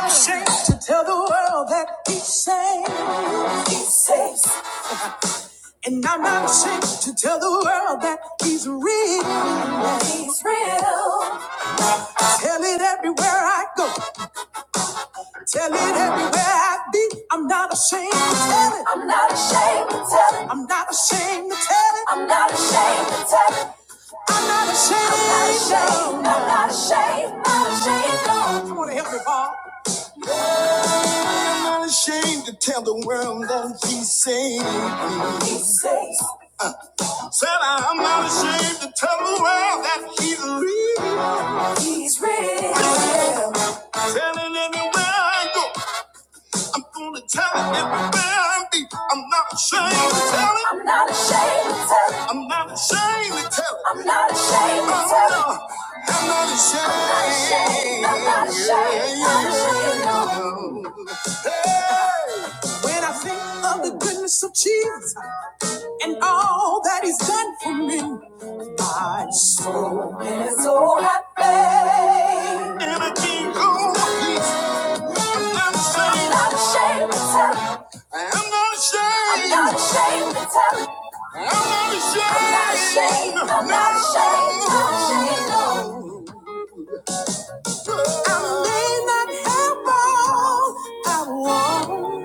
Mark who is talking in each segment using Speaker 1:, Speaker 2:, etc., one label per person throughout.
Speaker 1: I'm ashamed to tell the world that he saves. He saves. And I'm not ashamed to tell the world that he's real. He's real. Tell it everywhere I go. Tell it everywhere I be. I'm not ashamed to tell it. I'm not ashamed to tell it. I'm not ashamed to tell it. I'm not ashamed to tell it. I'm not ashamed. I'm not ashamed. I'm not ashamed. I'm Not ashamed. No. Come on, and help me, Paul. I'm not ashamed to tell the world that he saved me. He saved. Said I'm not ashamed to tell the world that he's real. He's real. Telling everywhere I go. I'm gonna tell it everywhere I be. I'm not ashamed to tell it. I'm not ashamed to tell it. I'm not ashamed to tell it. I'm not ashamed to tell it. I'm not ashamed. I'm not ashamed. I'm not ashamed. I'm not ashamed. Hey. When I think of the goodness of Jesus and all that He's done for me, I swear. Feeling so happy. Everything go peace. I'm not ashamed. I'm not ashamed to tell it. I'm not ashamed. I'm not ashamed to tell it. I'm not ashamed. I'm not ashamed. I'm not ashamed. I'm not ashamed. No. I may not have all I want,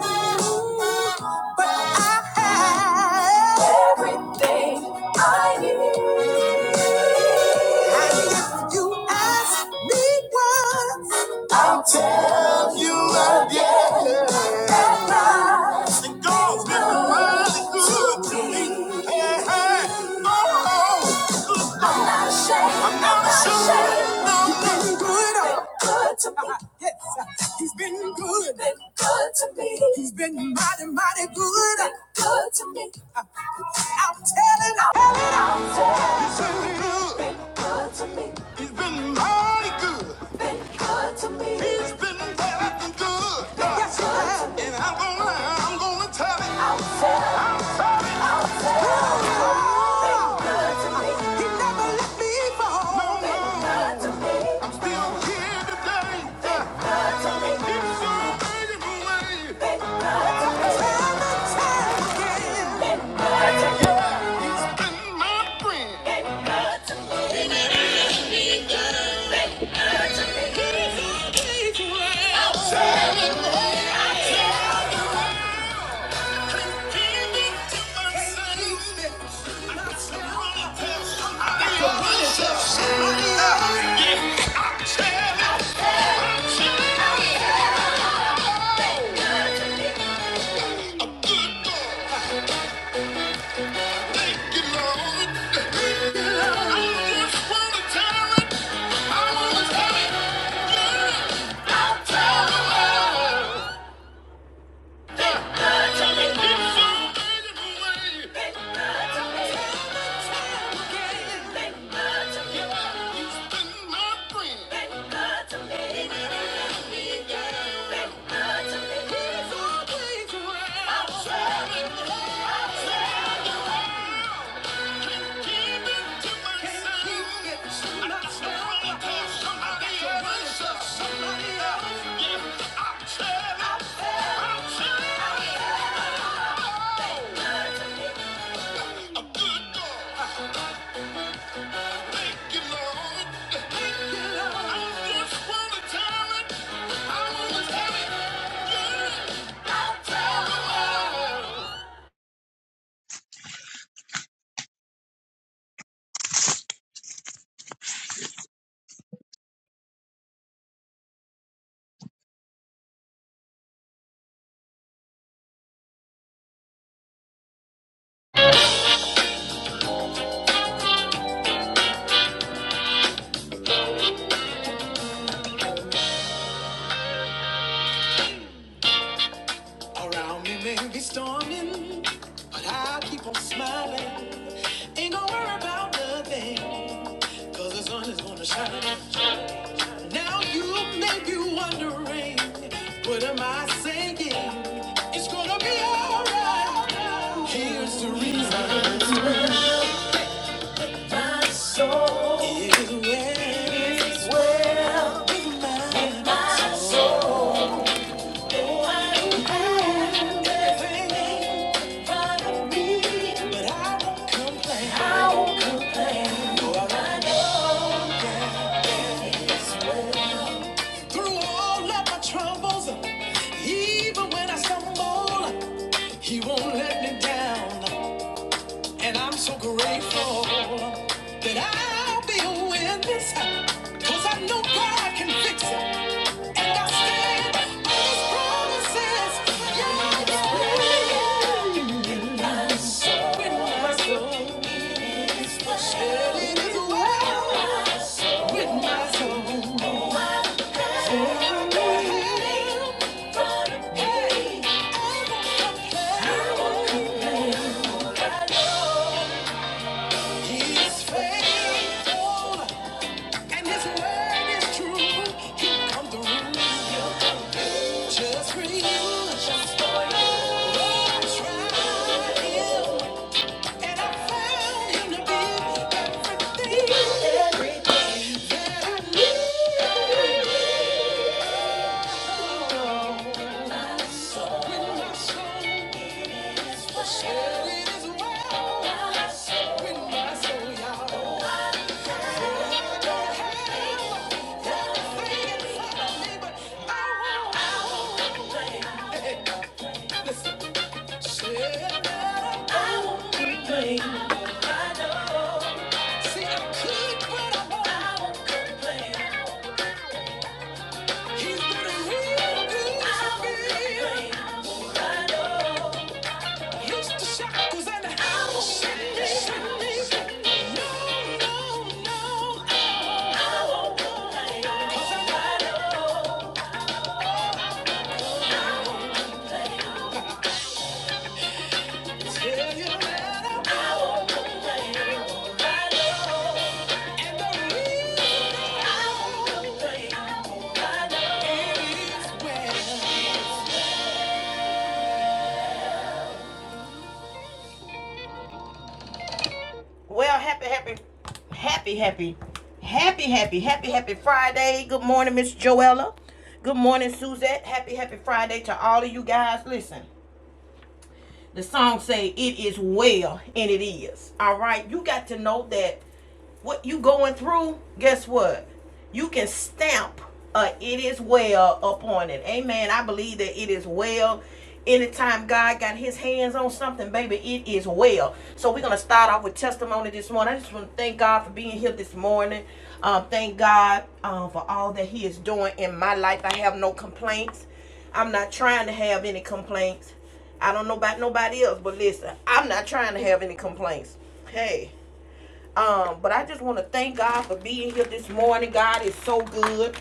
Speaker 1: but I have everything I need. And if you ask me once, I'll tell you again. That life God's been really good to me. Hey, hey. Oh, good I'm not ashamed. I'm not ashamed. No, You've been good. good to me. Yes, he's been good. Been good to me. He's been mighty, mighty good. Been good to me. I'm telling you. i am telling. it. He's been good. Been good to me. He's been mighty good been good to me. He's been better than good. Yes, you have. And I'm gonna, lie, I'm gonna tell it. I'll tell it. I'm sorry. I'll tell it. He's Been good to me. He never let me fall. No, no. Been no. good to me. I'm still here yeah. Yeah. I just wanna tell it. I wanna tell it. Yeah. Around me may be storming, but I keep on smiling. Ain't gonna worry about nothing, cause the sun is gonna shine. Now you may be wondering, what am I saying? It's gonna be alright. Here's the reason. It is well. It's well with my soul. Through all of my troubles, even when I stumble, He won't let me down. And I'm so grateful that I'll be a witness, 'cause I know God can fix it. And I stand on His promises. Yeah, yeah, yeah. With my soul, yeah, well. With my soul, yeah. He and His word is true. He'll come through. Just for you. Just for you. I tried Him, and I found Him to be everything. I won't complain. See, I could, but I won't. I won't complain. Well, happy, happy, happy, happy, happy, happy, happy, happy Friday. Good morning, Miss Joella. Good morning, Suzette. Happy, happy Friday to all of you guys. Listen, The song say it is well and it is. All right. You got to know that what you going through, guess what? You can stamp a it is well upon it. Amen. I believe that it is well. Anytime God got his hands on something, baby, it is well. So we're gonna start off with testimony this morning. I just want to thank God for being here this morning. Um, thank God um, for all that He is doing in my life. I have no complaints. I'm not trying to have any complaints. I don't know about nobody else, but listen, I'm not trying to have any complaints. Hey, um, but I just want to thank God for being here this morning. God is so good.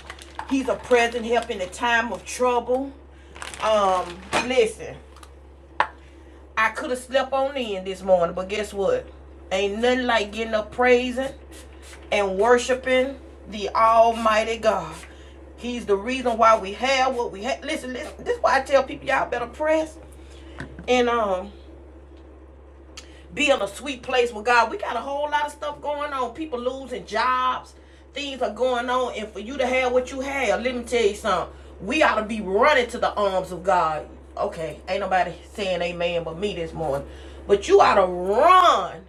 Speaker 1: He's a present help in the time of trouble. Um, listen, I could have slept on in this morning, but guess what? Ain't nothing like getting up praising and worshiping the Almighty God. He's the reason why we have what we have. Listen, listen, this is why I tell people y'all better press and um be in a sweet place with God. We got a whole lot of stuff going on. People losing jobs, things are going on, and for you to have what you have, let me tell you something. We ought to be running to the arms of God. Okay, ain't nobody saying amen but me this morning. But you ought to run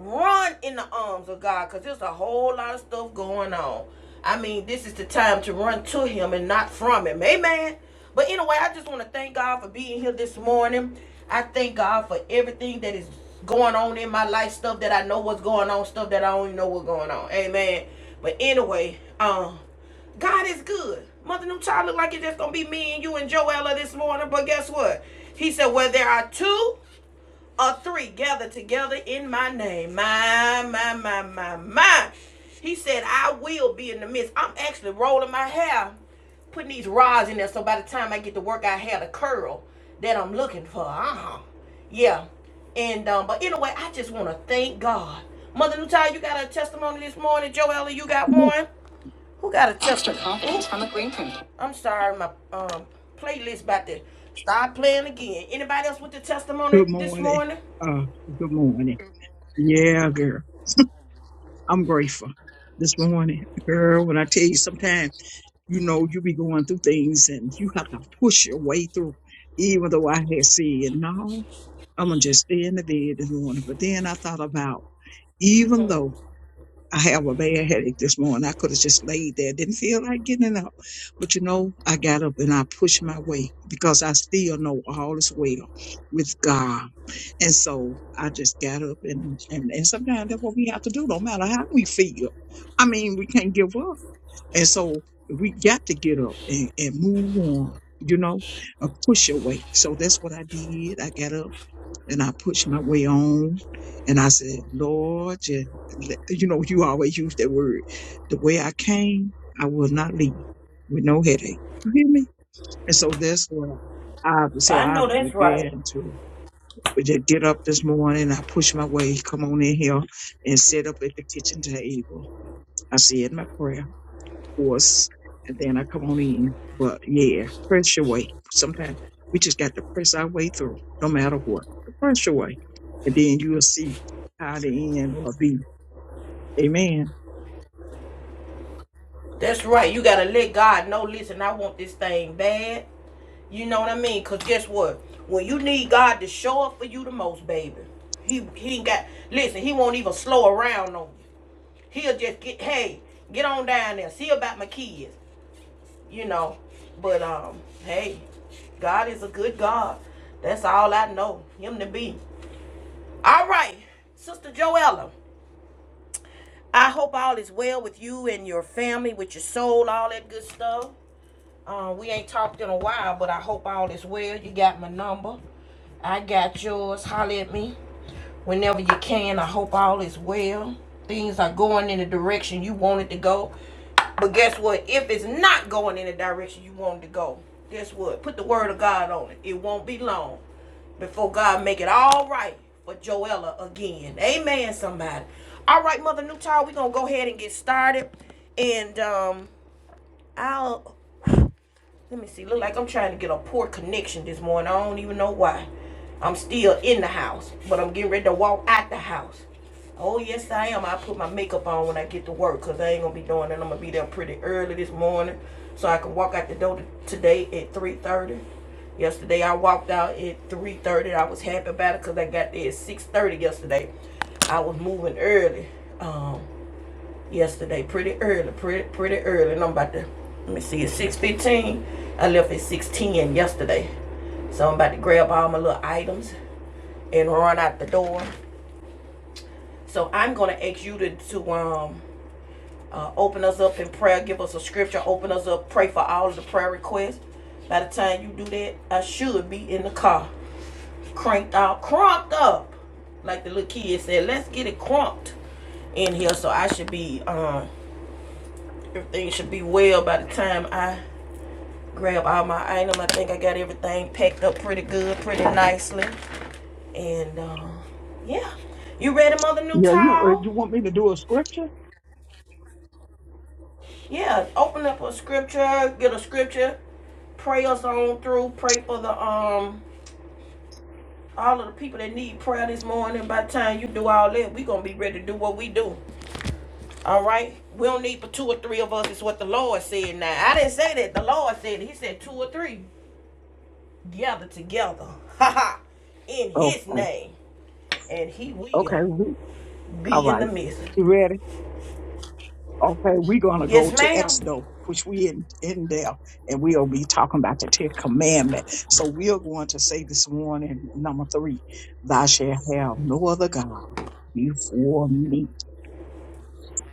Speaker 1: Run in the arms of God because there's a whole lot of stuff going on. I mean, this is the time to run to Him and not from Him. Amen. But anyway, I just want to thank God for being here this morning. I thank God for everything that is going on in my life, stuff that I know what's going on, stuff that I don't even know what's going on. Amen. But anyway, um, God is good. Mother New Child look like it's just gonna be me and you and Joella this morning, but guess what? He said, "Well, there are two or three gathered together in my name. My, my, my, my, my. He said, I will be in the midst. I'm actually rolling my hair, putting these rods in there so by the time I get to work, I have the curl that I'm looking for. Uh-huh. Yeah. And um, but anyway, I just want to thank God. Mother Nutai, you got a testimony this morning. Joella, you got
Speaker 2: Good
Speaker 1: one. Who got a test? I'm sorry, my um playlist about to start playing again. Anybody else with the testimony this
Speaker 2: morning.
Speaker 1: morning?
Speaker 2: Uh, good morning. Yeah, girl. I'm grateful this morning. Girl, when I tell you sometimes, you know, you be going through things and you have to push your way through, even though I had said, no, I'm going to just stay in the bed this morning. But then I thought about, even though I have a bad headache this morning, I could have just laid there. Didn't feel like getting up. But you know, I got up and I pushed my way because I still know all is well with God. And so I just got up and, and, and sometimes that's what we have to do, no matter how we feel. I mean, we can't give up. And so we got to get up and, and move on, you know, and push your way. So that's what I did. I got up and I pushed my way on and I said, Lord, just, let-" you know, you always use that word. The way I came, I will not leave with no headache. You hear me? And so that's what I, so
Speaker 1: I
Speaker 2: I
Speaker 1: know that's right.
Speaker 2: began to. But just get up this morning. I push my way, come on in here and sit up at the kitchen table. I said my prayer, of course, and then I come on in. But yeah, press your way. Sometimes we just got to press our way through, no matter what. Press your way. And then you will see how the end will be. Amen.
Speaker 1: That's right. You gotta let God know. Listen, I want this thing bad. You know what I mean? Cause guess what? When you need God to show up for you the most, baby, he he ain't got. Listen, he won't even slow around on you. He'll just get hey, get on down there, see about my kids. You know, but um, hey, God is a good God. That's all I know him to be. All right, Sister Joella. I hope all is well with you and your family, with your soul, all that good stuff. Uh, we ain't talked in a while, but I hope all is well. You got my number. I got yours. Holler at me whenever you can. I hope all is well. Things are going in the direction you want it to go. But guess what? If it's not going in the direction you want it to go, guess what? Put the word of God on it. It won't be long before God make it all right for Joella again. Amen, somebody. All right, Mother Newtall, we're going to go ahead and get started. And um, I'll let me see. Look like I'm trying to get a poor connection this morning. I don't even know why. I'm still in the house, but I'm getting ready to walk out the house. Oh yes, I am. I put my makeup on when I get to work, cause I ain't gonna be doing that. I'm gonna be there pretty early this morning, so I can walk out the door today at 3:30. Yesterday I walked out at 3:30. I was happy about it, cause I got there at 6:30 yesterday. I was moving early. Um, yesterday, pretty early, pretty pretty early. And I'm about to let me see, it's six fifteen. I left at six ten yesterday, so I'm about to grab all my little items and run out the door. So I'm gonna ask you to to um uh, open us up in prayer, give us a scripture, open us up, pray for all of the prayer requests. By the time you do that, I should be in the car, cranked out, crunked up, like the little kid said. Let's get it crunked in here, so I should be um Everything should be well by the time I grab all my items. I think I got everything packed up pretty good, pretty nicely. And uh, yeah, you ready, Mother New
Speaker 2: Yeah, you uh, you want me to do a scripture?
Speaker 1: Yeah, open up a scripture, get a scripture, pray us on through, pray for the um all of the people that need prayer this morning. By the time you do all that, we gonna be ready to do what we do. All right, we don't need for two or three of us. Is what the Lord said. Now I didn't say that. The Lord said it. He said two or three. Together, together ha ha, in
Speaker 2: Oh,
Speaker 1: his name and he will
Speaker 2: okay. We- All
Speaker 1: be in the
Speaker 2: right.
Speaker 1: midst
Speaker 2: You ready? Okay, we're gonna go
Speaker 1: yes
Speaker 2: to
Speaker 1: ma'am
Speaker 2: Exodus, which we in, in there, and we'll be talking about the Ten Commandment. So we are going to say this morning, number three, thou shalt have no other God before me.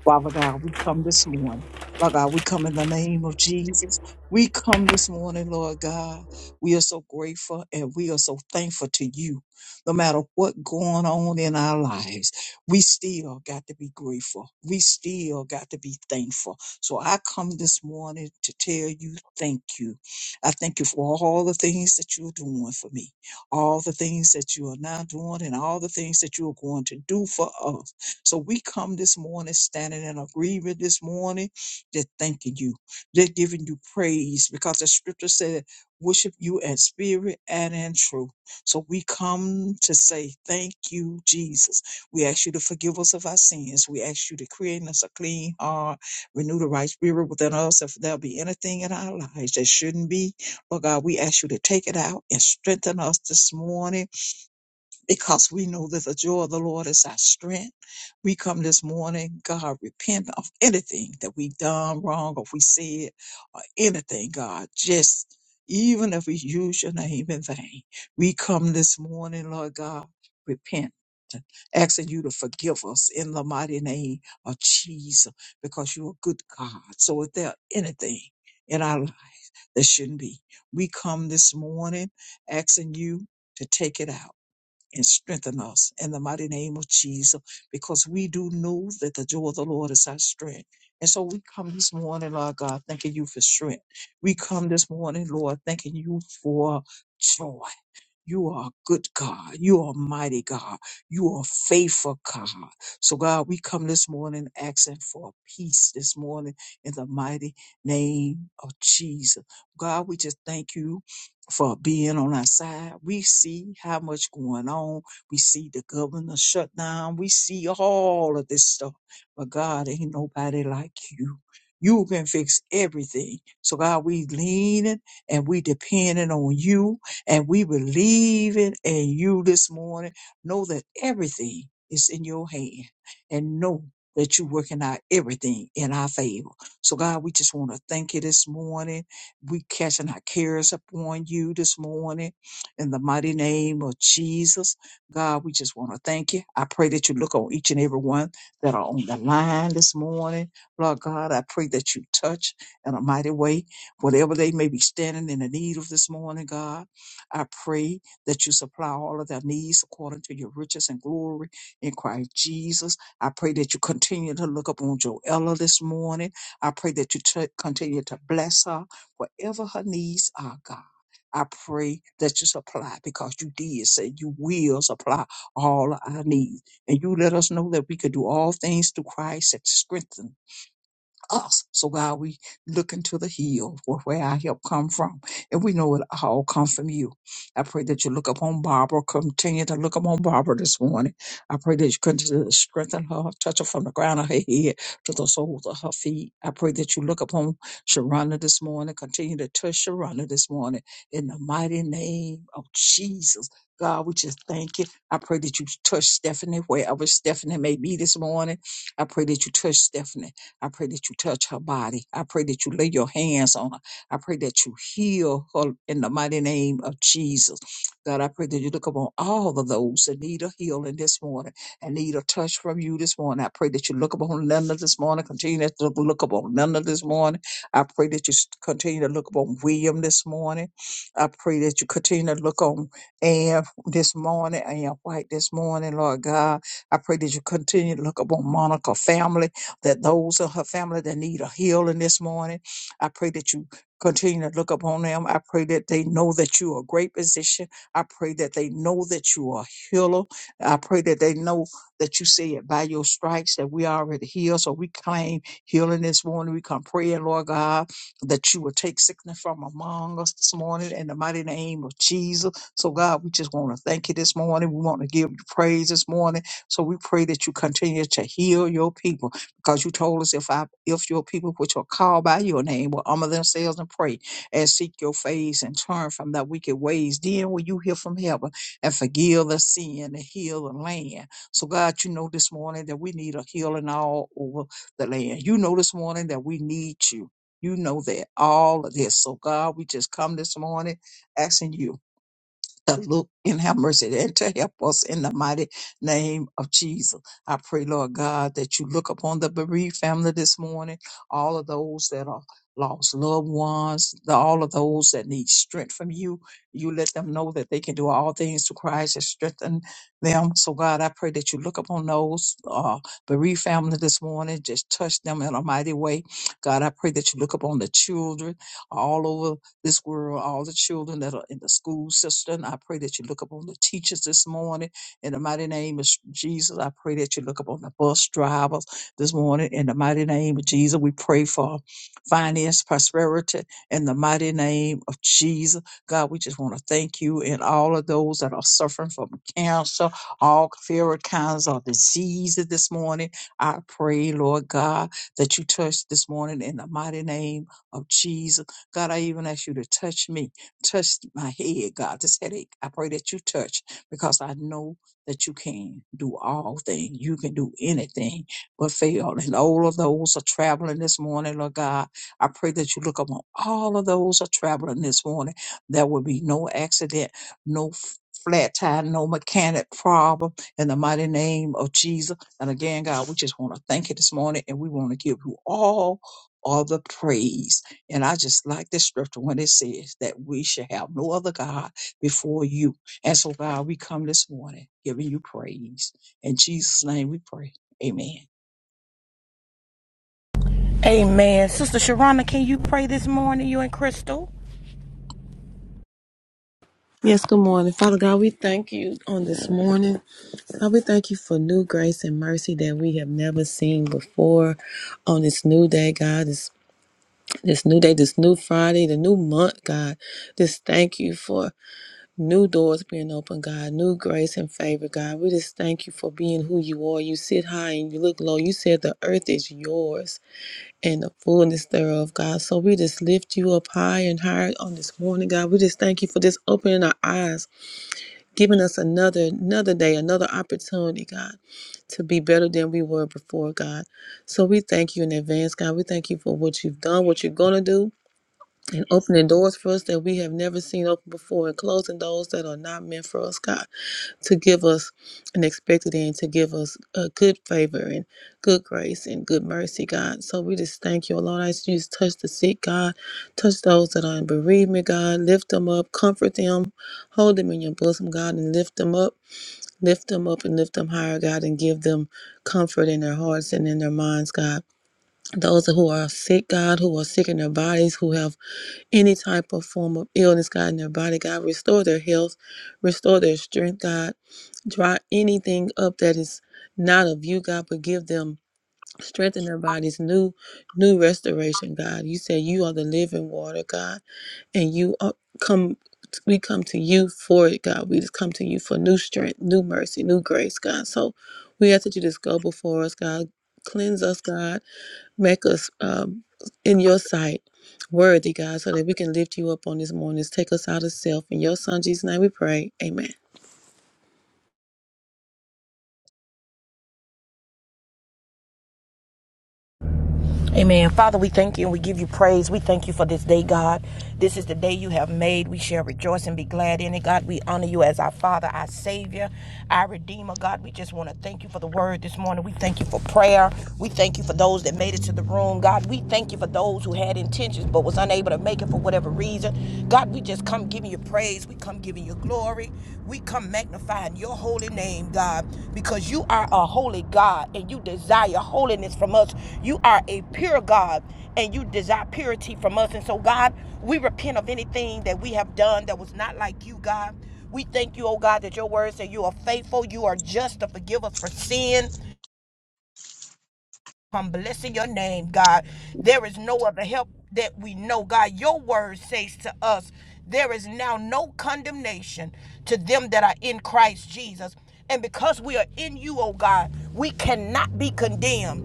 Speaker 2: Father God, we come this morning. Lord God, we come in the name of Jesus. We come this morning, Lord God. We are so grateful and we are so thankful to you. No matter what going on in our lives, we still got to be grateful. We still got to be thankful. So I come this morning to tell you thank you. I thank you for all the things that you're doing for me, all the things that you are now doing, and all the things that you are going to do for us. So we come this morning standing in agreement this morning, just thanking you, just giving you praise because the scripture said, worship you in spirit and in truth. So we come to say, thank you, Jesus. We ask you to forgive us of our sins. We ask you to create in us a clean heart, renew the right spirit within us. If there be anything in our lives that shouldn't be, but God, we ask you to take it out and strengthen us this morning because we know that the joy of the Lord is our strength. We come this morning, God, repent of anything that we done wrong or if we said or anything, God, just even if we use your name in vain. We come this morning, Lord God, repent. Asking you to forgive us in the mighty name of Jesus because you're a good God. So, if there anything in our life that shouldn't be, we come this morning asking you to take it out and strengthen us in the mighty name of Jesus, because we do know that the joy of the Lord is our strength. And so we come this morning, Lord God, thanking you for strength. We come this morning, Lord, thanking you for joy. You are a good God. You are a mighty God. You are a faithful God. So, God, we come this morning asking for peace this morning in the mighty name of Jesus. God, we just thank you for being on our side. We see how much going on. We see the governor shut down. We see all of this stuff. But, God, ain't nobody like you. You can fix everything. So, God, we leaning and we depending on you and we believe it in you this morning. Know that everything is in your hand and know that you're working out everything in our favor. So God, we just want to thank you this morning. We catching our cares upon you this morning in the mighty name of Jesus. God, we just want to thank you. I pray that you look on each and every one that are on the line this morning. Lord God, I pray that you touch in a mighty way whatever they may be standing in the need of this morning, God. I pray that you supply all of their needs according to your riches and glory in Christ Jesus. I pray that you continue to look up on Joella this morning. I pray that you t- continue to bless her, whatever her needs are, God. I pray that you supply because you did say you will supply all our needs. And you let us know that we could do all things through Christ that strengthens us. So God, we look into the hill where, where our help come from. And we know it all comes from you. I pray that you look upon Barbara, continue to look upon Barbara this morning. I pray that you continue to strengthen her, touch her from the ground of her head to the soles of her feet. I pray that you look upon Sharonda this morning, continue to touch Sharonda this morning in the mighty name of Jesus. God, we just thank you. I pray that you touch Stephanie wherever Stephanie may be this morning. I pray that you touch Stephanie. I pray that you touch her body. I pray that you lay your hands on her. I pray that you heal her in the mighty name of Jesus. God, I pray that you look upon all of those that need a healing this morning and need a touch from you this morning. I pray that you look upon Linda this morning. Continue to look look upon Linda this morning. I pray that you s- continue to look upon William this morning. I pray that you continue to look on Ann this morning, Ann White this morning, Lord God. I pray that you continue to look upon Monica family that those of her family that need a healing this morning, I pray that you continue to look upon them. I pray that they know that you are a great physician. I pray that they know that you are a healer. I pray that they know that you say it by your stripes that we are already healed. So we claim healing this morning. We come praying, Lord God, that you will take sickness from among us this morning in the mighty name of Jesus. So God, we just want to thank you this morning. We want to give you praise this morning. So we pray that you continue to heal your people because you told us if I if your people which are called by your name will humble themselves and pray and seek your face and turn from their wicked ways, then will you hear from heaven and forgive the sin and heal the land. So God, you know this morning that we need a healing all over the land. You know this morning that we need you. You know that all of this. So God, we just come this morning asking you to look and have mercy and to help us in the mighty name of Jesus. I pray, Lord God, that you look upon the bereaved family this morning, all of those that are lost loved ones, the- all of those that need strength from you. You let them know that they can do all things through Christ that strengthen them. So, God, I pray that you look upon those uh, bereaved family this morning, just touch them in a mighty way. God, I pray that you look upon the children all over this world, all the children that are in the school system. I pray that you look upon the teachers this morning in the mighty name of Sh- Jesus. I pray that you look upon the bus drivers this morning in the mighty name of Jesus. We pray for finance, prosperity in the mighty name of Jesus. God, we just want to thank you and all of those that are suffering from cancer, all various kinds of diseases this morning. I pray, Lord God, that you touch this morning in the mighty name of Jesus. God, I even ask you to touch me, touch my head, God, this headache. I pray that you touch because I know that you can do all things. You can do anything but fail. And all of those are traveling this morning, Lord God. I pray that you look upon all of those are traveling this morning. There will be no accident, no f- flat tire, no mechanic problem in the mighty name of Jesus. And again, God, we just want to thank you this morning and we want to give you all all the praise. And I just like this scripture when it says that we should have no other God before you. And so, God, we come this morning giving you praise. In Jesus' name we pray. Amen.
Speaker 1: amen sister sharonda can you pray this morning you and crystal
Speaker 3: Yes, good morning. Father God, we thank you on this morning. God, we thank you for new grace and mercy that we have never seen before on this new day, God. This this new day, this new Friday, the new month, God. Just thank you for new doors being open, God, new grace and favor, God. We just thank you for being who you are. You sit high and you look low. You said the earth is yours and the fullness thereof, God. So we just lift you up high and higher on this morning, God. We just thank you for just opening our eyes giving us another another day another opportunity god to be better than we were before god so we thank you in advance god we thank you for what you've done what you're going to do and opening doors for us that we have never seen open before and closing doors that are not meant for us god to give us an expected end, to give us a good favor and good grace and good mercy, God. So we just thank you, oh Lord. I just you just touch the sick, God. Touch those that are in bereavement, God. Lift them up, comfort them, hold them in your bosom, God, and lift them up. Lift them up and lift them higher, God, and give them comfort in their hearts and in their minds, God. Those who are sick, God, who are sick in their bodies, who have any type of form of illness, God, in their body, God, restore their health, restore their strength, God Dry anything up that is not of you, God, but give them strength in their bodies, new, new restoration, God. You say you are the living water, God, and you are, come. We come to you for it, God. We just come to you for new strength, new mercy, new grace, God. So we ask that you just go before us, God. Cleanse us, God. Make us um, in your sight worthy, God, so that we can lift you up on this morning. Take us out of self. In your son Jesus' name we pray. Amen.
Speaker 1: Amen. Father, we thank you and we give you praise. We thank you for this day, God. This is the day you have made. We shall rejoice and be glad in it. God, we honor you as our Father, our Savior, our Redeemer. God, we just want to thank you for the word this morning. We thank you for prayer. We thank you for those that made it to the room. God, we thank you for those who had intentions but was unable to make it for whatever reason. God, we just come giving you praise praise. We come giving you glory. We come magnifying your holy name, God, because you are a holy God and you desire holiness from us. You are a pure God and you desire purity from us. And so, God, we repent of anything that we have done that was not like you, God. We thank you, oh God, that your word said you are faithful, you are just to forgive us for sin. I'm blessing your name, God. There is no other help that we know, God. Your word says to us, there is now no condemnation to them that are in Christ Jesus. And because we are in you, oh God, we cannot be condemned.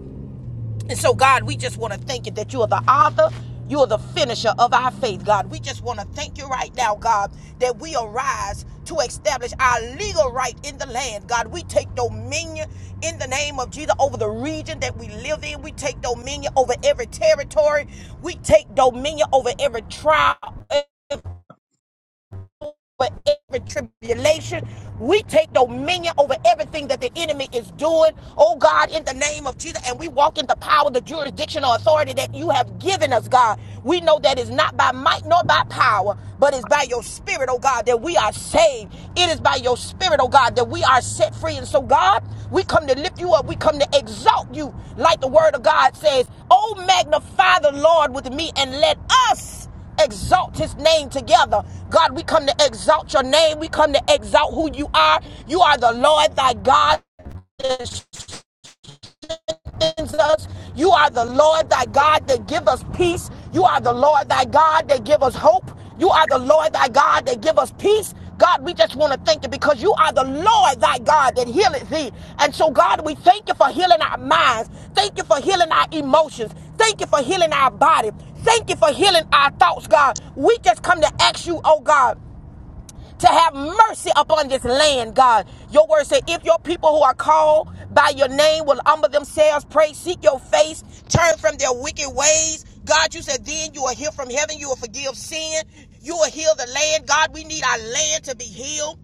Speaker 1: And so, God, we just want to thank you that you are the author, you are the finisher of our faith, God. We just want to thank you right now, God, that we arise to establish our legal right in the land, God. We take dominion in the name of Jesus over the region that we live in. We take dominion over every territory. We take dominion over every trial over every tribulation. We take dominion over everything that the enemy is doing. Oh God, in the name of Jesus, and we walk in the power, the jurisdiction, or authority that you have given us, God. We know that it's not by might nor by power, but it's by your spirit, oh God, that we are saved. It is by your spirit, oh God, that we are set free. And so, God, we come to lift you up. We come to exalt you, like the word of God says. Oh, magnify the Lord with me and let us exalt his name together. God, we come to exalt your name. We come to exalt who you are. You are the Lord thy God the strengthens us. You are the Lord thy God that give us peace. You are the Lord thy God that give us hope. You are the Lord thy God that give us peace. God, we just want to thank you because you are the Lord thy God that healeth thee. And so, God, we thank you for healing our minds. Thank you for healing our emotions. Thank you for healing our body. Thank you for healing our thoughts, God. We just come to ask you, oh God to have mercy upon this land, God. Your word said, if your people who are called by your name will humble themselves, pray, seek your face, turn from their wicked ways. God, you said, then you will hear from heaven, you will forgive sin, you will heal the land. God, we need our land to be healed.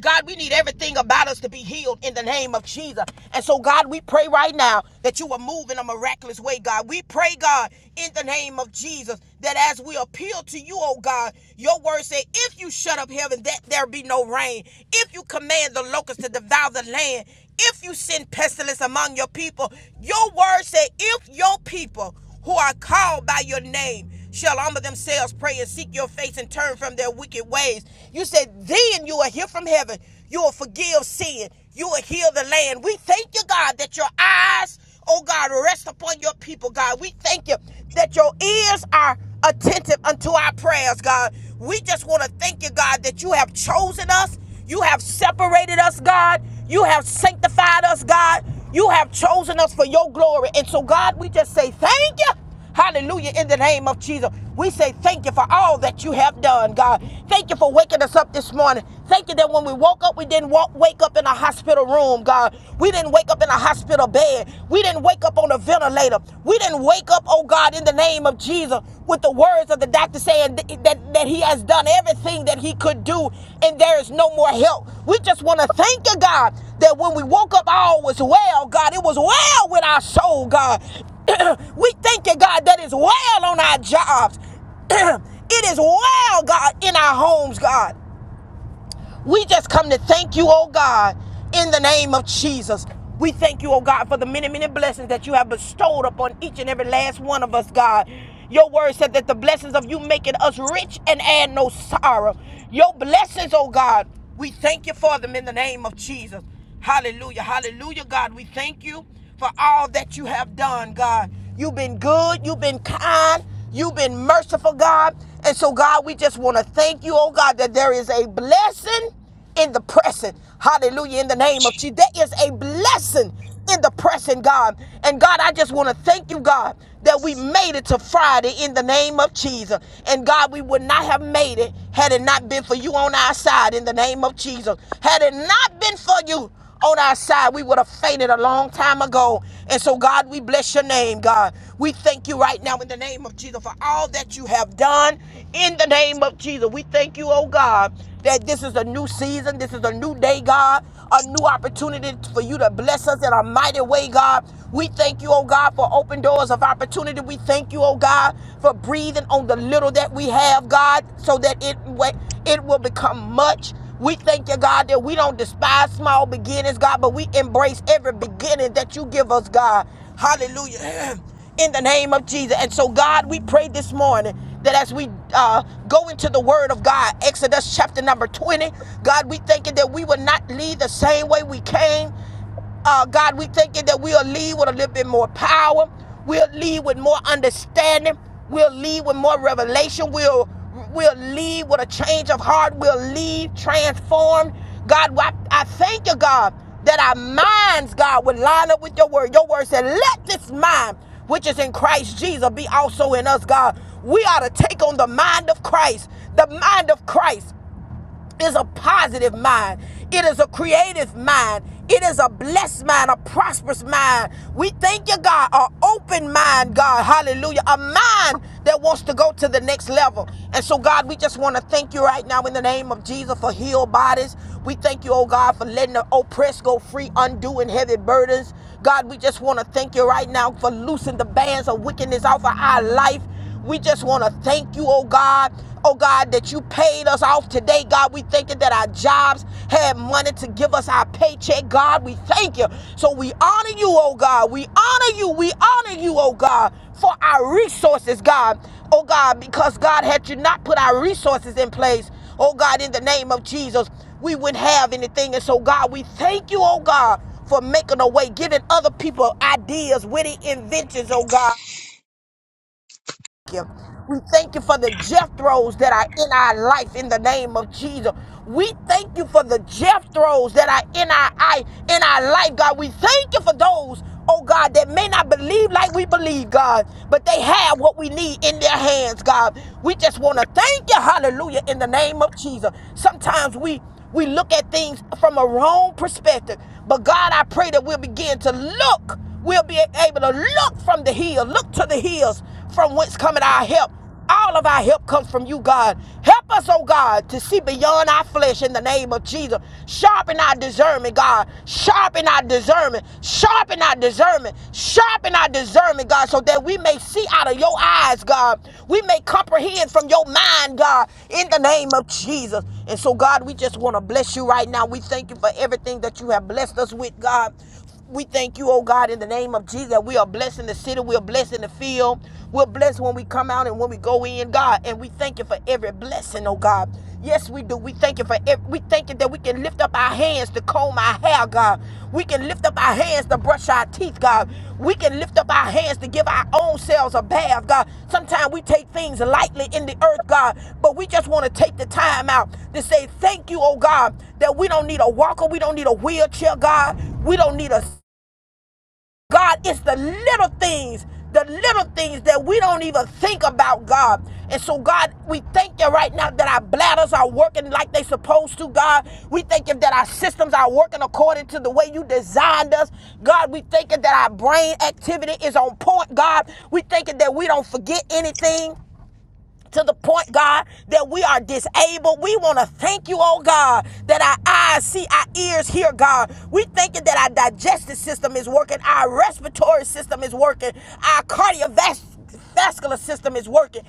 Speaker 1: God, we need everything about us to be healed in the name of Jesus. And so, God, we pray right now that you will move in a miraculous way, God. We pray, God, in the name of Jesus, that as we appeal to you, oh God, your word say, if you shut up heaven, that there be no rain. If you command the locusts to devour the land, if you send pestilence among your people, your word say, if your people who are called by your name shall humble themselves, pray, and seek your face and turn from their wicked ways. You said, then you will hear from heaven. You will forgive sin. You will heal the land. We thank you, God, that your eyes, oh God, rest upon your people, God. We thank you that your ears are attentive unto our prayers, God. We just want to thank you, God, that you have chosen us. You have separated us, God. You have sanctified us, God. You have chosen us for your glory. And so, God, we just say thank you. Hallelujah. In the name of Jesus, we say thank you for all that you have done, God. Thank you for waking us up this morning. Thank you that when we woke up, we didn't walk, wake up in a hospital room, God. We didn't wake up in a hospital bed. We didn't wake up on a ventilator. We didn't wake up, oh God, in the name of Jesus, with the words of the doctor saying th- that, that he has done everything that he could do and there is no more help. We just want to thank you, God, that when we woke up, all was well, God. It was well with our soul, God. we thank you, God, that is well on our jobs. it is well, God, in our homes, God. We just come to thank you, oh God, in the name of Jesus. We thank you, oh God, for the many, many blessings that you have bestowed upon each and every last one of us, God. Your word said that the blessings of you making us rich and add no sorrow. Your blessings, oh God, we thank you for them in the name of Jesus. Hallelujah. Hallelujah, God. We thank you for all that you have done, God. You've been good, you've been kind, you've been merciful, God. And so, God, we just want to thank you, oh God, that there is a blessing in the pressing. Hallelujah. In the name of Jesus. There is a blessing in the pressing, God. And God, I just want to thank you, God, that we made it to Friday in the name of Jesus. And God, we would not have made it had it not been for you on our side in the name of Jesus. Had it not been for you on our side, we would have fainted a long time ago. And so, God, we bless your name, God. We thank you right now in the name of Jesus for all that you have done in the name of Jesus. We thank you, oh God, that this is a new season, this is a new day, God, a new opportunity for you to bless us in a mighty way, God. We thank you, oh God, for open doors of opportunity. We thank you, oh God, for breathing on the little that we have, God, so that it it will become much. We thank you, God, that we don't despise small beginnings, God, but we embrace every beginning that you give us, God. Hallelujah. In the name of Jesus. And so, God, we pray this morning that as we uh, go into the word of God, Exodus chapter number 20, God, we thank you that we will not leave the same way we came. Uh, God, we thank you that we'll lead with a little bit more power. We'll lead with more understanding. We'll lead with more revelation. We'll we'll lead with a change of heart. We'll lead transformed. God, I, I thank you, God, that our minds, God, will line up with your word. Your word said, let this mind which is in Christ Jesus be also in us, God. We ought to take on the mind of Christ, the mind of Christ is a positive mind. It is a creative mind. It is a blessed mind, a prosperous mind. We thank you, God, an open mind, God. Hallelujah. A mind that wants to go to the next level. And so, God, we just want to thank you right now in the name of Jesus for healed bodies. We thank you, oh God, for letting the oppressed go free, undoing heavy burdens. God, we just want to thank you right now for loosing the bands of wickedness off of our life. We just want to thank you, oh God. Oh God, that you paid us off today, God. We thank you that our jobs had money to give us our paycheck, God. We thank you. So we honor you, oh God. We honor you. We honor you, oh God, for our resources, God. Oh God, because God, had you not put our resources in place, oh God, in the name of Jesus, we wouldn't have anything. And so, God, we thank you, oh God, for making a way, giving other people ideas, witty inventions, oh God you. We thank you for the Jethros that are in our life in the name of Jesus. We thank you for the Jethros that are in our eye, in our life, God. We thank you for those, oh God, that may not believe like we believe, God, but they have what we need in their hands, God. We just want to thank you, hallelujah, in the name of Jesus. Sometimes we we look at things from a wrong perspective. But God, I pray that we'll begin to look. We'll be able to look from the hill, look to the hills from whence cometh our help. All of our help comes from you, God. Help us, oh God, to see beyond our flesh in the name of Jesus. Sharpen our discernment, God. Sharpen our discernment. Sharpen our discernment. Sharpen our discernment, God, so that we may see out of your eyes, God. We may comprehend from your mind, God, in the name of Jesus. And so, God, we just want to bless you right now. We thank you for everything that you have blessed us with, God. We thank you, oh God, in the name of Jesus, that we are blessed in the city, we are blessed in the field, we're blessed when we come out and when we go in, God, and we thank you for every blessing, oh God. Yes, we do. We thank you for every, we thank you that we can lift up our hands to comb our hair, God. We can lift up our our hands to brush our teeth, God. We can lift up our hands to give our own selves a bath, God. Sometimes we take things lightly in the earth, God, but we just want to take the time out to say thank you, oh God, that we don't need a walker, we don't need a wheelchair, God. We don't need a God, it's the little things, the little things that we don't even think about, God. And so, God, we thank you right now that our bladders are working like they are supposed to, God. We thank you that our systems are working according to the way you designed us. God, we thank you that our brain activity is on point, God. We thank you that we don't forget anything to the point, God, that we are disabled. We want to thank you, oh God, that our eyes see, our ears hear, God. We thanking that our digestive system is working, our respiratory system is working, our cardiovascular system is working.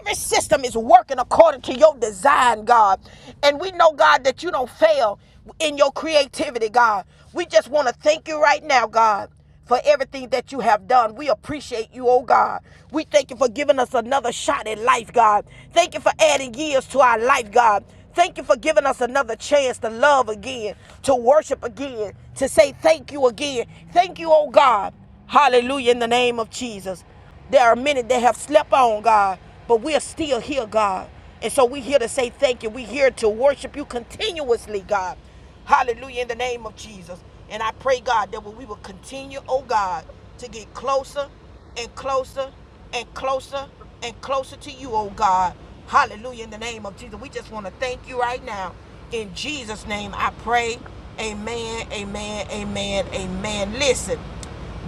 Speaker 1: Every system is working according to your design, God. And we know, God, that you don't fail in your creativity, God. We just want to thank you right now, God for everything that you have done. We appreciate you, oh God. We thank you for giving us another shot at life, God. Thank you for adding years to our life, God. Thank you for giving us another chance to love again, to worship again, to say thank you again. Thank you, oh God. Hallelujah, in the name of Jesus. There are many that have slept on, God, but we're still here, God. And so we're here to say thank you. We're here to worship you continuously, God. Hallelujah, in the name of Jesus. And I pray, God, that we will continue, oh God, to get closer and closer and closer and closer to you, oh God. Hallelujah, in the name of Jesus. We just want to thank you right now. In Jesus' name, I pray. Amen, amen, amen, amen. Listen.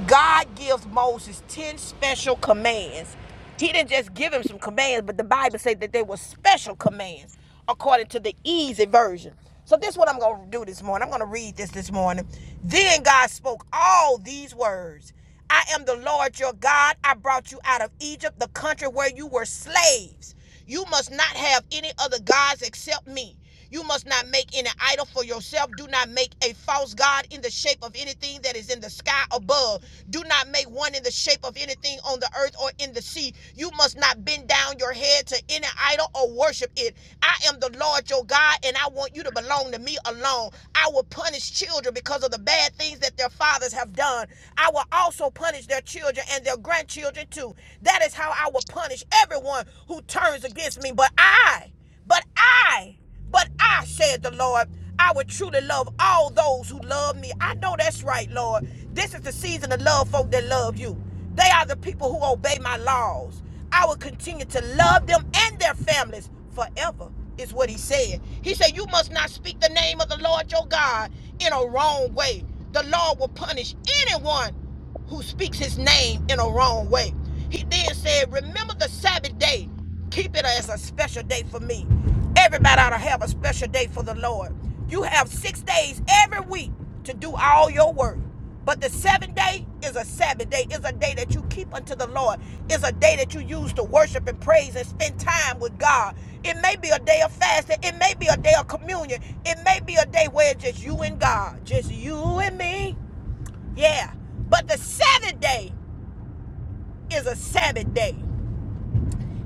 Speaker 1: God gives Moses 10 special commands. He didn't just give him some commands, but the Bible said that they were special commands according to the easy version. So this is what I'm going to do this morning. I'm going to read this this morning. Then God spoke all these words. I am the Lord your God. I brought you out of Egypt, the country where you were slaves. You must not have any other gods except me. You must not make any idol for yourself. Do not make a false God in the shape of anything that is in the sky above. Do not make one in the shape of anything on the earth or in the sea. You must not bend down your head to any idol or worship it. I am the Lord your God, and I want you to belong to me alone. I will punish children because of the bad things that their fathers have done. I will also punish their children and their grandchildren too. That is how I will punish everyone who turns against me. But I, but I, but I, said the Lord, I would truly love all those who love me. I know that's right, Lord. This is the season of love, folk that love you. They are the people who obey my laws. I will continue to love them and their families forever, is what he said. He said, You must not speak the name of the Lord your God in a wrong way. The Lord will punish anyone who speaks his name in a wrong way. He then said, Remember the Sabbath day Keep it as a special day for me. Everybody ought to have a special day for the Lord. You have six days every week to do all your work. But the seventh day is a Sabbath day. It's a day that you keep unto the Lord. It's a day that you use to worship and praise and spend time with God. It may be a day of fasting. It may be a day of communion. It may be a day where it's just you and God, just you and me. Yeah. But the seventh day is a Sabbath day.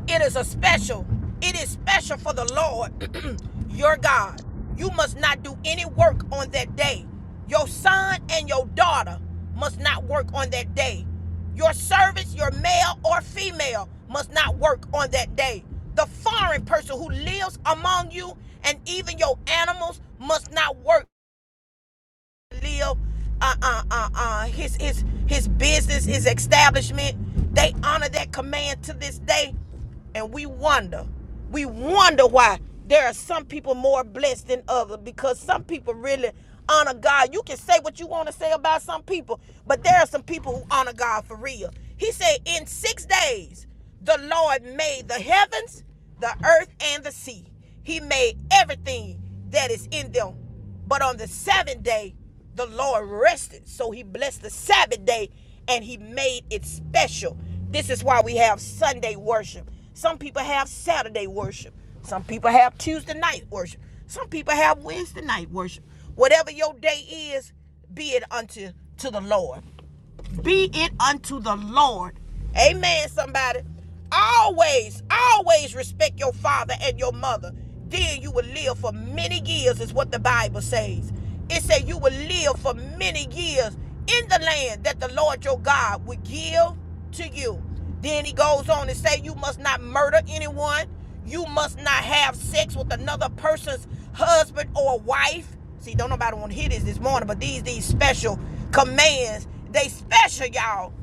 Speaker 1: It is a special. It is special for the Lord, your God. You must not do any work on that day. Your son and your daughter must not work on that day. Your servants, your male or female, must not work on that day. The foreign person who lives among you and even your animals must not work Live, uh, uh, uh, uh, his his his business, his establishment. They honor that command to this day, and we wonder, we wonder why there are some people more blessed than others because some people really honor God. You can say what you want to say about some people, but there are some people who honor God for real. He said, "In six days, the Lord made the heavens, the earth, and the sea. He made everything that is in them." But on the seventh day, the Lord rested. So he blessed the Sabbath day and he made it special. This is why we have Sunday worship. Some people have Saturday worship. Some people have Tuesday night worship. Some people have Wednesday night worship. Whatever your day is, be it unto to the Lord be it unto the Lord. Amen, somebody. Always, always respect your father and your mother. Then you will live for many years, is what the Bible says. It says you will live for many years in the land that the Lord your God will give to you. Then he goes on to say, You must not murder anyone. You must not have sex with another person's husband or wife. See, don't nobody want to hear this this morning, but these these special commands, they special, y'all.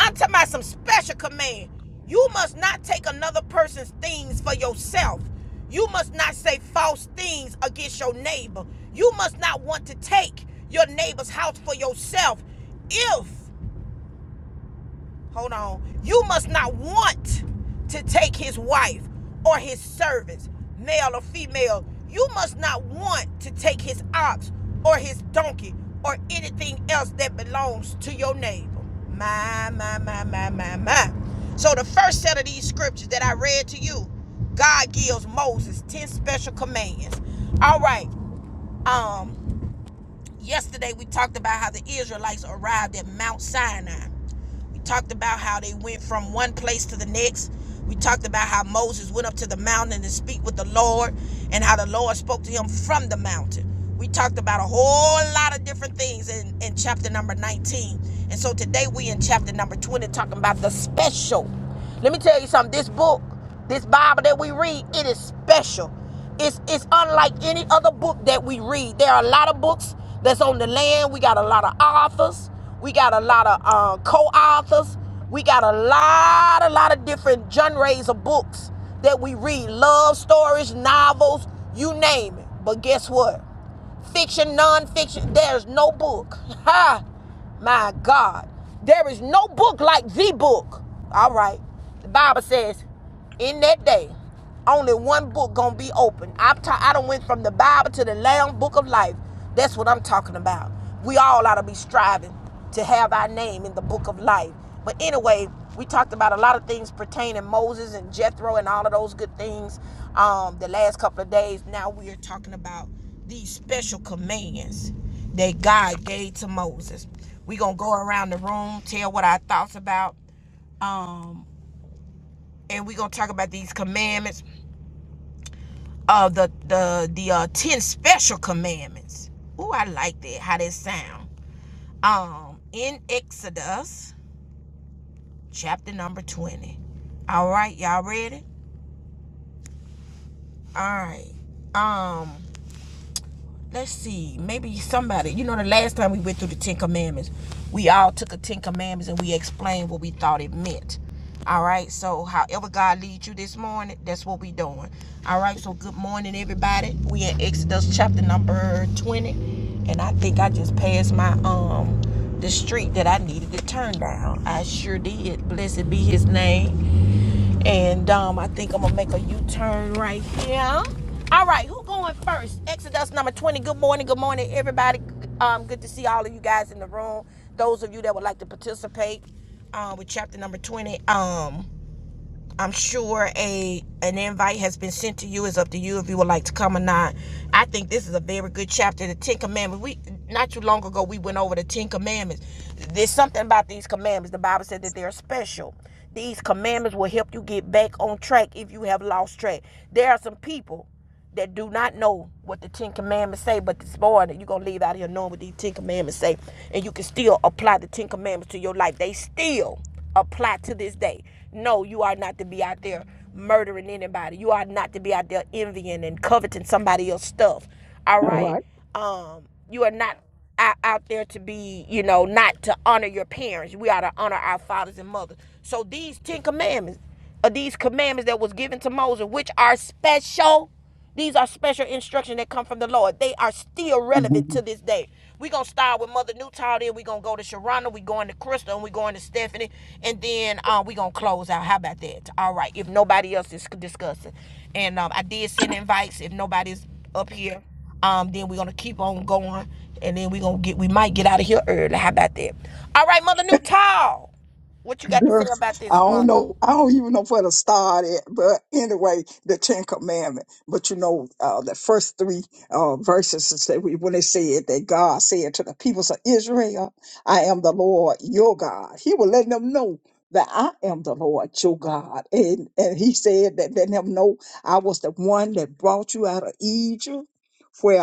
Speaker 1: I'm talking about some special command. You must not take another person's things for yourself. You must not say false things against your neighbor. You must not want to take your neighbor's house for yourself if Hold on. You must not want to take his wife or his servants, male or female. You must not want to take his ox or his donkey or anything else that belongs to your neighbor. My, my, my, my, my, my. So, the first set of these scriptures that I read to you, God gives Moses 10 special commands. All right. Um, Yesterday, we talked about how the Israelites arrived at Mount Sinai. We talked about how they went from one place to the next. We talked about how Moses went up to the mountain to speak with the Lord and how the Lord spoke to him from the mountain. We talked about a whole lot of different things in, in chapter number 19. And so today we in chapter number 20 talking about the special. Let me tell you something. This book, this Bible that we read, it is special. It's it's unlike any other book that we read. There are a lot of books that's on the land. We got a lot of authors. We got a lot of uh, co-authors. We got a lot, a lot of different genres of books that we read. Love stories, novels, you name it. But guess what? Fiction, non-fiction. There there's no book. Ha! My God. There is no book like the book. All right. The Bible says, in that day, only one book gonna be open. I'm ta- I done went from the Bible to the Lamb Book of Life. That's what I'm talking about. We all ought to be striving to have our name in the Book of Life. But anyway, we talked about a lot of things pertaining Moses and Jethro and all of those good things um, the last couple of days. Now we are talking about these special commands that God gave to Moses. We're going to go around the room, tell what our thoughts about um and we're going to talk about these commandments of uh, the the the uh 10 special commandments. Ooh, I like that how that sound. Um in Exodus chapter number 20. All right, y'all ready? All right. Um. let's see, maybe somebody, you know, the last time we went through the Ten Commandments, we all took the Ten Commandments and we explained what we thought it meant. All right, so however God leads you this morning, that's what we doing. All right, so good morning, everybody. We in Exodus chapter number 20, and I think I just passed my um the street that I needed to turn down. I sure did. Blessed be his name. And um, I think I'm gonna make a U-turn right here. All right, who going first? Exodus number 20. Good morning, good morning, everybody. Um, good to see all of you guys in the room. Those of you that would like to participate uh, with chapter number 20. Um, I'm sure a an invite has been sent to you. It's up to you if you would like to come or not. I think this is a very good chapter. The Ten Commandments. We not too long ago we went over the Ten Commandments. There's something about these commandments. The Bible said that they're special. These commandments will help you get back on track if you have lost track. There are some people that do not know what the Ten Commandments say, but this morning you're gonna leave out here knowing what these Ten Commandments say, and you can still apply the Ten Commandments to your life. They still apply to this day. No, you are not to be out there murdering anybody. You are not to be out there envying and coveting somebody else's stuff. All
Speaker 2: All
Speaker 1: right.
Speaker 2: right.
Speaker 1: Um, you are not out, out there to be, you know, not to honor your parents. We are to honor our fathers and mothers. So these Ten Commandments, of these commandments that was given to Moses, which are special. These are special instructions that come from the Lord. They are still
Speaker 2: Mhm.
Speaker 1: relevant to this day. We're gonna start with Mother Newtall, then we're gonna go to Sharonda, we're going to Crystal, and we're going to Stephanie, and then uh, we're gonna close out. How about that? All right, if nobody else is discussing. And um, I did send invites if nobody's up here. Um, then we're gonna keep on going, and then we're gonna get we might get out of here early. How about that? All right, Mother Newtall. What you got to say
Speaker 2: Girl,
Speaker 1: about
Speaker 2: I
Speaker 1: this,
Speaker 2: don't
Speaker 1: mother?
Speaker 2: know. I don't even know where to start at. But anyway, the Ten Commandment. But you know, uh, the first three uh, verses is that we, when they said that God said to the peoples of Israel, "I am the Lord your God." He was letting them know that I am the Lord your God, and and he said that letting them know I was the one that brought you out of Egypt, where.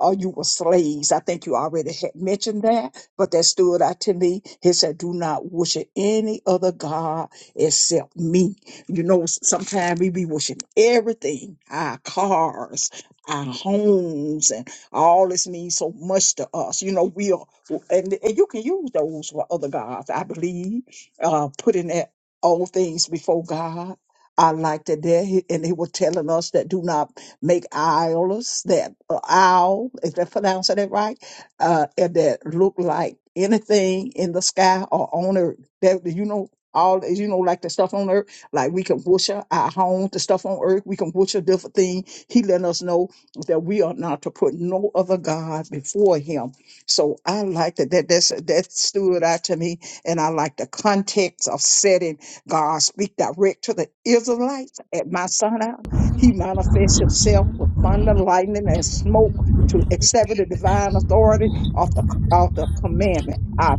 Speaker 2: uh you were slaves. I think you already had mentioned that but that stood out to me. He said, Do not worship any other God except me. You know, sometimes we be worshiping everything, our cars, our homes, and all this means so much to us. You know, we are, and, and you can use those for other gods, I believe, uh, putting that all things before God. I like that there, he- and they were telling us that do not make idols, that uh, owl, is that pronouncing it right? uh, and that look like anything in the sky or on earth. That you know, all you know, like the stuff on earth, like we can worship our home, the stuff on earth, we can worship different things. He let us know that we are not to put no other God before him. So I like that that that's, that stood out to me, and I like the context of setting God speak direct to the Israelites at Mount Sinai. He manifests himself with thunder, lightning, and smoke to accept the divine authority of the, of the commandment. I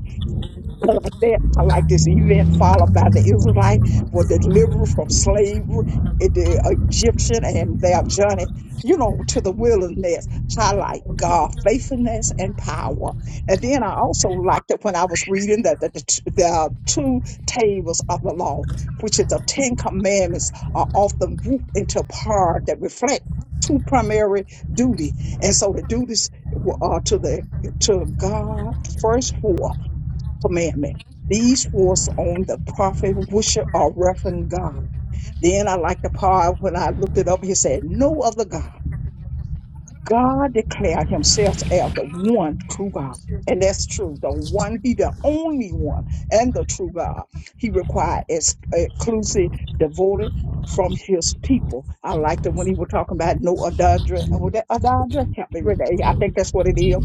Speaker 2: like that, I like this event followed by the Israelite for deliverance from slavery, eh, the Egyptian and their journey, you know, to the wilderness. Highlight God faithfulness and power. And then I also liked it when I was reading that the, the, t- the two tables of the law, which is the Ten Commandments, are often grouped into parts that reflect two primary duty. And so the duties were- are to the to God first four commandment. These was on the prophet, worship, or reverend God. Then I like the part when I looked it up, he said, No other God. God declared himself as the one true God. And that's true. The one, he the only one and the true God. He required ex- exclusive devoted from his people. I liked it when he was talking about no adultery. Oh, that adultery? Help me, Renee. I think that's what it is.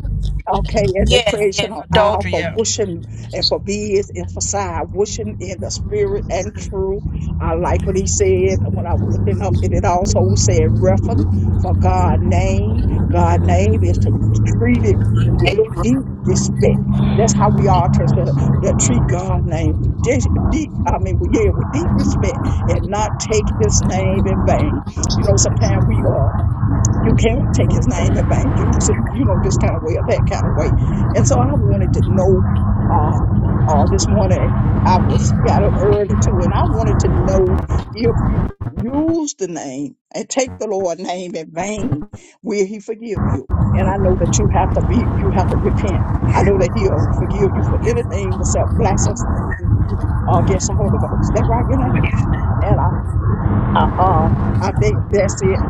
Speaker 2: Okay, and the
Speaker 1: Yes,
Speaker 2: creation
Speaker 1: yes,
Speaker 2: of all
Speaker 1: adultery.
Speaker 2: for
Speaker 1: Yeah.
Speaker 2: wishing and for beings emphasized wishing in the spirit and truth. I like what he said when I was looking up, and it also said reference for God's name God's name is to be treated with deep respect. That's how we are to, to, to treat God's name with dis- deep, I mean, with- yeah, with deep respect and not take his name in vain. You know, sometimes we are. You can't take his name in vain, use it, you know, this kind of way or that kind of way. And so I wanted to know uh, uh this morning I was got up early too, and I wanted to know if you use the name and take the Lord's name in vain, will he forgive you? And I know that you have to be you have to repent. I know that he'll forgive you for anything except blasphemy uh, against the Holy Ghost. That right, Renee? And I uh, uh, I think that's it.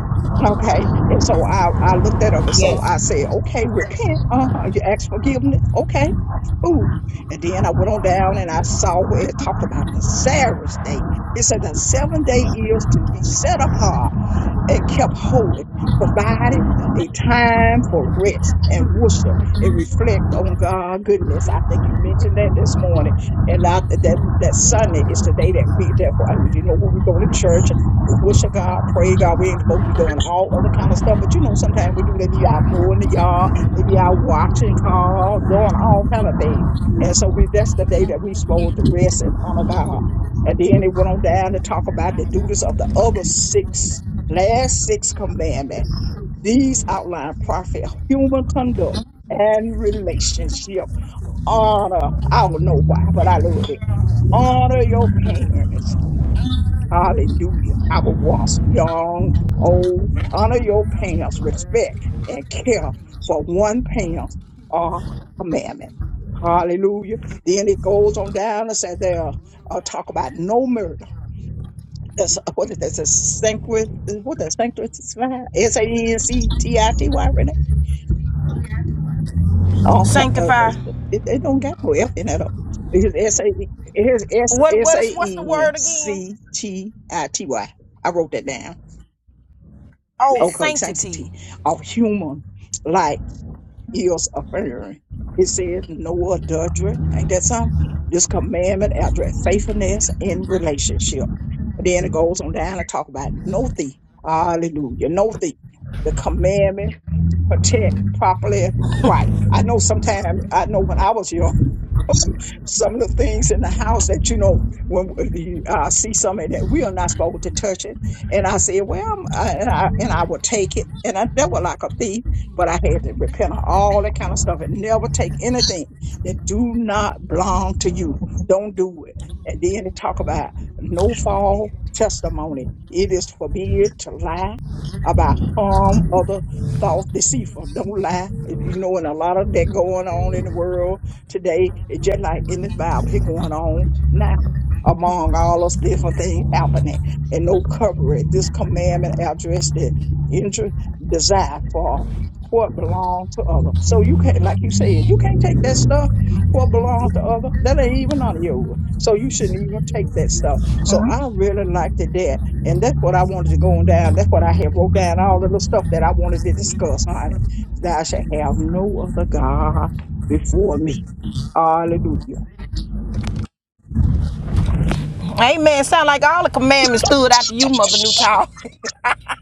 Speaker 2: Okay. And so I, I looked that up. And so
Speaker 1: Yes.
Speaker 2: I said, okay, repent. Uh huh. You ask forgiveness. Okay. Ooh. And then I went on down and I saw where it talked about the Sabbath day. It said the seventh day is to be set apart and kept holy, provided a time for rest and worship and reflect on God's goodness. I think you mentioned that this morning, and I, that that Sunday is the day that we that you know when we go to church, we worship God, pray God. We ain't supposed to be doing all other kind of stuff, but you know sometimes we do. They be out mowing the yard, they be out watching cars, doing all kind of things. And so we that's the day that we supposed to rest and honor God. And then they went on down to talk about the duties of the other six last six commandments. These outline profit, human conduct, and relationship. Honor. I don't know why, but I love it. Honor your parents. Hallelujah. I was once young, old. Honor your parents. Respect and care for one parent. or commandment. Hallelujah. Then it goes on down and says there, uh, talk about no murder. That's what is that's a sanctuary. What that sanctuary is S A N C T I T Y. Renee. Okay, uh, uh,
Speaker 1: Sanctify.
Speaker 2: it, it don't got no F in that. oh. It's S A it's S
Speaker 1: What
Speaker 2: S
Speaker 1: what is what's the
Speaker 2: A N
Speaker 1: word again?
Speaker 2: C T I T Y. I wrote that down.
Speaker 1: Oh,
Speaker 2: Okay,
Speaker 1: sanctity.
Speaker 2: sanctity of human life years of erring. It said no adultery. Ain't that something? This commandment address faithfulness in relationship. Then it goes on down to talk about no thief. Hallelujah. No thief. The commandment protect properly right. I know sometimes I know when I was young some of the things in the house that you know when you uh, see something that we are not supposed to touch it and i said well I'm, I, and i and i would take it and i never like a thief but i had to repent of all that kind of stuff and never take anything that do not belong to you don't do it and then they talk about no fall testimony it is forbid to lie about harm other thought deceitful don't lie you know and a lot of that going on in the world Today, it's just like in this Bible, it's going on now among all those different things happening and no coverage. This commandment addressed the interest, desire for what belongs to other. So you can't, like you said, you can't take that stuff, what belongs to other. That ain't even none of yours. So you shouldn't even take that stuff. So I really liked it that. And that's what I wanted to go on down. That's what I had wrote down, all the little stuff that I wanted to discuss on it. Thou shalt have no other God before me. Hallelujah.
Speaker 1: Amen. Sound like all the commandments stood after you, Mother Newtown.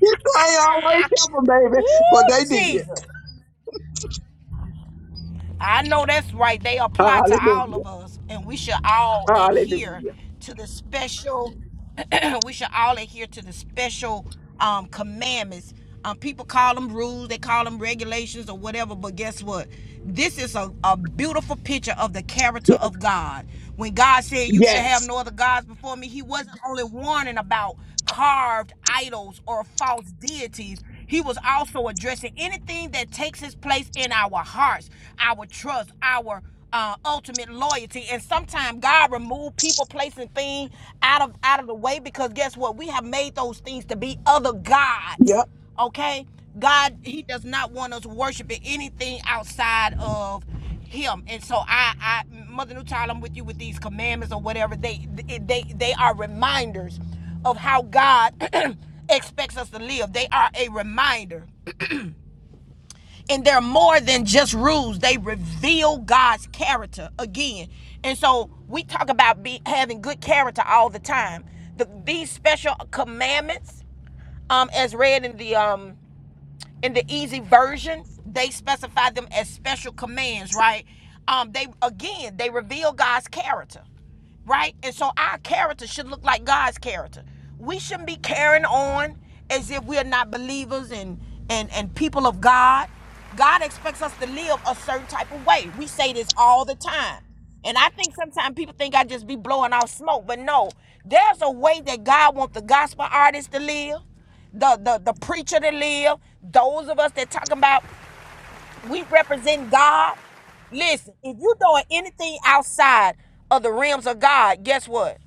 Speaker 2: He playing always helping,
Speaker 1: Woo,
Speaker 2: baby, but they did.
Speaker 1: Jesus. I know that's right. They apply to all
Speaker 2: Hallelujah.
Speaker 1: of us, and we should all adhere
Speaker 2: Hallelujah.
Speaker 1: to the special. we should all adhere to the special um, commandments. Um, people call them rules, they call them regulations or whatever, but guess what? This is a, a beautiful picture of the character
Speaker 2: Yes.
Speaker 1: of God. When God said, You should have
Speaker 2: Yes.
Speaker 1: no other gods before me, He wasn't only warning about carved idols or false deities. He was also addressing anything that takes its place in our hearts, our trust, our uh, ultimate loyalty. And sometimes God remove people, place, and thing out of out of the way because guess what? We have made those things to be other gods.
Speaker 2: Yep.
Speaker 1: Okay, God, He does not want us worshiping anything outside of Him. And so I, I Mother New I'm with you with these commandments or whatever. They they they are reminders of how God expects us to live. They are a reminder and they're more than just rules they reveal god's character again and so we talk about be, having good character all the time the, these special commandments um, as read in the um, in the easy version they specify them as special commands right um they again they reveal god's character right and so our character should look like god's character we shouldn't be carrying on as if we're not believers and and and people of god god expects us to live a certain type of way we say this all the time and I think sometimes people think I just be blowing off smoke, but no, there's a way that God wants the gospel artists to live the the the preacher that live, those of us that talking about we represent God. Listen, if you doing anything outside of the realms of God, guess what?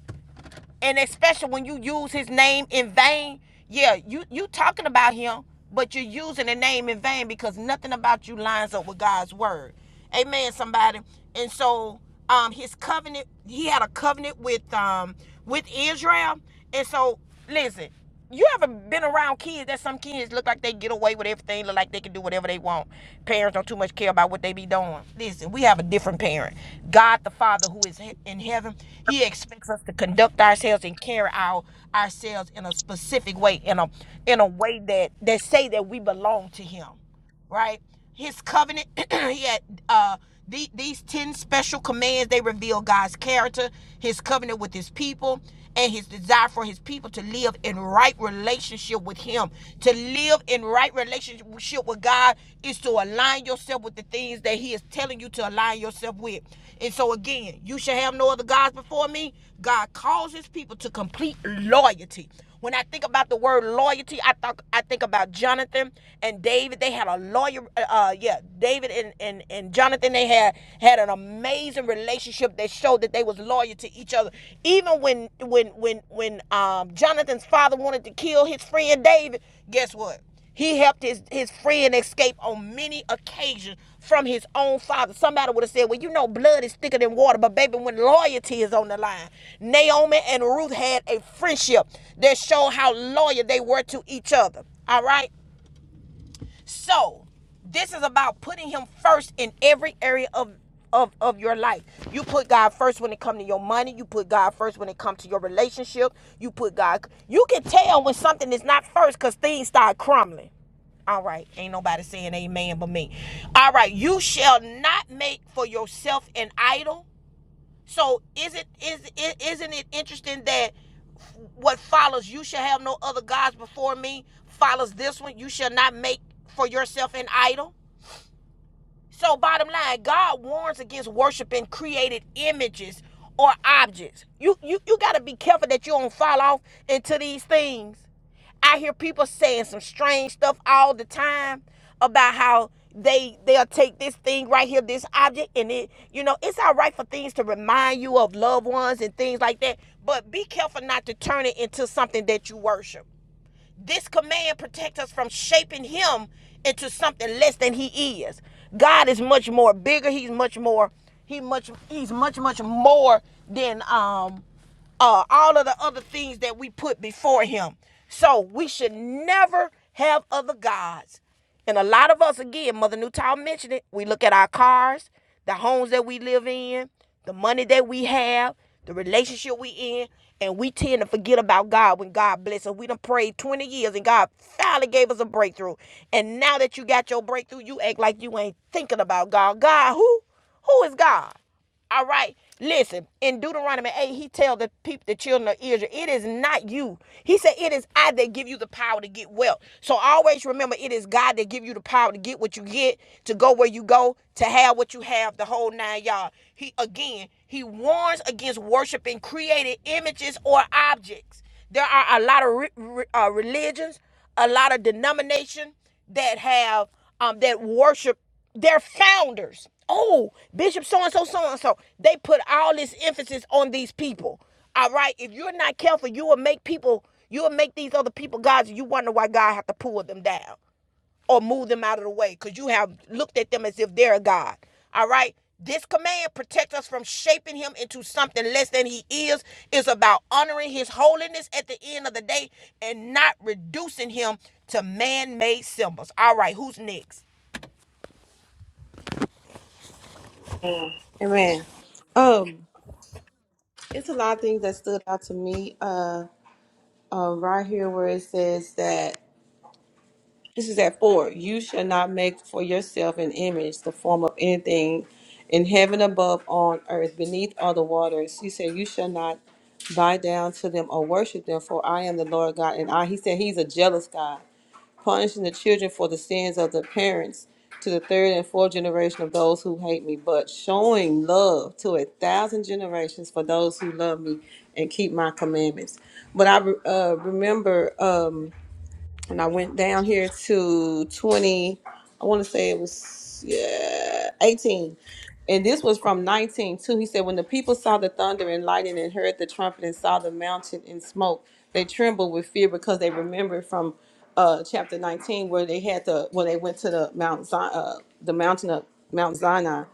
Speaker 1: And especially when you use his name in vain, yeah, you you talking about him, but you're using the name in vain because nothing about you lines up with God's word. Amen, somebody. And so um his covenant, he had a covenant with um with Israel. And so listen, you ever been around kids that some kids look like they get away with everything, look like they can do whatever they want. Parents don't too much care about what they be doing. Listen, we have a different parent. God the Father who is he- in heaven, he expects us to conduct ourselves and carry our ourselves in a specific way, in a in a way that that say that we belong to him right? His covenant, he had uh, the, these 10 special commands. They reveal God's character, his covenant with his people, and his desire for his people to live in right relationship with him. To live in right relationship with God is to align yourself with the things that he is telling you to align yourself with. And so, again, you shall have no other gods before me. God calls his people to complete loyalty. When I think about the word loyalty, I thought I think about Jonathan and David. They had a lawyer. Uh, uh, yeah, David and, and and Jonathan. They had had an amazing relationship that showed that they was loyal to each other. Even when when when when um, Jonathan's father wanted to kill his friend David, guess what? He helped his, his friend escape on many occasions from his own father. Somebody would have said, Well, you know, blood is thicker than water, but baby, when loyalty is on the line, Naomi and Ruth had a friendship that showed how loyal they were to each other. All right? So, this is about putting him first in every area of of, of your life. You put God first when it comes to your money. You put God first when it comes to your relationship. You put God. You can tell when something is not first because things start crumbling. All right, ain't nobody saying amen but me. All right, you shall not make for yourself an idol. So is it is it isn't it interesting that what follows you shall have no other gods before me follows this one you shall not make for yourself an idol so, bottom line, God warns against worshiping created images or objects. You you you gotta be careful that you don't fall off into these things. I hear people saying some strange stuff all the time about how they they'll take this thing right here, this object, and it you know it's all right for things to remind you of loved ones and things like that. But be careful not to turn it into something that you worship. This command protects us from shaping him into something less than he is. God is much more bigger. He's much more. He much. He's much much more than um uh, all of the other things that we put before him. So we should never have other gods. And a lot of us, again, Mother Newtown mentioned it, we look at our cars, the homes that we live in, the money that we have, the relationship we in, and we tend to forget about God when God bless us. We done prayed 20 years and God finally gave us a breakthrough. And now that you got your breakthrough, you act like you ain't thinking about God. God, who? Who is God? All right. Listen, in Deuteronomy 8, he tells the people, the children of Israel, it is not you. He said, it is I that give you the power to get wealth. So always remember, it is God that give you the power to get what you get, to go where you go, to have what you have, the whole nine yards. He, again, he warns against worshiping created images or objects. There are a lot of re- re- uh, religions, a lot of denomination that have, um, that worship their founders. Oh, Bishop so and so, so and so. They put all this emphasis on these people. All right. If you're not careful, you will make people, you will make these other people gods, and you wonder why God have to pull them down or move them out of the way because you have looked at them as if they're a god. All right. This command protects us from shaping him into something less than he is. It's about honoring his holiness at the end of the day and not reducing him to man made symbols. All right, who's next?
Speaker 3: Amen. It's a lot of things that stood out to me. Uh, uh, right here where it says that this is at four. You shall not make for yourself an image, the form of anything in heaven above, on earth, beneath, or the waters. He said, You shall not bow down to them or worship them, for I am the Lord God. And I, he said, He's a jealous God punishing the children for the sins of the parents to the third and fourth generation of those who hate me, but showing love to a thousand generations for those who love me and keep my commandments. But I re- uh, remember, um, and I went down here to 20, I want to say it was, yeah, 18 and this was from 19 too. He said, When the people saw the thunder and lightning and heard the trumpet and saw the mountain in smoke, they trembled with fear because they remembered from uh, chapter 19 where they had the when they went to the Mount Zion, uh, the mountain of Mount Sinai,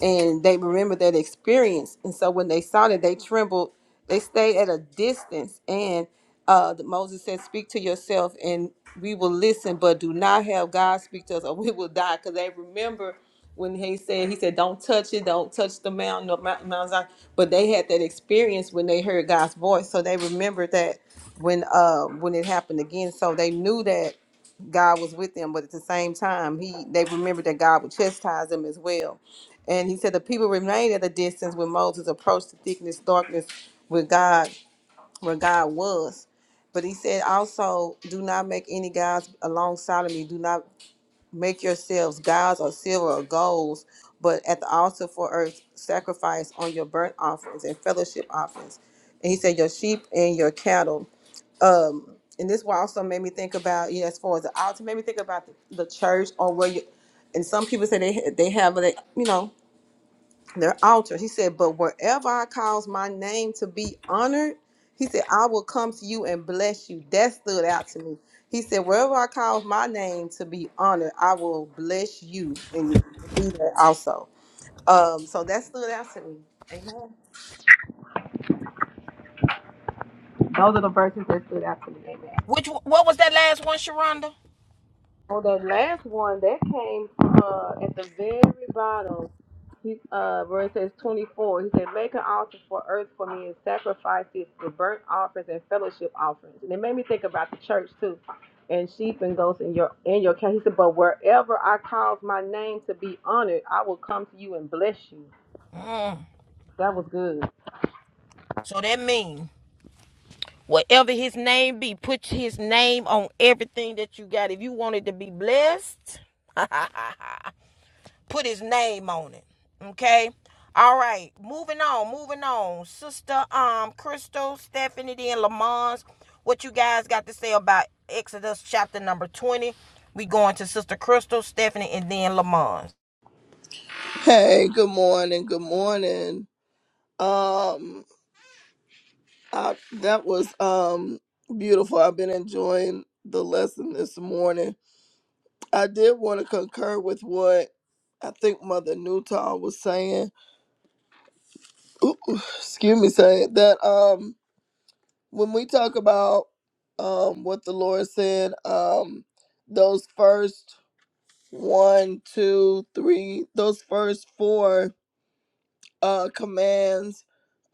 Speaker 3: and they remembered that experience. And so when they saw that, they trembled. They stayed at a distance, and uh, Moses said, "Speak to yourself, and we will listen, but do not have God speak to us, or we will die." Because they remember when he said he said don't touch it don't touch the mountain The mountain, Mount Zion. but they had that experience when they heard god's voice so they remembered that when uh when it happened again so they knew that god was with them but at the same time he they remembered that god would chastise them as well and he said the people remained at a distance when moses approached the thickness darkness where god where god was but he said also do not make any gods alongside of me do not make yourselves gods or silver or golds, but at the altar for earth, sacrifice on your burnt offerings and fellowship offerings. And he said, your sheep and your cattle. Um, and this one also made me think about, you know, as far as the altar, made me think about the, the church or where you, and some people say they, ha- they have, they, you know, their altar. He said, But wherever I cause my name to be honored, he said, I will come to you and bless you. That stood out to me. He said, Wherever I cause my name to be honored, I will bless you and be there also. Um, so that stood out to me. Amen. Those are the verses that stood out to me. Amen.
Speaker 1: Which what was that last one, Sharonda?
Speaker 3: Well, that last one that came uh, at the very bottom He uh verse says twenty four. He said, Make an altar for earth for me and sacrifice it for burnt offerings and fellowship offerings. And it made me think about the church too. And sheep and goats in your in your camp. He said, But wherever I cause my name to be honored, I will come to you and bless you. That was good.
Speaker 1: So that means whatever his name be, put his name on everything that you got. If you wanted to be blessed, put his name on it. Okay. All right. Moving on. Moving on. Sister, um, Crystal, Stephanie, and Lamons. What you guys got to say about Exodus chapter number twenty? We going to Sister Crystal, Stephanie, and then Lamons.
Speaker 4: Hey, good morning. Good morning. Um, I, that was um beautiful. I've been enjoying the lesson this morning. I did want to concur with what I think Mother Newton was saying. Ooh, excuse me, saying that um when we talk about um what the Lord said, um those first one, two, three, those first four uh commands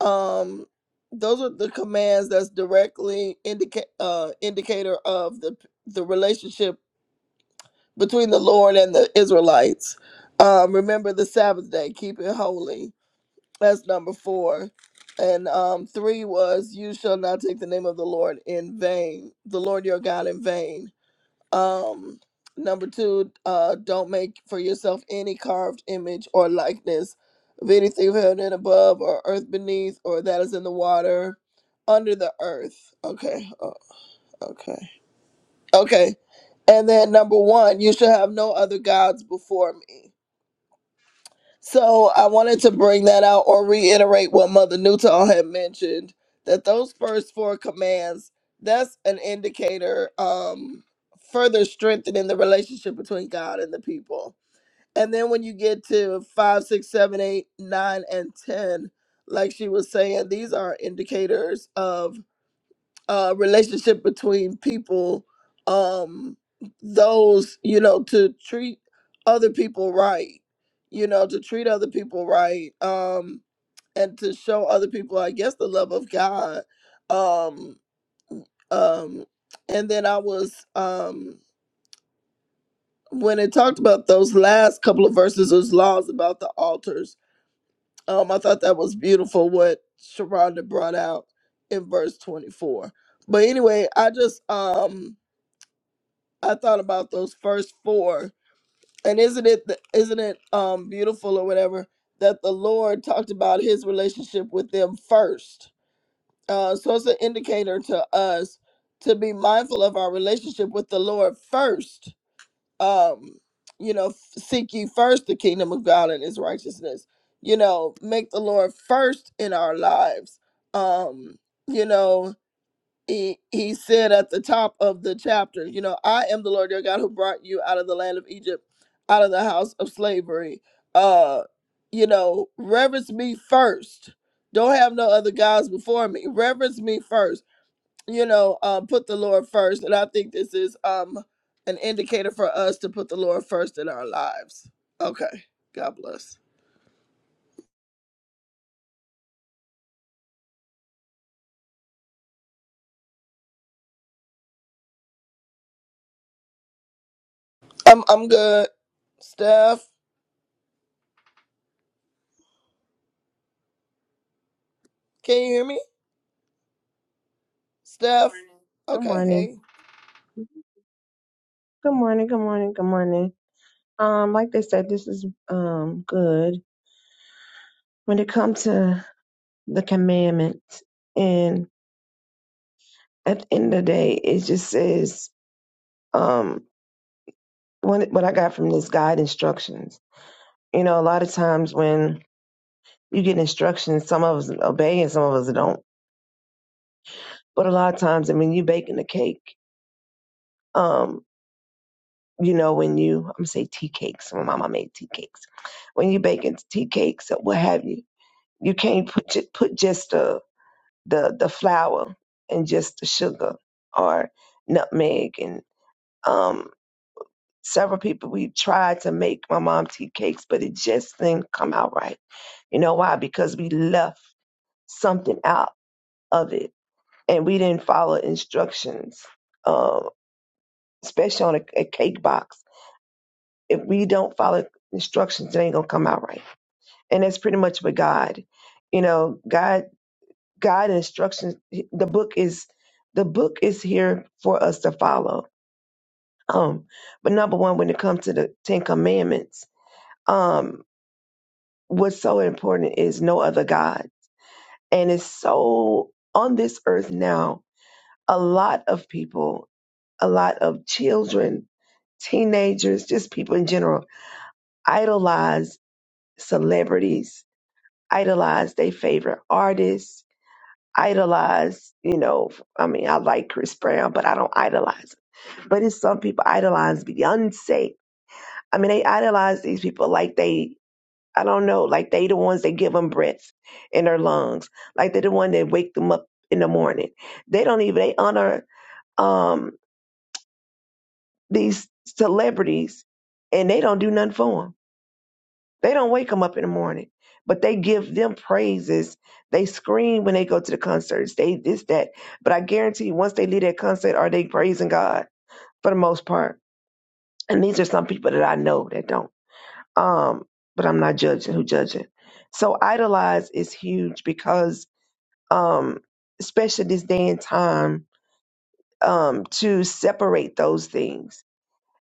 Speaker 4: um those are the commands that's directly indicate uh indicator of the the relationship between the lord and the israelites um remember the sabbath day keep it holy that's number four and um three was you shall not take the name of the lord in vain the lord your god in vain um, number two, uh, don't make for yourself any carved image or likeness of anything held in above or earth beneath or that is in the water under the earth. Okay. Oh, okay. Okay. And then number one, you shall have no other gods before me. So I wanted to bring that out or reiterate what Mother Newton had mentioned that those first four commands that's an indicator um further strengthening the relationship between God and the people. And then when you get to five, six, seven, eight, nine, and ten, like she was saying, these are indicators of uh, relationship between people um those you know to treat other people right you know to treat other people right um and to show other people i guess the love of god um um and then i was um when it talked about those last couple of verses those laws about the altars um i thought that was beautiful what sharonda brought out in verse 24 but anyway i just um I thought about those first four. And isn't it th- isn't it um beautiful or whatever that the Lord talked about his relationship with them first. Uh so it's an indicator to us to be mindful of our relationship with the Lord first. Um you know, f- seek ye first the kingdom of God and his righteousness. You know, make the Lord first in our lives. Um you know, he, he said at the top of the chapter, you know, I am the Lord your God who brought you out of the land of Egypt, out of the house of slavery. Uh, you know, reverence me first. Don't have no other gods before me. Reverence me first. You know, um, put the Lord first. And I think this is um an indicator for us to put the Lord first in our lives. Okay. God bless. I'm I'm good. Steph, can you hear me? Steph.
Speaker 5: Good
Speaker 4: Okay,
Speaker 5: morning.
Speaker 4: hey.
Speaker 5: Good morning. Good morning. Good morning. Um, like they said, this is um good when it comes to the commandments. And at the end of the day, it just says um when what I got from this guide instructions. You know, a lot of times when you get instructions, some of us obey and some of us don't. But a lot of times, I mean, you baking a cake. Um, you know, when you I'm gonna say tea cakes. My mama made tea cakes. When you baking tea cakes or what have you You can't put ju- put just the the the flour and just the sugar or nutmeg and um several people we tried to make my mom tea cakes, but it just didn't come out right. You know why? Because we left something out of it and we didn't follow instructions, uh, especially on a, a cake box. If we don't follow instructions, it ain't gonna come out right. And that's pretty much what God, you know, God God instructions. The book is the book is here for us to follow. Um, but number one, when it comes to the Ten Commandments, um, what's so important is no other God, and it's so on this earth now. A lot of people, a lot of children, teenagers, just people in general, idolize celebrities, idolize their favorite artists, idolize. You know, I mean, I like Chris Brown, but I don't idolize. him But it's some people idolize Beyonce. I mean, they idolize these people like they, I don't know, like they the ones that give them breath in their lungs, like they're the one that wake them up in the morning. They don't even they honor um these celebrities, and they don't do nothing for them. They don't wake them up in the morning, but they give them praises. They scream when they go to the concerts. They this that, but I guarantee you, once they leave that concert, are they praising God for the most part? And these are some people that I know that don't. um, but I'm not judging who judging. So idolize is huge because um, especially this day and time um, to separate those things,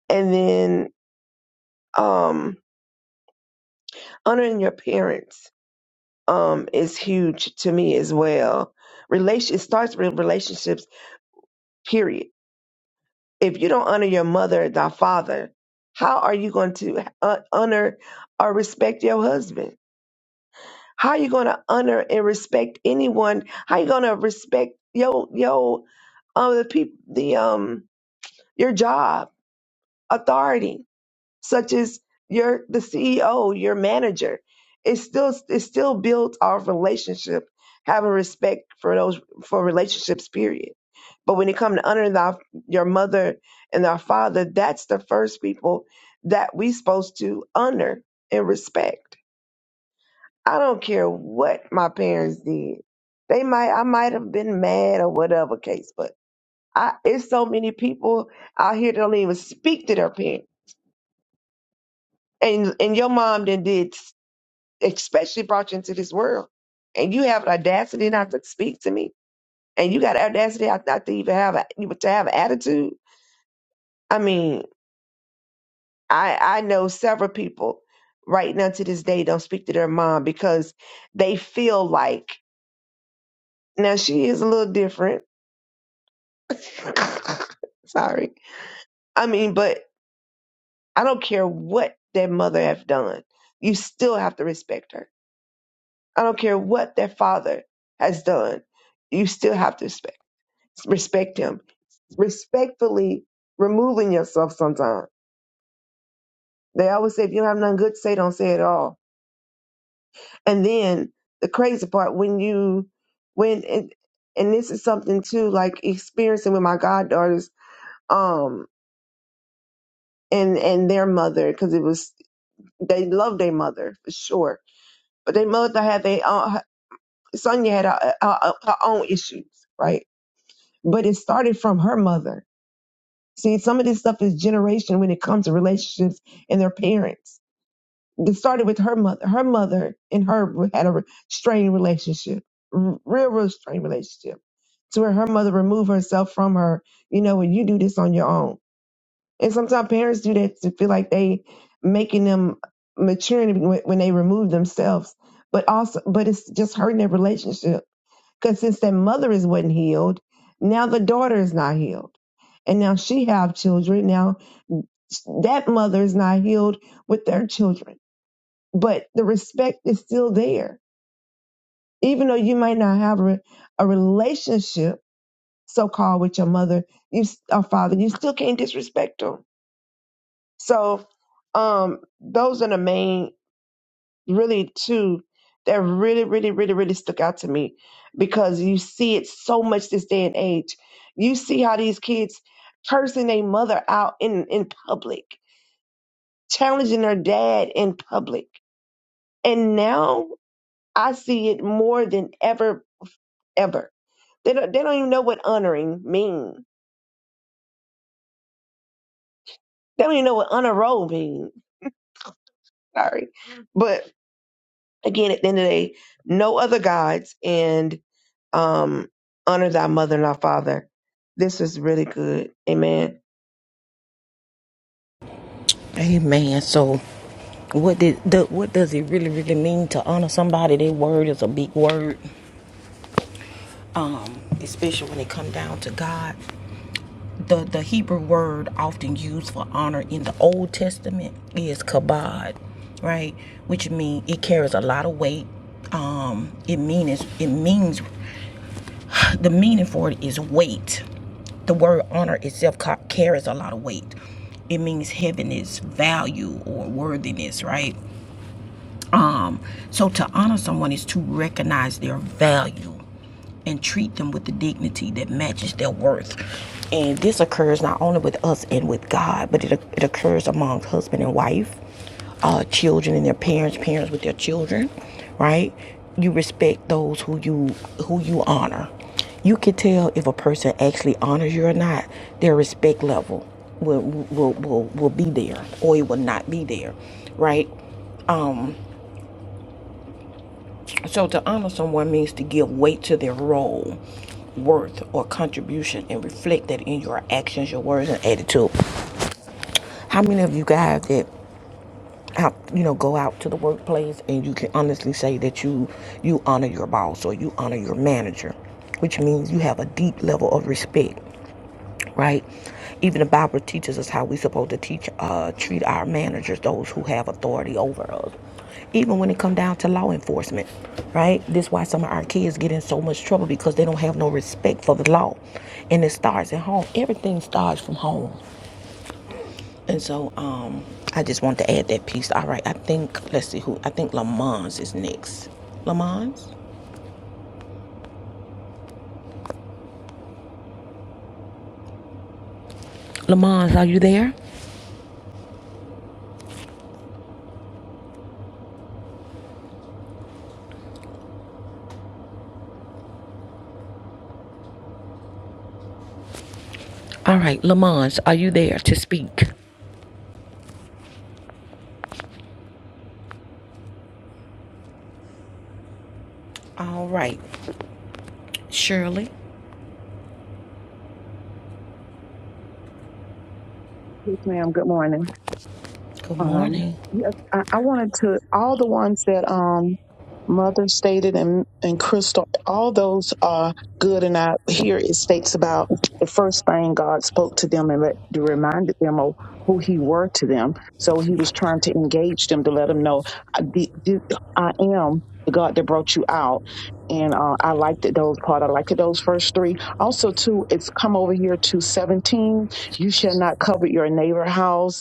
Speaker 5: and then um, honoring your parents um, is huge to me as well. Relation it starts with relationships. Period. If you don't honor your mother, thy father, how are you going to uh, honor or respect your husband? How are you going to honor and respect anyone? How you going to respect your your um the people the um your job authority, such as your the CEO, your manager? It's still it's still built off relationship, having respect for those for relationships. Period. But when it comes to honoring thy, your mother and thy father, that's the first people that we supposed to honor and respect. I don't care what my parents did. They might I might have been mad or whatever case, but I it's so many people out here that don't even speak to their parents. And and your mom then did especially brought you into this world. And you have audacity not to speak to me. And you got audacity not not to even have a, even to have an attitude. I mean, I I know several people right now to this day don't speak to their mom because they feel like now she is a little different Sorry. I mean, but I don't care what their mother have done. You still have to respect her. I don't care what their father has done. You still have to respect respect him. Respectfully removing yourself sometimes. They always say if you don't have nothing good to say, don't say it at all. And then the crazy part when you when and, and this is something too like experiencing with my goddaughters um and and their mother because it was they love their mother for sure, but their mother had their own, Sonya had her, her, her own issues, right? But it started from her mother. See, some of this stuff is generation when it comes to relationships and their parents. It started with her mother. Her mother and her had a strained relationship, r- real, real strained relationship, to where her mother removed herself from her. You know, when you do this on your own And sometimes parents do that to feel like they making them maturing when when they remove themselves. But also, but it's just hurting their relationship because since that mother is wasn't healed, now the daughter is not healed, and now she have children. Now that mother is not healed with their children, but the respect is still there, even though you might not have a, a relationship so called with your mother, you s- or father, you still can't disrespect them So um those are the main really two that really, really, really, really stuck out to me because you see it so much this day and age. You see how these kids cursing their mother out in, in public, challenging their dad in public. And now I see it more than ever, ever. They don't they don't even know what honoring means. They don't even know what honor roll means. Sorry. But again, at the end of the day, no other gods and um, honor thy mother and thy father. This is really good. Amen.
Speaker 1: Amen. So, what did the, what does it really really mean to honor somebody? Their word is a big word, um, especially when it comes down to God. The the Hebrew word often used for honor in the Old Testament is kabod, right? Which means it carries a lot of weight. Um, it means it means the meaning for it is weight. The word honor itself ca- carries a lot of weight. It means heaviness, value, or worthiness, right? Um, so to honor someone is to recognize their value and treat them with the dignity that matches their worth. And this occurs not only with us and with God, but it, it occurs among husband and wife, uh, children and their parents, parents with their children, right? You respect those who you who you honor. You can tell if a person actually honors you or not. Their respect level will will will, will be there, or it will not be there, right? So to honor someone means to give weight to their role, worth, or contribution, and reflect that in your actions, your words, and attitude. How many of you guys that out, you know, go out to the workplace and you can honestly say that you you honor your boss or you honor your manager, which means you have a deep level of respect right? Even the Bible teaches us how we supposed to teach, uh, treat our managers, those who have authority over us. Even when it come down to law enforcement, right? This is why some of our kids get in so much trouble because they don't have no respect for the law, and it starts at home. Everything starts from home, and so um, I just want to add that piece. All right, I think let's see who I think Lamons is next. Lamons, Lamons, are you there? All right, Lamons, are you there to speak? All right, Shirley.
Speaker 6: Yes, ma'am. Good morning.
Speaker 1: Good
Speaker 6: Um,
Speaker 1: morning.
Speaker 6: yes, I, I wanted to all the ones that um Mother stated and and Crystal, all those are good. And I here it states about the first thing God spoke to them and re- reminded them of who He were to them. So He was trying to engage them to let them know, I, the, the, I am the God that brought you out. And uh, I liked it, those part. I liked it, those first three. Also, too, it's come over here to 17. You shall not covet your neighbor house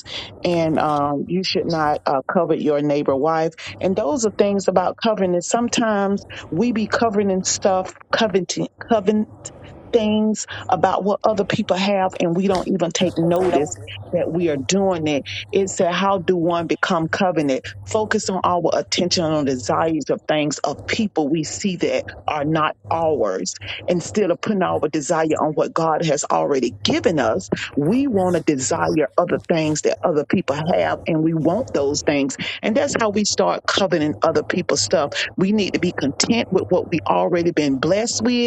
Speaker 6: and um, you should not uh, covet your neighbor wife. And those are things about covenant. Sometimes we be covering stuff, coveting things about what other people have and we don't even take notice that we are doing it. It said, How do one become covenant? Focus on our attention on desires of things of people we see that are not ours. Instead of putting our desire on what God has already given us, we want to desire other things that other people have and we want those things. And that's how we start coveting other people's stuff. We need to be content with what we already been blessed with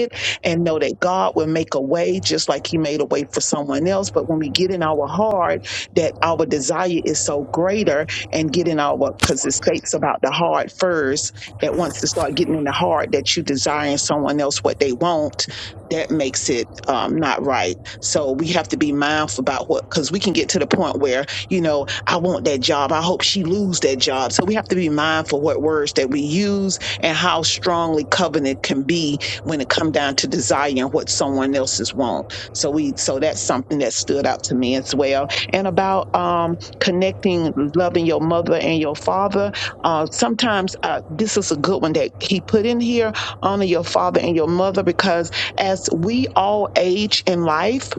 Speaker 6: and know that God will make a way just like He made a way for someone else. But when we get in our heart, that our desire is so greater and get in our, because it states about the heart first, that once you start getting in the heart that you desiring someone else what they want, that makes it um, not right. So we have to be mindful about what, because we can get to the point where, you know, I want that job. I hope she lose that job. So we have to be mindful what words that we use and how strongly covenant can be when it come down to desiring what someone else's want. So we so that's something that stood out to me as well. And about um connecting, loving your mother and your father. Uh sometimes uh this is a good one that he put in here, honor your father and your mother because as we all age in life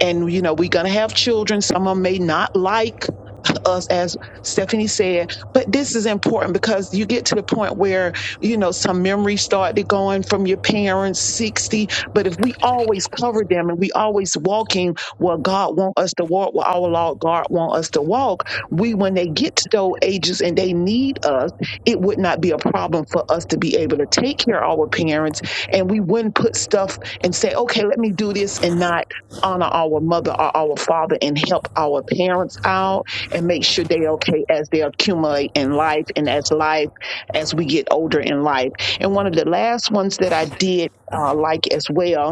Speaker 6: and you know we're gonna have children, some of them may not like on us, as Stephanie said. But this is important because you get to the point where, you know, some memories started going from your parents, 60. But if we always cover them and we always walking where God want us to walk, where our Lord God want us to walk, we, when they get to those ages and they need us, it would not be a problem for us to be able to take care of our parents. And we wouldn't put stuff and say, okay, let me do this and not honor our mother or our father and help our parents out and make sure they're okay as they accumulate in life and as life as we get older in life. And one of the last ones that I did uh, like as well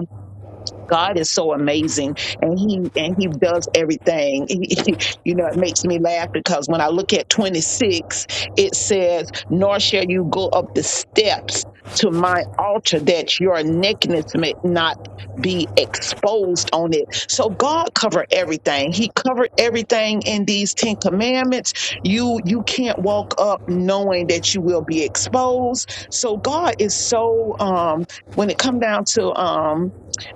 Speaker 6: God is so amazing, and he and he does everything. you know, it makes me laugh because when I look at 26, it says, "Nor shall you go up the steps." To my altar, that your nakedness may not be exposed on it. So God covered everything. He covered everything in these Ten Commandments. You you can't walk up knowing that you will be exposed. So God is so um when it come down to um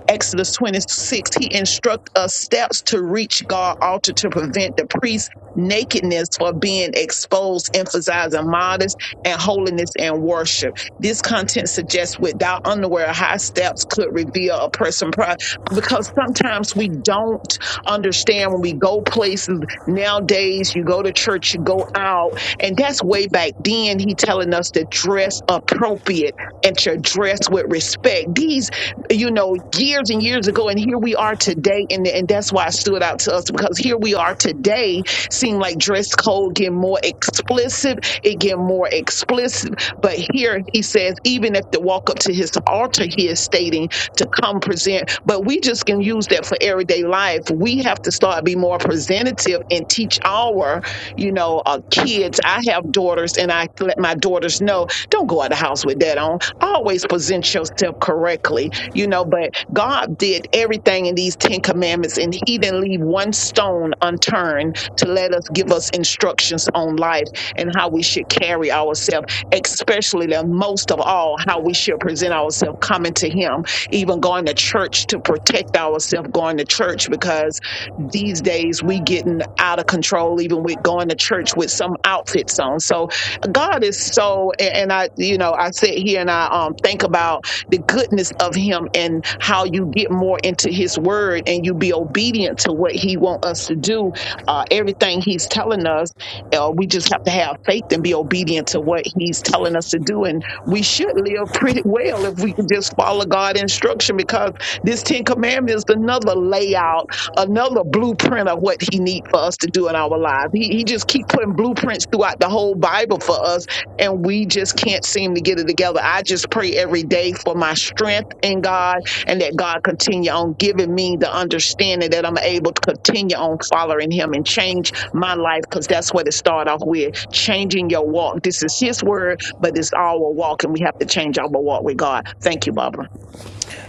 Speaker 6: Exodus 26, he instructs us steps to reach God altar to prevent the priest's nakedness for being exposed, emphasizing modest and holiness and worship. This content suggests without underwear, high steps could reveal a person pride because sometimes we don't understand when we go places nowadays, you go to church, you go out, and that's way back then. He telling us to dress appropriate and to dress with respect. These you know, years and years ago, and here we are today, and and that's why it stood out to us because here we are today, seem like dress code get more explicit, it getting more explicit. But here he says, even if they walk up to his altar, he is stating to come present. But we just can use that for everyday life. We have to start be more presentative and teach our, you know, uh, kids. I have daughters, and I let my daughters know, don't go out the house with that on. Always present yourself correctly you know, but God did everything in these Ten Commandments and He didn't leave one stone unturned to let us give us instructions on life and how we should carry ourselves, especially the most of all, how we should present ourselves coming to Him, even going to church to protect ourselves, going to church because these days we getting out of control, even with going to church with some outfits on. So God is so, and and I, you know, I sit here and I um, think about the goodness of him and how you get more into his word and you be obedient to what he wants us to do uh, everything he's telling us uh, we just have to have faith and be obedient to what he's telling us to do and we should live pretty well if we could just follow god's instruction because this 10 commandments is another layout another blueprint of what he needs for us to do in our lives he, he just keep putting blueprints throughout the whole bible for us and we just can't seem to get it together. I just pray every day for my strength in God and that God continue on giving me the understanding that I'm able to continue on following him and change my life because that's what it started off with changing your walk. This is his word, but it's our walk and we have to change our walk with God. Thank you, Barbara.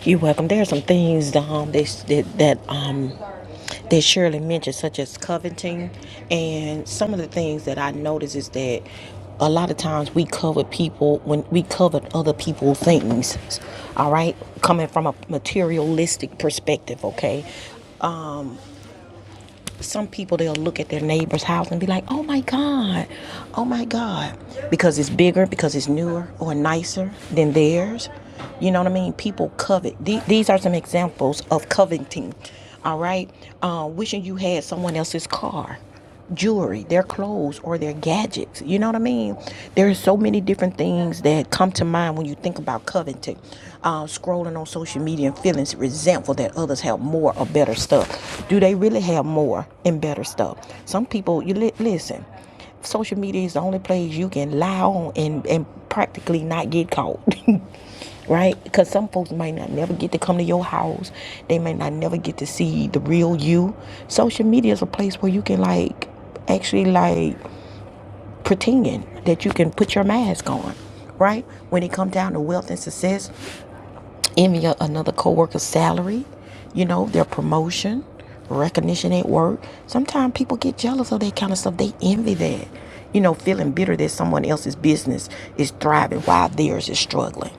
Speaker 1: You're welcome. There are some things um, they, that that um, that Shirley mentioned, such as coveting, and some of the things that I notice is that a lot of times we covet people when we covet other people things. All right, coming from a materialistic perspective, okay. some people they'll look at their neighbor's house and be like, "Oh my god, oh my god," because it's bigger, because it's newer or nicer than theirs. You know what I mean? People covet. These are some examples of coveting. All right, uh, wishing you had someone else's car jewelry, their clothes, or their gadgets. You know what I mean? There are so many different things that come to mind when you think about coveting, uh, scrolling on social media and feeling resentful that others have more or better stuff. Do they really have more and better stuff? Some people, you li- listen. Social media is the only place you can lie on and, and practically not get caught. right? Because some folks might not never get to come to your house. They might not never get to see the real you. Social media is a place where you can like actually like pretend that you can put your mask on, right? When it comes down to wealth and success, envy another coworker's salary, you know, their promotion, recognition at work. Sometimes people get jealous of that kind of stuff. They envy that. You know, feeling bitter that someone else's business is thriving while theirs is struggling.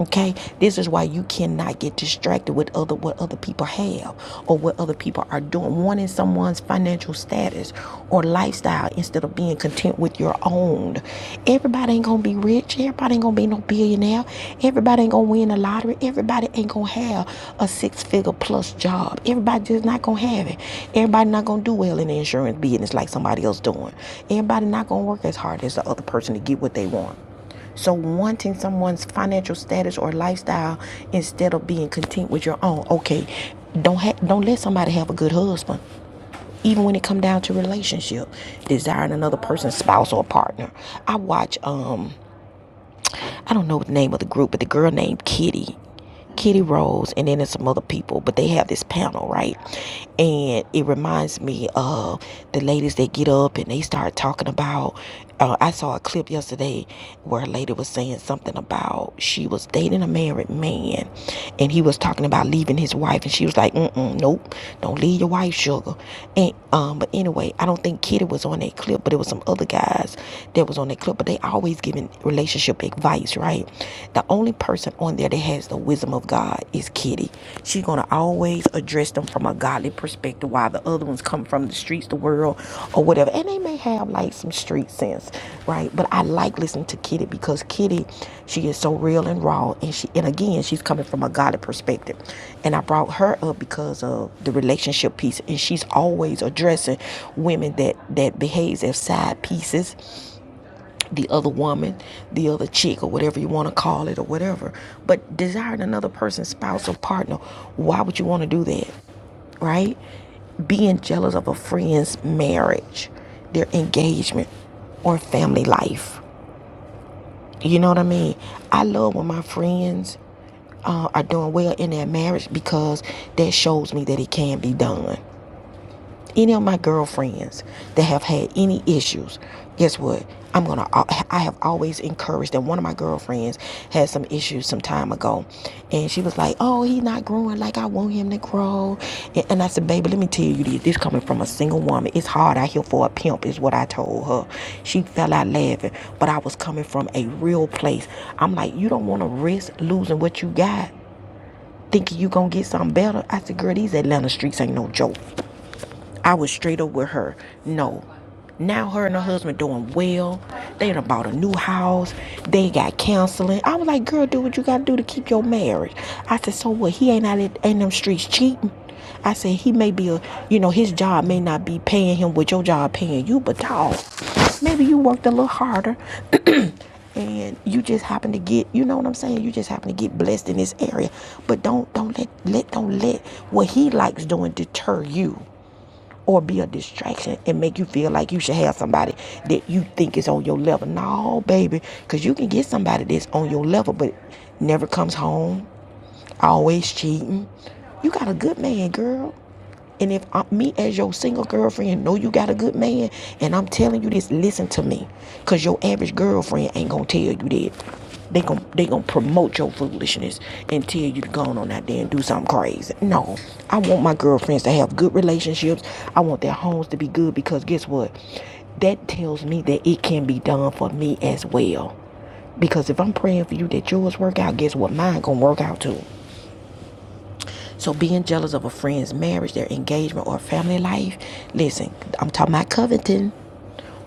Speaker 1: Okay, this is why you cannot get distracted with other what other people have or what other people are doing. Wanting someone's financial status or lifestyle instead of being content with your own. Everybody ain't gonna be rich. Everybody ain't gonna be no billionaire. Everybody ain't gonna win the lottery. Everybody ain't gonna have a six-figure plus job. Everybody just not gonna have it. Everybody not gonna do well in the insurance business like somebody else doing. Everybody not gonna work as hard as the other person to get what they want. So, wanting someone's financial status or lifestyle instead of being content with your own. Okay, don't ha- don't let somebody have a good husband, even when it come down to relationship, desiring another person's spouse or partner. I watch. Um, I don't know what the name of the group, but the girl named Kitty, Kitty Rose, and then there's some other people, but they have this panel, right? And it reminds me of the ladies that get up and they start talking about. Uh, I saw a clip yesterday where a lady was saying something about she was dating a married man and he was talking about leaving his wife, and she was like, Mm-mm, nope, don't leave your wife, sugar. And um, but anyway, I don't think Kitty was on that clip, but it was some other guys that was on that clip, but they always always giving relationship advice, right? The only person on there that has the wisdom of God is Kitty. She's gonna always address them from a godly perspective, while the other ones come from the streets, the world, or whatever. And they may have like some street sense, right? But I like listening to Kitty because Kitty, she is so real and raw, and she and again, she's coming from a godly perspective. And I brought her up because of the relationship piece, and she's always addressing women that that behaves as side pieces the other woman, the other chick, or whatever you want to call it, or whatever. But desiring another person's spouse or partner, why would you want to do that, right? Being jealous of a friend's marriage, their engagement, or family life. You know what I mean? I love when my friends uh, are doing well in their marriage because that shows me that it can be done any of my girlfriends that have had any issues, guess what? I'm gonna. I have always encouraged them. One of my girlfriends had some issues some time ago, and she was like, "Oh, he's not growing like I want him to grow." And, and I said, "Baby, let me tell you this. This coming from a single woman. It's hard out here for a pimp," is what I told her. She fell out laughing, but I was coming from a real place. I'm like, "You don't want to risk losing what you got." thinking you gonna get something better. I said, girl, these Atlanta streets ain't no joke. I was straight up with her. No. Now her and her husband doing well. They done bought a new house. They got counseling. I was like, girl, do what you gotta do to keep your marriage. I said, so what? He ain't out in in them streets cheating. I said he may be a, you know, his job may not be paying him what your job paying you, but dog, maybe you worked a little harder. and you just happen to get you know what i'm saying you just happen to get blessed in this area but don't don't let let don't let what he likes doing deter you or be a distraction and make you feel like you should have somebody that you think is on your level. No, baby, because you can get somebody that's on your level but never comes home, always cheating. You got a good man, girl. And if I, me as your single girlfriend know you got a good man, and I'm telling you this, listen to me, cause your average girlfriend ain't gonna tell you that. They gon' they gon' promote your foolishness and tell you to go on out there and do something crazy. No, I want my girlfriends to have good relationships. I want their homes to be good because guess what? That tells me that it can be done for me as well. Because if I'm praying for you that yours work out, guess what? Mine gonna work out too. So being jealous of a friend's marriage, their engagement, or family life, listen, I'm talking about coveting,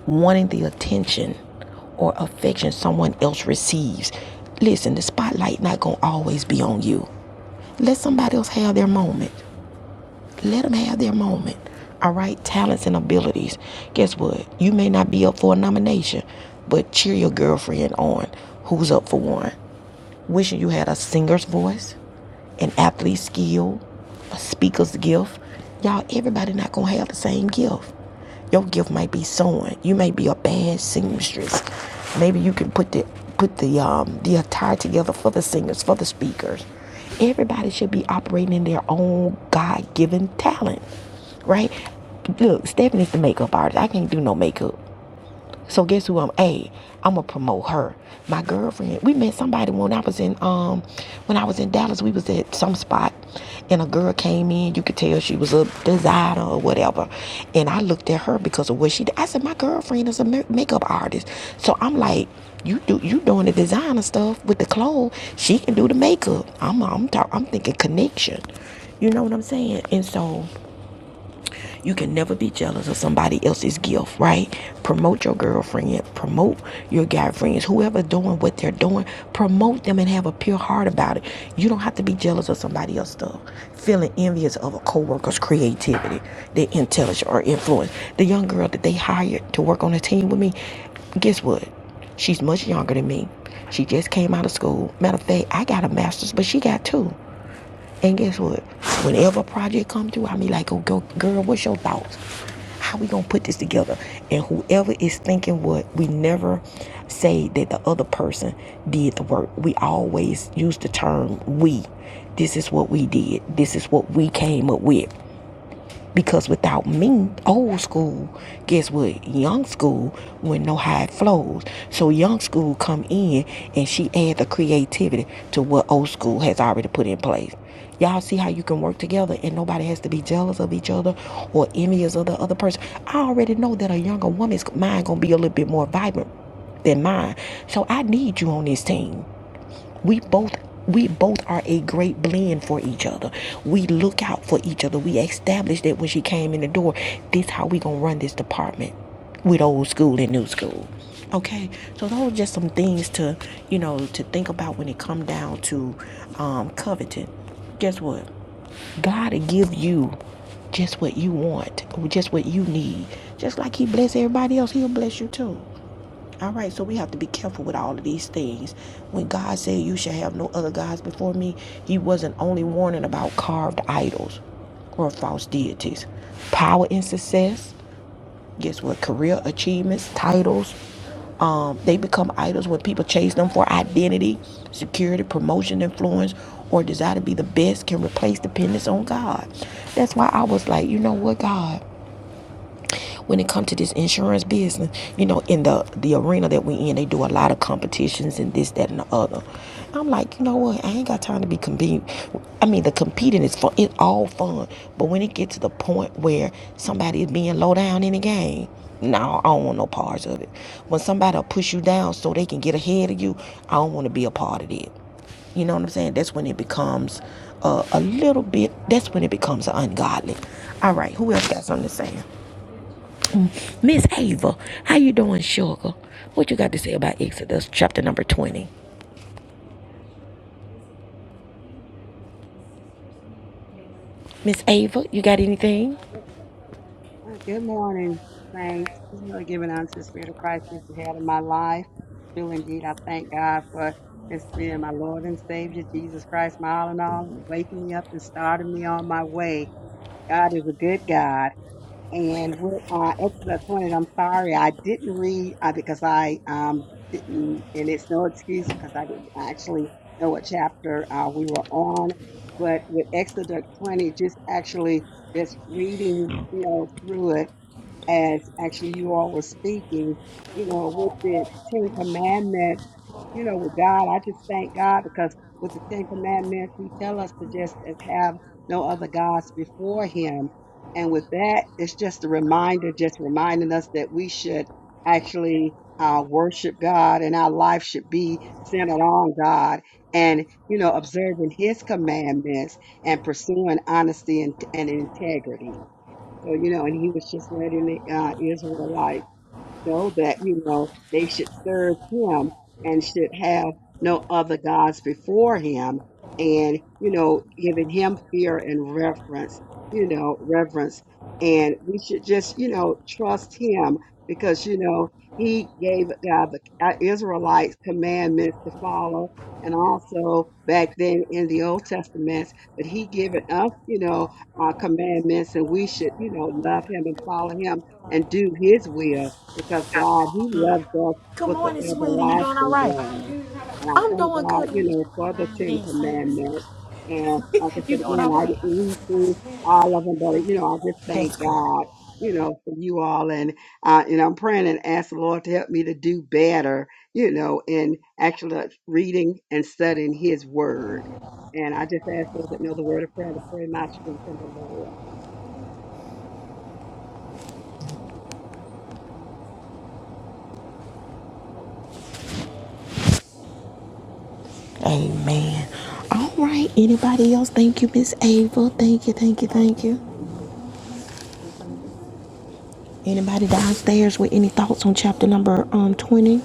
Speaker 1: wanting the attention or affection someone else receives. Listen, the spotlight not gonna always be on you. Let somebody else have their moment. Let them have their moment. All right, talents and abilities. Guess what? You may not be up for a nomination, but cheer your girlfriend on who's up for one wishing you had a singer's voice, an athlete's skill, a speaker's gift. Y'all, everybody not gonna have the same gift. Your gift might be sewing. You may be a bad seamstress. Maybe you can put the put the um the attire together for the singers, for the speakers. Everybody should be operating in their own God given talent. Right? Look, Stephanie's the makeup artist. I can't do no makeup. So guess who I'm? Hey, I'm gonna promote her. My girlfriend. We met somebody when I was in um when I was in Dallas. We was at some spot, and a girl came in. You could tell she was a designer or whatever. And I looked at her because of what she. did. I said my girlfriend is a makeup artist. So I'm like, you do you doing the designer stuff with the clothes. She can do the makeup. I'm I'm talk, I'm thinking connection. You know what I'm saying? And so you can never be jealous of somebody else's gift, right? Promote your girlfriend, promote your guy friends, whoever doing what they're doing, promote them and have a pure heart about it. You don't have to be jealous of somebody else's stuff. Feeling envious of a co-worker's creativity, their intelligence or influence. The young girl that they hired to work on the team with me, guess what? She's much younger than me. She just came out of school. Matter of fact, I got a master's, but she got two. And guess what? Whenever a project come through, I be like, oh, go, girl, what's your thoughts? How we gonna put this together? And whoever is thinking what, we never say that the other person did the work. We always use the term we. This is what we did. This is what we came up with. Because without me, old school, guess what? Young school wouldn't know how it flows. So young school come in and she add the creativity to what old school has already put in place. Y'all see how you can work together and nobody has to be jealous of each other or envious of the other person. I already know that a younger woman's mind gonna be a little bit more vibrant than mine. So I need you on this team we both we both are a great blend for each other we look out for each other we established that when she came in the door this how we gonna run this department with old school and new school okay so those are just some things to you know to think about when it come down to um coveting guess what god will give you just what you want just what you need just like he bless everybody else he'll bless you too all right, so we have to be careful with all of these things. When God said you shall have no other gods before me, he wasn't only warning about carved idols or false deities. Power and success, guess what? Career achievements, titles, um, they become idols when people chase them for identity, security, promotion, influence, or desire to be the best can replace dependence on God. That's why I was like, you know what, God? when it comes to this insurance business. You know, in the the arena that we in, they do a lot of competitions and this, that, and the other. I'm like, you know what? I ain't got time to be competing. I mean, the competing is fun. It's all fun, but when it gets to the point where somebody is being low down in the game, no, I don't want no parts of it. When somebody will push you down so they can get ahead of you, I don't want to be a part of it. You know what I'm saying? That's when it becomes uh, a little bit. That's when it becomes ungodly. All right, who else got something to say? Miss Ava, how you doing, sugar? What you got to say about Exodus chapter number 20? Miss Ava, you got anything?
Speaker 7: Uh, Good morning. Thanks. Really giving unto the Spirit of Christ who's the head of my life. Do indeed, I thank God for His being my Lord and Savior, Jesus Christ, my all in all, and waking me up and starting me on my way. God is a good God. And with uh, Exodus 20, I'm sorry, I didn't read uh, because I um, didn't, and it's no excuse because I didn't actually know what chapter uh, we were on. But with Exodus 20, just actually just reading, you know, through it as actually you all were speaking, you know, with the Ten Commandments, you know, with God, I just thank God because with the Ten Commandments, He tell us to just have no other gods before Him. And with that, it's just a reminder, just reminding us that we should actually uh, worship God and our life should be centered on God and, you know, observing His commandments and pursuing honesty and, and integrity. So, you know, and he was just letting the uh, Israelite know that you know they should serve him and should have no other gods before him and you know giving him fear and reverence you know reverence and we should just you know trust him because you know he gave uh, the uh, israelites commandments to follow and also back then in the old testament but he given us you know our commandments and we should you know love him and follow him and do his will because God, He loves us with an everlasting love. And I thank God, you know, for the Ten Commandments. And like I said again, I didn't read through all of them, but you know, I just thank God, you know, for you all. And uh, and I'm praying and asking the Lord to help me to do better, you know, in actually reading and studying His Word. And I just ask those that know the Word of prayer to pray my strength in the Lord.
Speaker 1: Amen. All right. Anybody else? Thank you, Miss Ava. Thank you, thank you, thank you. Anybody downstairs with any thoughts on chapter number um 20?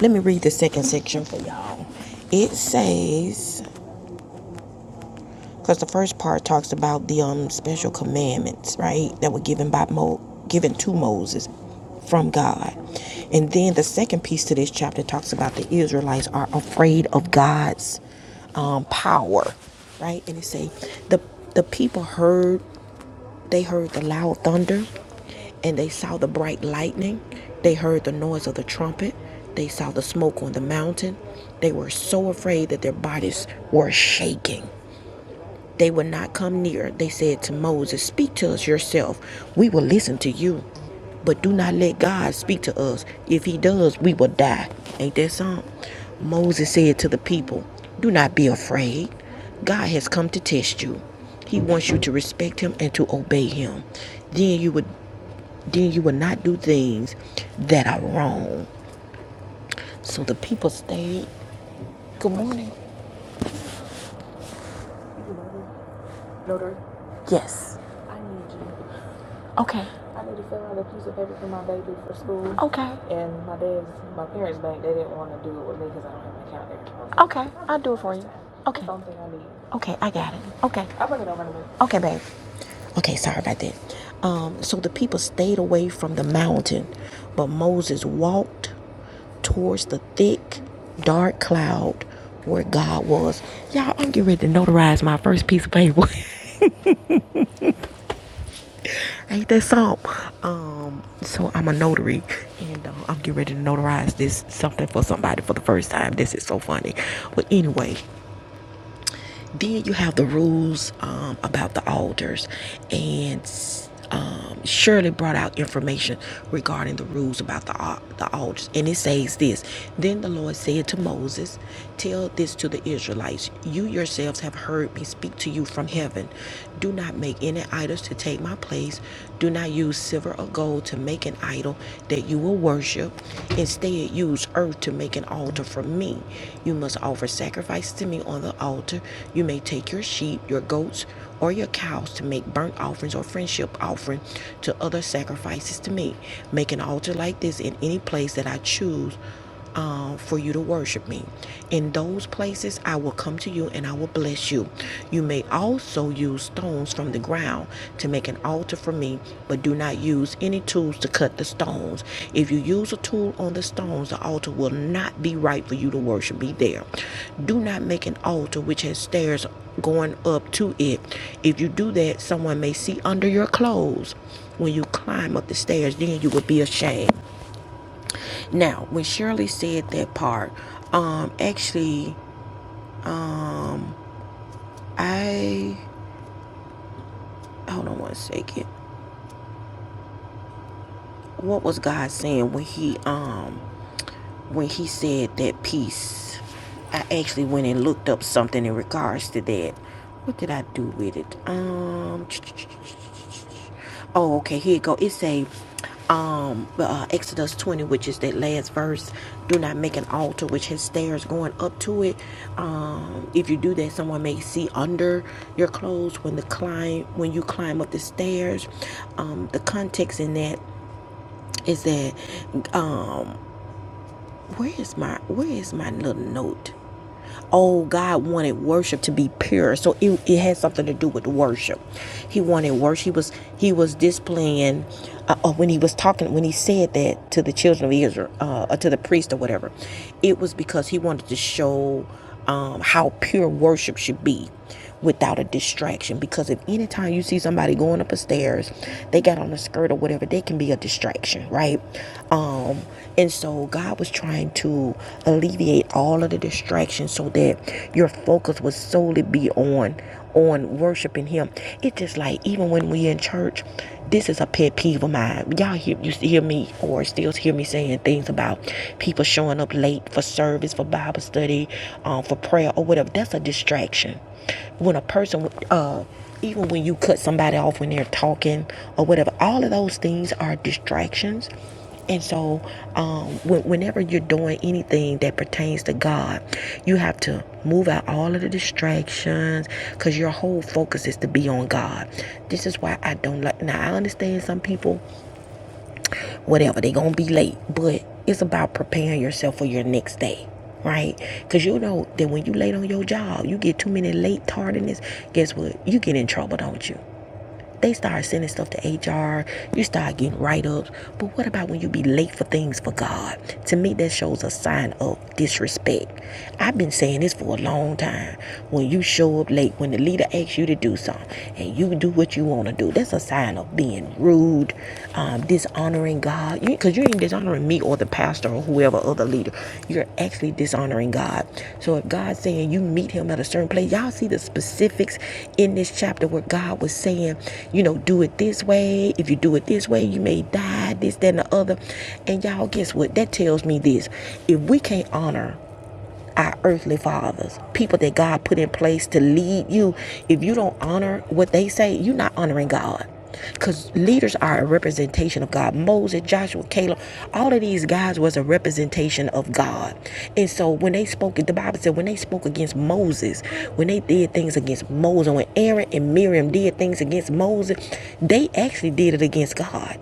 Speaker 1: Let me read the second section for y'all. It says because the first part talks about the um special commandments, right, that were given by Mo, given to Moses from God, and then the second piece to this chapter talks about the Israelites are afraid of God's um, power, right, and it say the the people heard they heard the loud thunder, and they saw the bright lightning, they heard the noise of the trumpet, they saw the smoke on the mountain, they were so afraid that their bodies were shaking. They would not come near. They said to Moses, Speak to us yourself. We will listen to you. But do not let God speak to us. If he does, we will die. Ain't that something? Moses said to the people, Do not be afraid. God has come to test you. He wants you to respect him and to obey him. Then you would then you would not do things that are wrong. So the people stayed. Good morning. Yes. Okay, sorry about that. Um, so the people stayed away from the mountain, but Moses walked towards the thick, dark cloud where God was. Y'all, I'm getting ready to notarize my first piece of paper. Ain't that something? Um, so I'm a notary, and uh, I'm getting ready to notarize this something for somebody for the first time. This is so funny. But anyway, Then you have the rules um, about the altars, and um, Shirley brought out information regarding the rules about the al- the altars, and it says this. Then the Lord said to Moses, "Tell this to the Israelites: You yourselves have heard me speak to you from heaven. Do not make any idols to take my place. Do not use silver or gold to make an idol that you will worship. Instead, use earth to make an altar for me. You must offer sacrifice to me on the altar. You may take your sheep, your goats, or your cows to make burnt offerings or friendship offering to other sacrifices to me. Make an altar like this in any place that I choose um, for you to worship me. In those places, I will come to you and I will bless you. You may also use stones from the ground to make an altar for me, but do not use any tools to cut the stones. If you use a tool on the stones, the altar will not be right for you to worship me there. Do not make an altar which has stairs going up to it. If you do that, someone may see under your clothes when you climb up the stairs, then you will be ashamed. Now, when Shirley said that part, um, actually, um, I hold on one second. What was God saying when he um when he said that piece? I actually went and looked up something in regards to that. What did I do with it? Um, ch -ch -ch Oh, okay. Here you go. It say, um, uh, Exodus 20, which is that last verse. Do not make an altar which has stairs going up to it. Um, if you do that, someone may see under your clothes when the climb when you climb up the stairs. Um, the context in that is that, um, where is my where is my little note? Oh, God wanted worship to be pure. So it, it had something to do with worship. He wanted worship. He was he was displaying uh, uh, when he was talking when he said that to the children of Israel uh, or to the priest or whatever. It was because he wanted to show um, how pure worship should be without a distraction. Because if anytime you see somebody going up a stairs, they got on a skirt or whatever, they can be a distraction, right? Um, and so God was trying to alleviate all of the distractions so that your focus would solely be on on worshiping him. It's just like even when we in church, this is a pet peeve of mine. Y'all hear you hear me or still hear me saying things about people showing up late for service, for Bible study, um, for prayer or whatever. That's a distraction. When a person, uh, even when you cut somebody off when they're talking or whatever, all of those things are distractions. And so, um, when, whenever you're doing anything that pertains to God, you have to move out all of the distractions because your whole focus is to be on God. This is why I don't like. Now, I understand some people whatever. They gonna be late, but it's about preparing yourself for your next day, right? Cause you know that when you late on your job, you get too many late tardiness. Guess what? You get in trouble, don't you? They start sending stuff to HR. You start getting write-ups. But what about when you be late for things for God? To me, that shows a sign of disrespect. I've been saying this for a long time. When you show up late, when the leader asks you to do something, and you do what you want to do, that's a sign of being rude, um, dishonoring God. Because you, 'cause you ain't dishonoring me or the pastor or whoever other leader. You're actually dishonoring God. So if God's saying you meet him at a certain place, y'all see the specifics in this chapter where God was saying, you know, do it this way. If you do it this way, you may die, this, that, and the other. And y'all, guess what? That tells me this. If we can't honor our earthly fathers, people that God put in place to lead you. If you don't honor what they say, you're not honoring God. Because leaders are a representation of God. Moses, Joshua, Caleb, all of these guys was a representation of God. And so when they spoke, the Bible said when they spoke against Moses, when they did things against Moses, when Aaron and Miriam did things against Moses, they actually did it against God.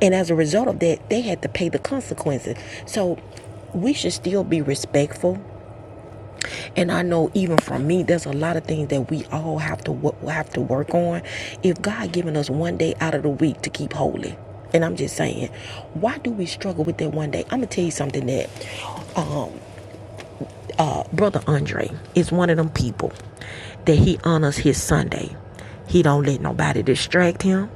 Speaker 1: And as a result of that, they had to pay the consequences. So we should still be respectful and I know even from me, there's a lot of things that we all have to wo- have to work on. If God given us one day out of the week to keep holy, and I'm just saying, why do we struggle with that one day? I'm gonna tell you something that um, uh, brother Andre is one of them people that he honors his Sunday. He don't let nobody distract him,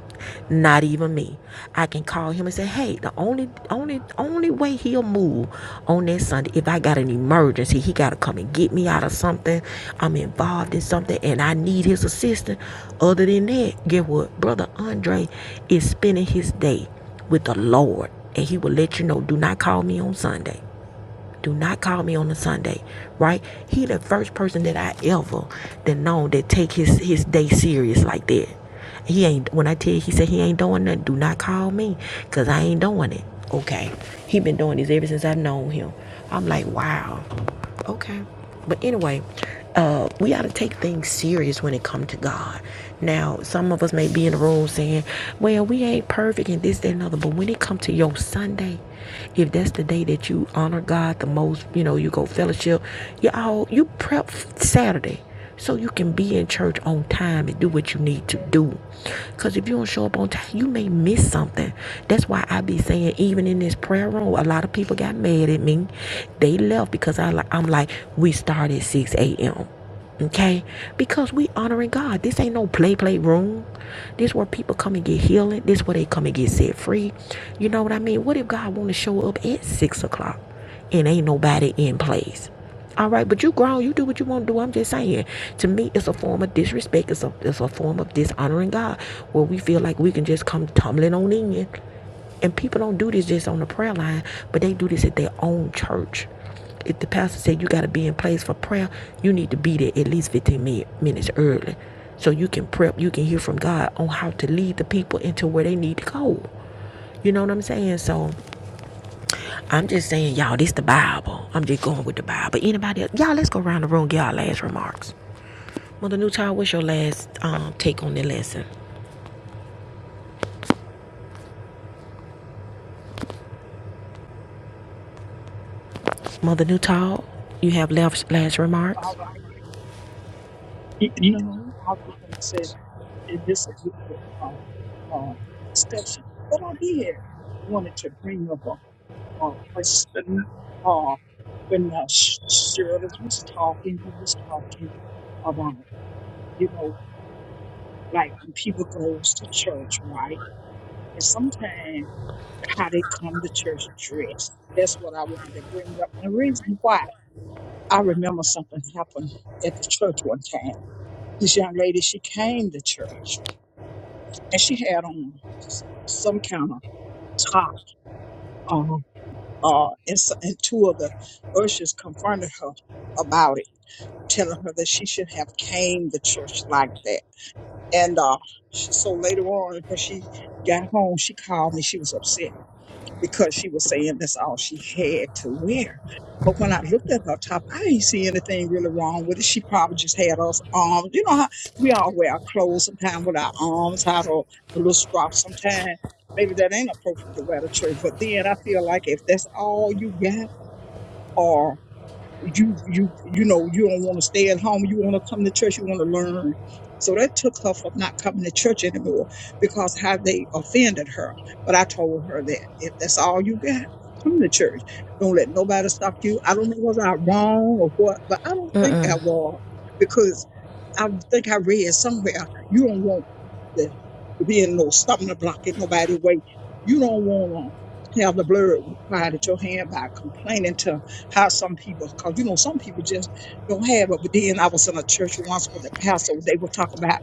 Speaker 1: not even me. I can call him and say, "Hey, the only only only way he'll move on that Sunday if I got an emergency, he got to come and get me out of something. I'm involved in something and I need his assistance. Other than that, get what? Brother Andre is spending his day with the Lord, and he will let you know, "Do not call me on Sunday." Do not call me on a Sunday, right? He the first person that I ever that known that take his his day serious like that. He ain't when I tell you he said he ain't doing nothing. Do not call me, cause I ain't doing it. Okay, he been doing this ever since I've known him. I'm like, wow. Okay. But anyway, uh, we ought to take things serious when it comes to God. Now, some of us may be in the room saying, well, we ain't perfect and this, that, and other. But when it comes to your Sunday, if that's the day that you honor God the most, you know, you go fellowship, you all, you prep Saturday so you can be in church on time and do what you need to do. Because if you don't show up on time, you may miss something. That's why I be saying, even in this prayer room, a lot of people got mad at me. They left because I, li- I'm like, we start at 6 a.m. Okay, because we honoring God. This ain't no play play room. This where people come and get healing. This where they come and get set free. You know what I mean? What if God want to show up at six o'clock and ain't nobody in place? All right, but you grown, you do what you want to do. I'm just saying. To me, it's a form of disrespect. It's a it's a form of dishonoring God, where we feel like we can just come tumbling on in, and people don't do this just on the prayer line, but they do this at their own church. If the pastor said you got to be in place for prayer, you need to be there at least 15 minutes early, so you can prep, you can hear from God on how to lead the people into where they need to go. You know what I'm saying? So I'm just saying, y'all, this the Bible. I'm just going with the Bible. Anybody else? Y'all, let's go around the room, get our last remarks. Mother Newtall, what's your last um, take on the lesson? Mother Newtall, you have left last
Speaker 2: All
Speaker 1: remarks?
Speaker 2: right. Y- No, no, no. I was just going to say, is this a good um, um, discussion? But I did wanted to bring up a, a question. Uh, when uh, Sh- Shirley was talking, you was talking about, you know, like when people goes to church, right? And sometimes how they come to church dressed. That's what I wanted to bring up. And reason why I remember something happened at the church one time. This young lady, she came to church and she had on s- some kind of top. Um, uh, and, so, and two of the ushers confronted her about it, telling her that she should have came to church like that. And uh, she, so later on, when she got home, she called me. She was upset because she was saying that's all she had to wear. But when I looked at her top, I didn't see anything really wrong with it. She probably just had us arms. You know how we all wear our clothes sometimes with our arms out or a little strap sometimes. Maybe that ain't appropriate to wear to church. But then I feel like if that's all you got, you you you know you don't want to stay at home you want to come to church you want to learn so that took her from not coming to church anymore because how they offended her but i told her that if that's all you got come to church don't let nobody stop you i don't know was i wrong or what but i don't think i was because i think i read somewhere you don't want the, to be in no stumbling block in nobody way you don't want to have the blood required at your hand by complaining to how some people, because you know, some people just don't have it. But then I was in a church once with a pastor, they were talking about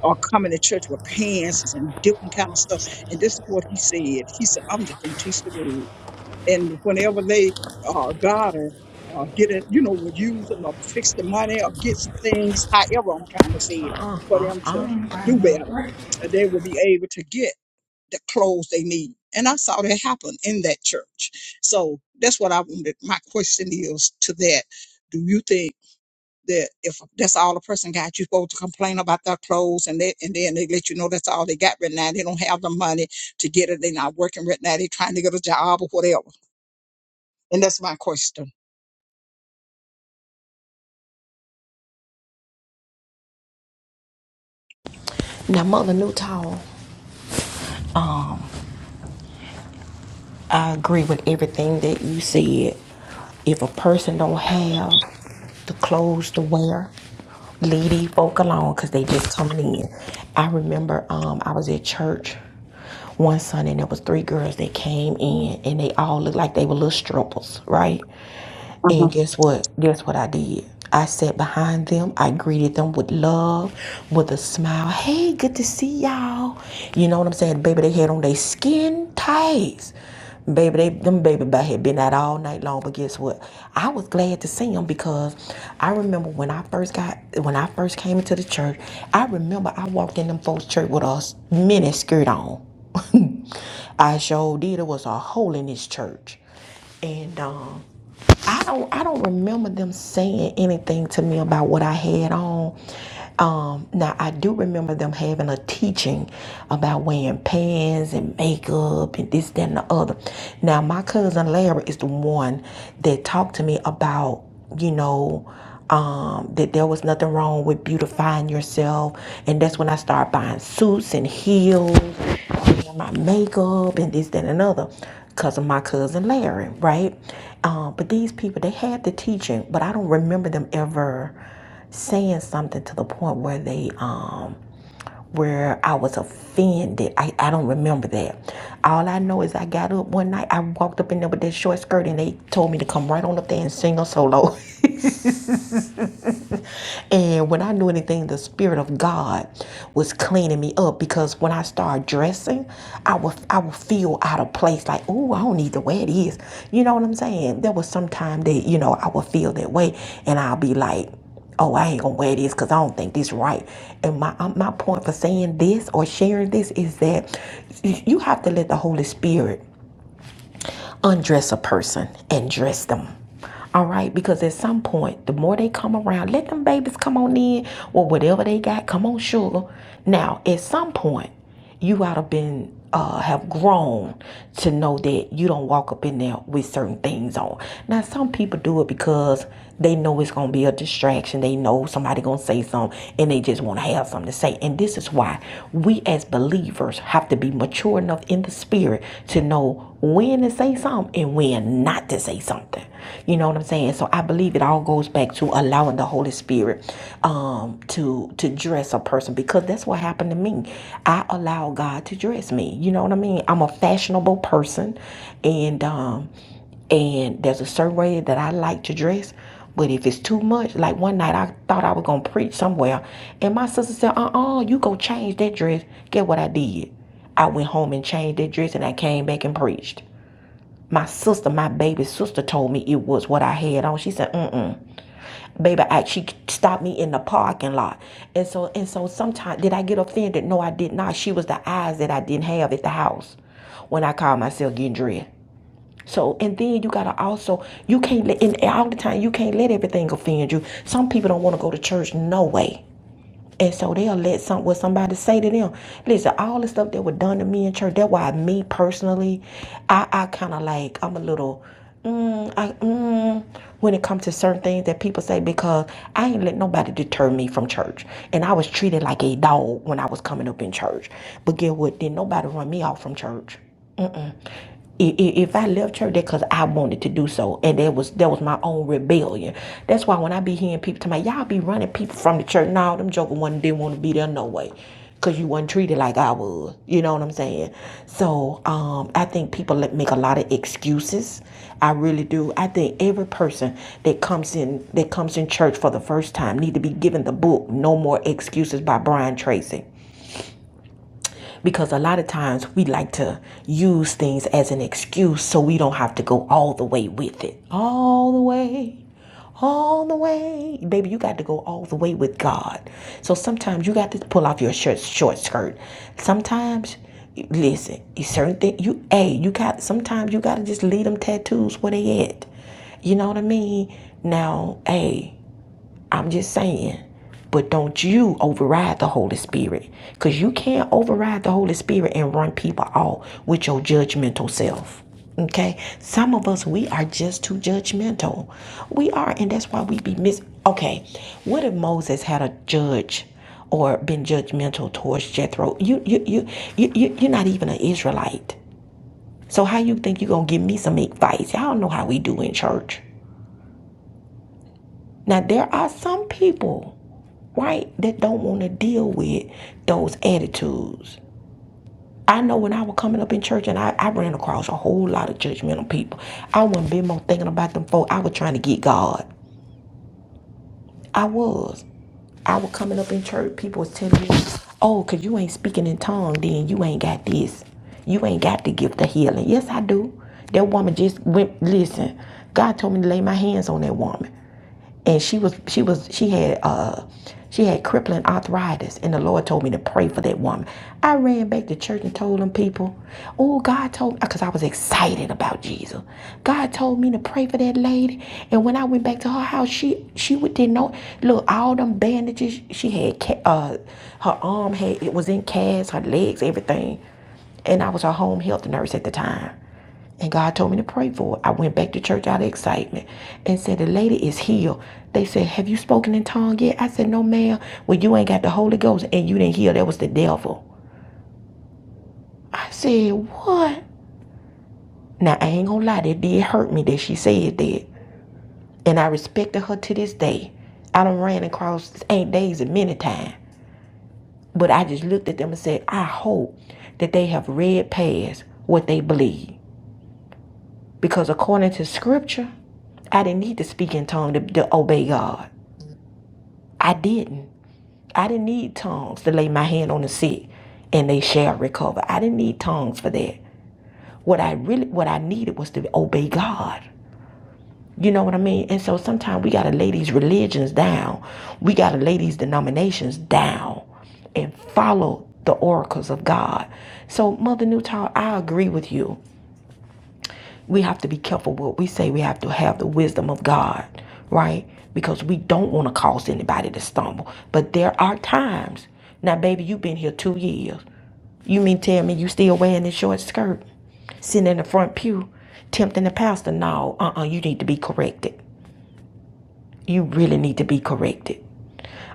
Speaker 2: or coming to church with pants and different kind of stuff. And this is what he said. He said, I'm just gonna teach the word. And whenever they uh got her, uh get it, you know, would use them or fix the money or get things, however I'm trying to say it, for them to
Speaker 1: Uh-uh.
Speaker 2: do better. uh, They will be able to get the clothes they need. And I saw that happen in that church. So that's what I wanted. My question is to that. Do you think that if that's all a person got, you're supposed to complain about their clothes and that and then they let you know that's all they got right now. They don't have the money to get it. They're not working right now. They're trying to get a job or whatever. And that's my question.
Speaker 1: Now, Mother Newtall. I agree with everything that you said. If a person don't have the clothes to wear, leave these folk alone because they just coming in. I remember um, I was at church one Sunday and there was three girls that came in and they all looked like they were little strippers, right? And guess what? Guess what I did? I sat behind them. I greeted them with love, with a smile. Hey, good to see y'all. You know what I'm saying? Baby, they had on their skin tights. Baby, they, them baby back had been out all night long. But guess what? I was glad to see them because I remember when I first got when I first came into the church. I remember I walked in them folks' church with a s- mini skirt on. I sure did. It was a hole in this church, and um. I don't I don't remember them saying anything to me about what I had on. Um, now I do remember them having a teaching about wearing pants and makeup and this, that, and the other. Now my cousin Larry is the one that talked to me about, you know, um, that there was nothing wrong with beautifying yourself. And that's when I started buying suits and heels change my makeup and this, that, and another because of my cousin Larry, right? Um, but these people, they had the teaching, but I don't remember them ever saying something to the point where they um where I was offended. I, I don't remember that. All I know is I got up one night, I walked up in there with that short skirt and they told me to come right on up there and sing a solo. And when I knew anything, the Spirit of God was cleaning me up because when I started dressing, I would I would feel out of place, like, oh, I don't need to wear this. You know what I'm saying? There was some time that, you know, I would feel that way and I'll be like, oh, I ain't gonna wear this because I don't think this right. And my um, my point for saying this or sharing this is that you have to let the Holy Spirit undress a person and dress them. All right, because at some point, the more they come around, let them babies come on in or whatever they got. Come on, sugar. Now, at some point, you ought to been uh, have grown to know that you don't walk up in there with certain things on. Now, some people do it because they know it's gonna be a distraction. They know somebody gonna say something, and they just want to have something to say. And this is why we as believers have to be mature enough in the spirit to know when is to say something and when not to say something. You know what I'm saying? So I believe it all goes back to allowing the Holy Spirit um, to to dress a person because that's what happened to me. I allow God to dress me. You know what I mean? I'm a fashionable person, and um, and there's a certain way that I like to dress. But if it's too much, like one night I thought I was gonna preach somewhere, and my sister said, "Uh-uh, you go change that dress." Get what I did? I went home and changed that dress, and I came back and preached. My sister, my baby sister, told me it was what I had on. She said, "Mm-mm, baby." I, she stopped me in the parking lot, and so and so. Sometimes did I get offended? No, I did not. She was the eyes that I didn't have at the house when I called myself getting dressed. So and then you gotta also you can't let and all the time you can't let everything offend you. Some people don't want to go to church no way. And so they'll let some what somebody say to them. Listen, all the stuff that was done to me in church, that's why me personally, I, I kinda like I'm a little mm, I mm, when it comes to certain things that people say because I ain't let nobody deter me from church. And I was treated like a dog when I was coming up in church. But get what? Didn't nobody run me off from church. Mm-mm. I- i- If I left church, that because I wanted to do so, and that was that was my own rebellion. That's why when I be hearing people tell me, y'all be running people from the church. No, them joker one didn't want to be there no way, cause you wasn't treated like I was. You know what I'm saying? So um, I think people let- make a lot of excuses. I really do. I think every person that comes in that comes in church for the first time need to be given the book "No More Excuses" by Brian Tracy because a lot of times we like to use things as an excuse so we don't have to go all the way with it. All the way all the way. Baby, you got to go all the way with God. So sometimes you got to pull off your shirt, short skirt. Sometimes, listen, certain thing you, hey, you got, sometimes you got to just leave them tattoos where they at. You know what I mean? Now, hey, I'm just saying. But don't you override the Holy Spirit. Because you can't override the Holy Spirit and run people off with your judgmental self. Okay? Some of us, we are just too judgmental. We are, and that's why we be mis. Okay, what if Moses had a judge or been judgmental towards Jethro? You, you, you, you, you you're not even an Israelite. So how you think you're gonna give me some advice? Y'all know how we do in church. Now there are some people. right? That don't want to deal with those attitudes. I know when I was coming up in church and I, I ran across a whole lot of judgmental people. I wasn't been more thinking about them folk. I was trying to get God. I was. I was coming up in church. People was telling me, oh, because you ain't speaking in tongues, then you ain't got this. You ain't got the gift of healing. Yes, I do. That woman just went, listen, God told me to lay my hands on that woman and she was she was she had uh she had crippling arthritis and the lord told me to pray for that woman i ran back to church and told them people oh god told me because i was excited about jesus god told me to pray for that lady and when i went back to her house she she would didn't know look all them bandages she had uh her arm had it was in casts her legs everything and i was her home health nurse at the time and God told me to pray for it. I went back to church out of excitement and said, The lady is healed. They said, Have you spoken in tongue yet? I said, No, ma'am. Well, you ain't got the Holy Ghost and you didn't heal. That was the devil. I said, What? Now, I ain't gonna lie, that did hurt me that she said that. And I respected her to this day. I done ran across this eight days and many times. But I just looked at them and said, I hope that they have read past what they believe. Because according to scripture, I didn't need to speak in tongues to, to obey God. I didn't. I didn't need tongues to lay my hand on the sick and they shall recover. I didn't need tongues for that. What I really what I needed was to obey God. You know what I mean? And so sometimes we gotta lay these religions down. We gotta lay these denominations down and follow the oracles of God. So Mother Newtown, I agree with you we have to be careful what we say. We have to have the wisdom of God, right? Because we don't want to cause anybody to stumble. But there are times. Now, baby, you've been here two years. You mean tell me you still wearing this short skirt, sitting in the front pew, tempting the pastor? No, uh-uh, you need to be corrected. You really need to be corrected.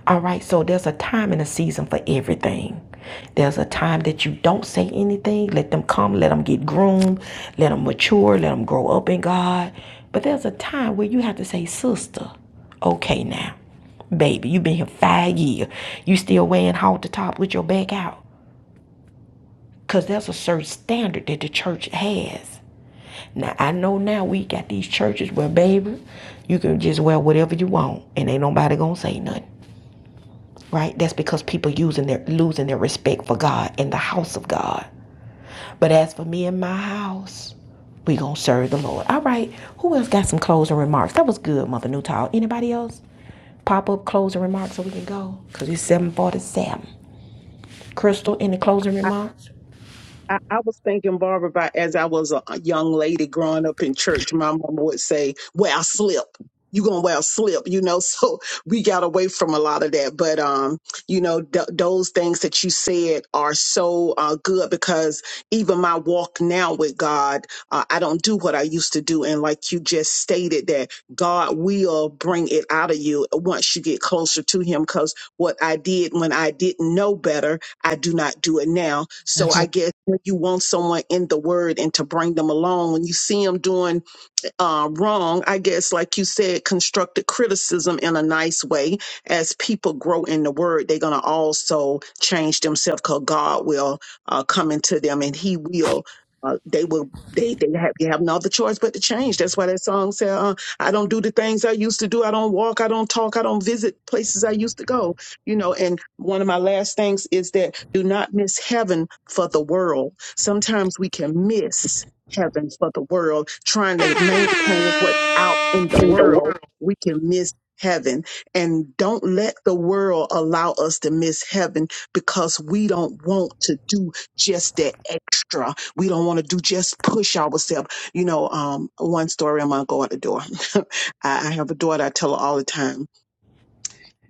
Speaker 1: All right, so there's a time and a season for everything. There's a time that you don't say anything. Let them come, let them get groomed, let them mature, let them grow up in God. But there's a time where you have to say, Sister, okay now, baby, you've been here five years. You still wearing hard the top with your back out. Because there's a certain standard that the church has. Now, I know now we got these churches where, baby, you can just wear whatever you want and ain't nobody gonna say nothing. right? That's because people using their losing their respect for God and the house of God. But as for me and my house, we gonna serve the Lord. All right. Who else got some closing remarks? That was good, Mother Newtall. Anybody else? Pop up closing remarks so we can go. Cause it's seven forty seven. Crystal, any closing remarks?
Speaker 6: I, I was thinking, Barbara, about as I was a a young lady growing up in church, my mama would say, "Wear a slip. You gonna wear a slip?" You know. So we got away from a lot of that, but um, you know, th- those things that you said are so uh, good because even my walk now with God, uh, I don't do what I used to do, and like you just stated, that God will bring it out of you once you get closer to Him. Because what I did when I didn't know better, I do not do it now. So I guess you want someone in the word and to bring them along. When you see them doing uh, wrong, I guess, like you said, constructive criticism in a nice way. As people grow in the word, they're going to also change themselves because God will uh, come into them and He will. Uh, they will. They they have. They have no other choice but to change. That's why that song said, uh, "I don't do the things I used to do. I don't walk. I don't talk. I don't visit places I used to go." You know. And one of my last things is that do not miss heaven for the world. Sometimes we can miss heaven for the world, trying to maintain what's out in the world, we can miss heaven. And don't let the world allow us to miss heaven because we don't want to do just that extra. We don't want to do just push ourselves. You know, um, one story I'm gonna go out the door. I, I have a daughter, I tell her all the time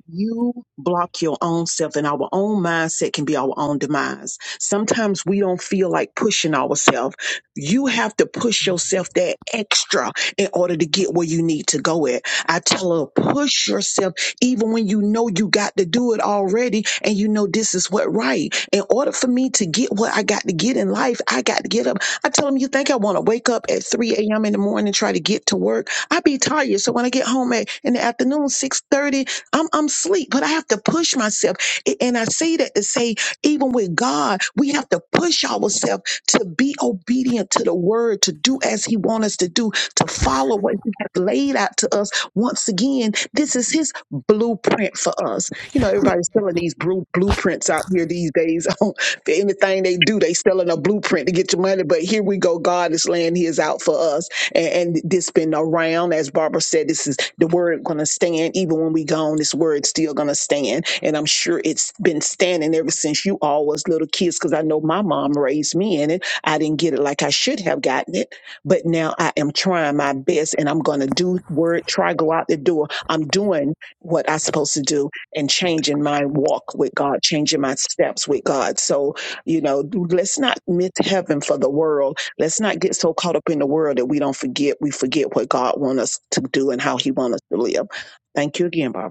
Speaker 6: you block your own self, and our own mindset can be our own demise. Sometimes we don't feel like pushing ourselves. You have to push yourself that extra in order to get where you need to go at. I tell her, push yourself even when you know you got to do it already and you know this is what right. In order for me to get what I got to get in life, I got to get up. I tell them, you think I want to wake up at 3 a.m. in the morning and try to get to work? I be tired. So when I get home at in the afternoon, 6:30. I'm I'm sleep, but I have to push myself. And I say that to say, even with God, we have to push ourselves to be obedient to the word, to do as He wants us to do, to follow what He has laid out to us. Once again, this is His blueprint for us. You know, everybody's selling these blue, blueprints out here these days. For anything they do, they selling a blueprint to get your money. But here we go. God is laying His out for us, and, and this been around, as Barbara said. This is the word gonna stand even when we gone this word still gonna stand and i'm sure it's been standing ever since you all was little kids because i know my mom raised me in it i didn't get it like i should have gotten it but now i am trying my best and i'm gonna do word try go out the door i'm doing what i supposed to do and changing my walk with god changing my steps with god so you know let's not miss heaven for the world Let's not get so caught up in the world that we don't forget. We forget what God wants us to do and how He wants us to live. Thank you again, Barbara.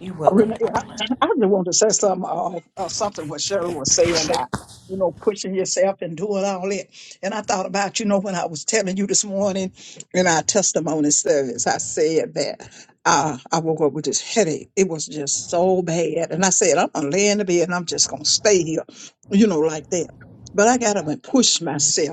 Speaker 1: You're welcome,
Speaker 2: Renee, I,
Speaker 1: darling.
Speaker 2: I really want to say something, uh, uh, something what Cheryl was saying about, you know, pushing yourself and doing all that. And I thought about, you know, when I was telling you this morning in our testimony service, I said that uh, I woke up with this headache. It was just so bad. And I said, I'm going to lay in the bed and I'm just going to stay here, you know, like that. But I got up and pushed myself.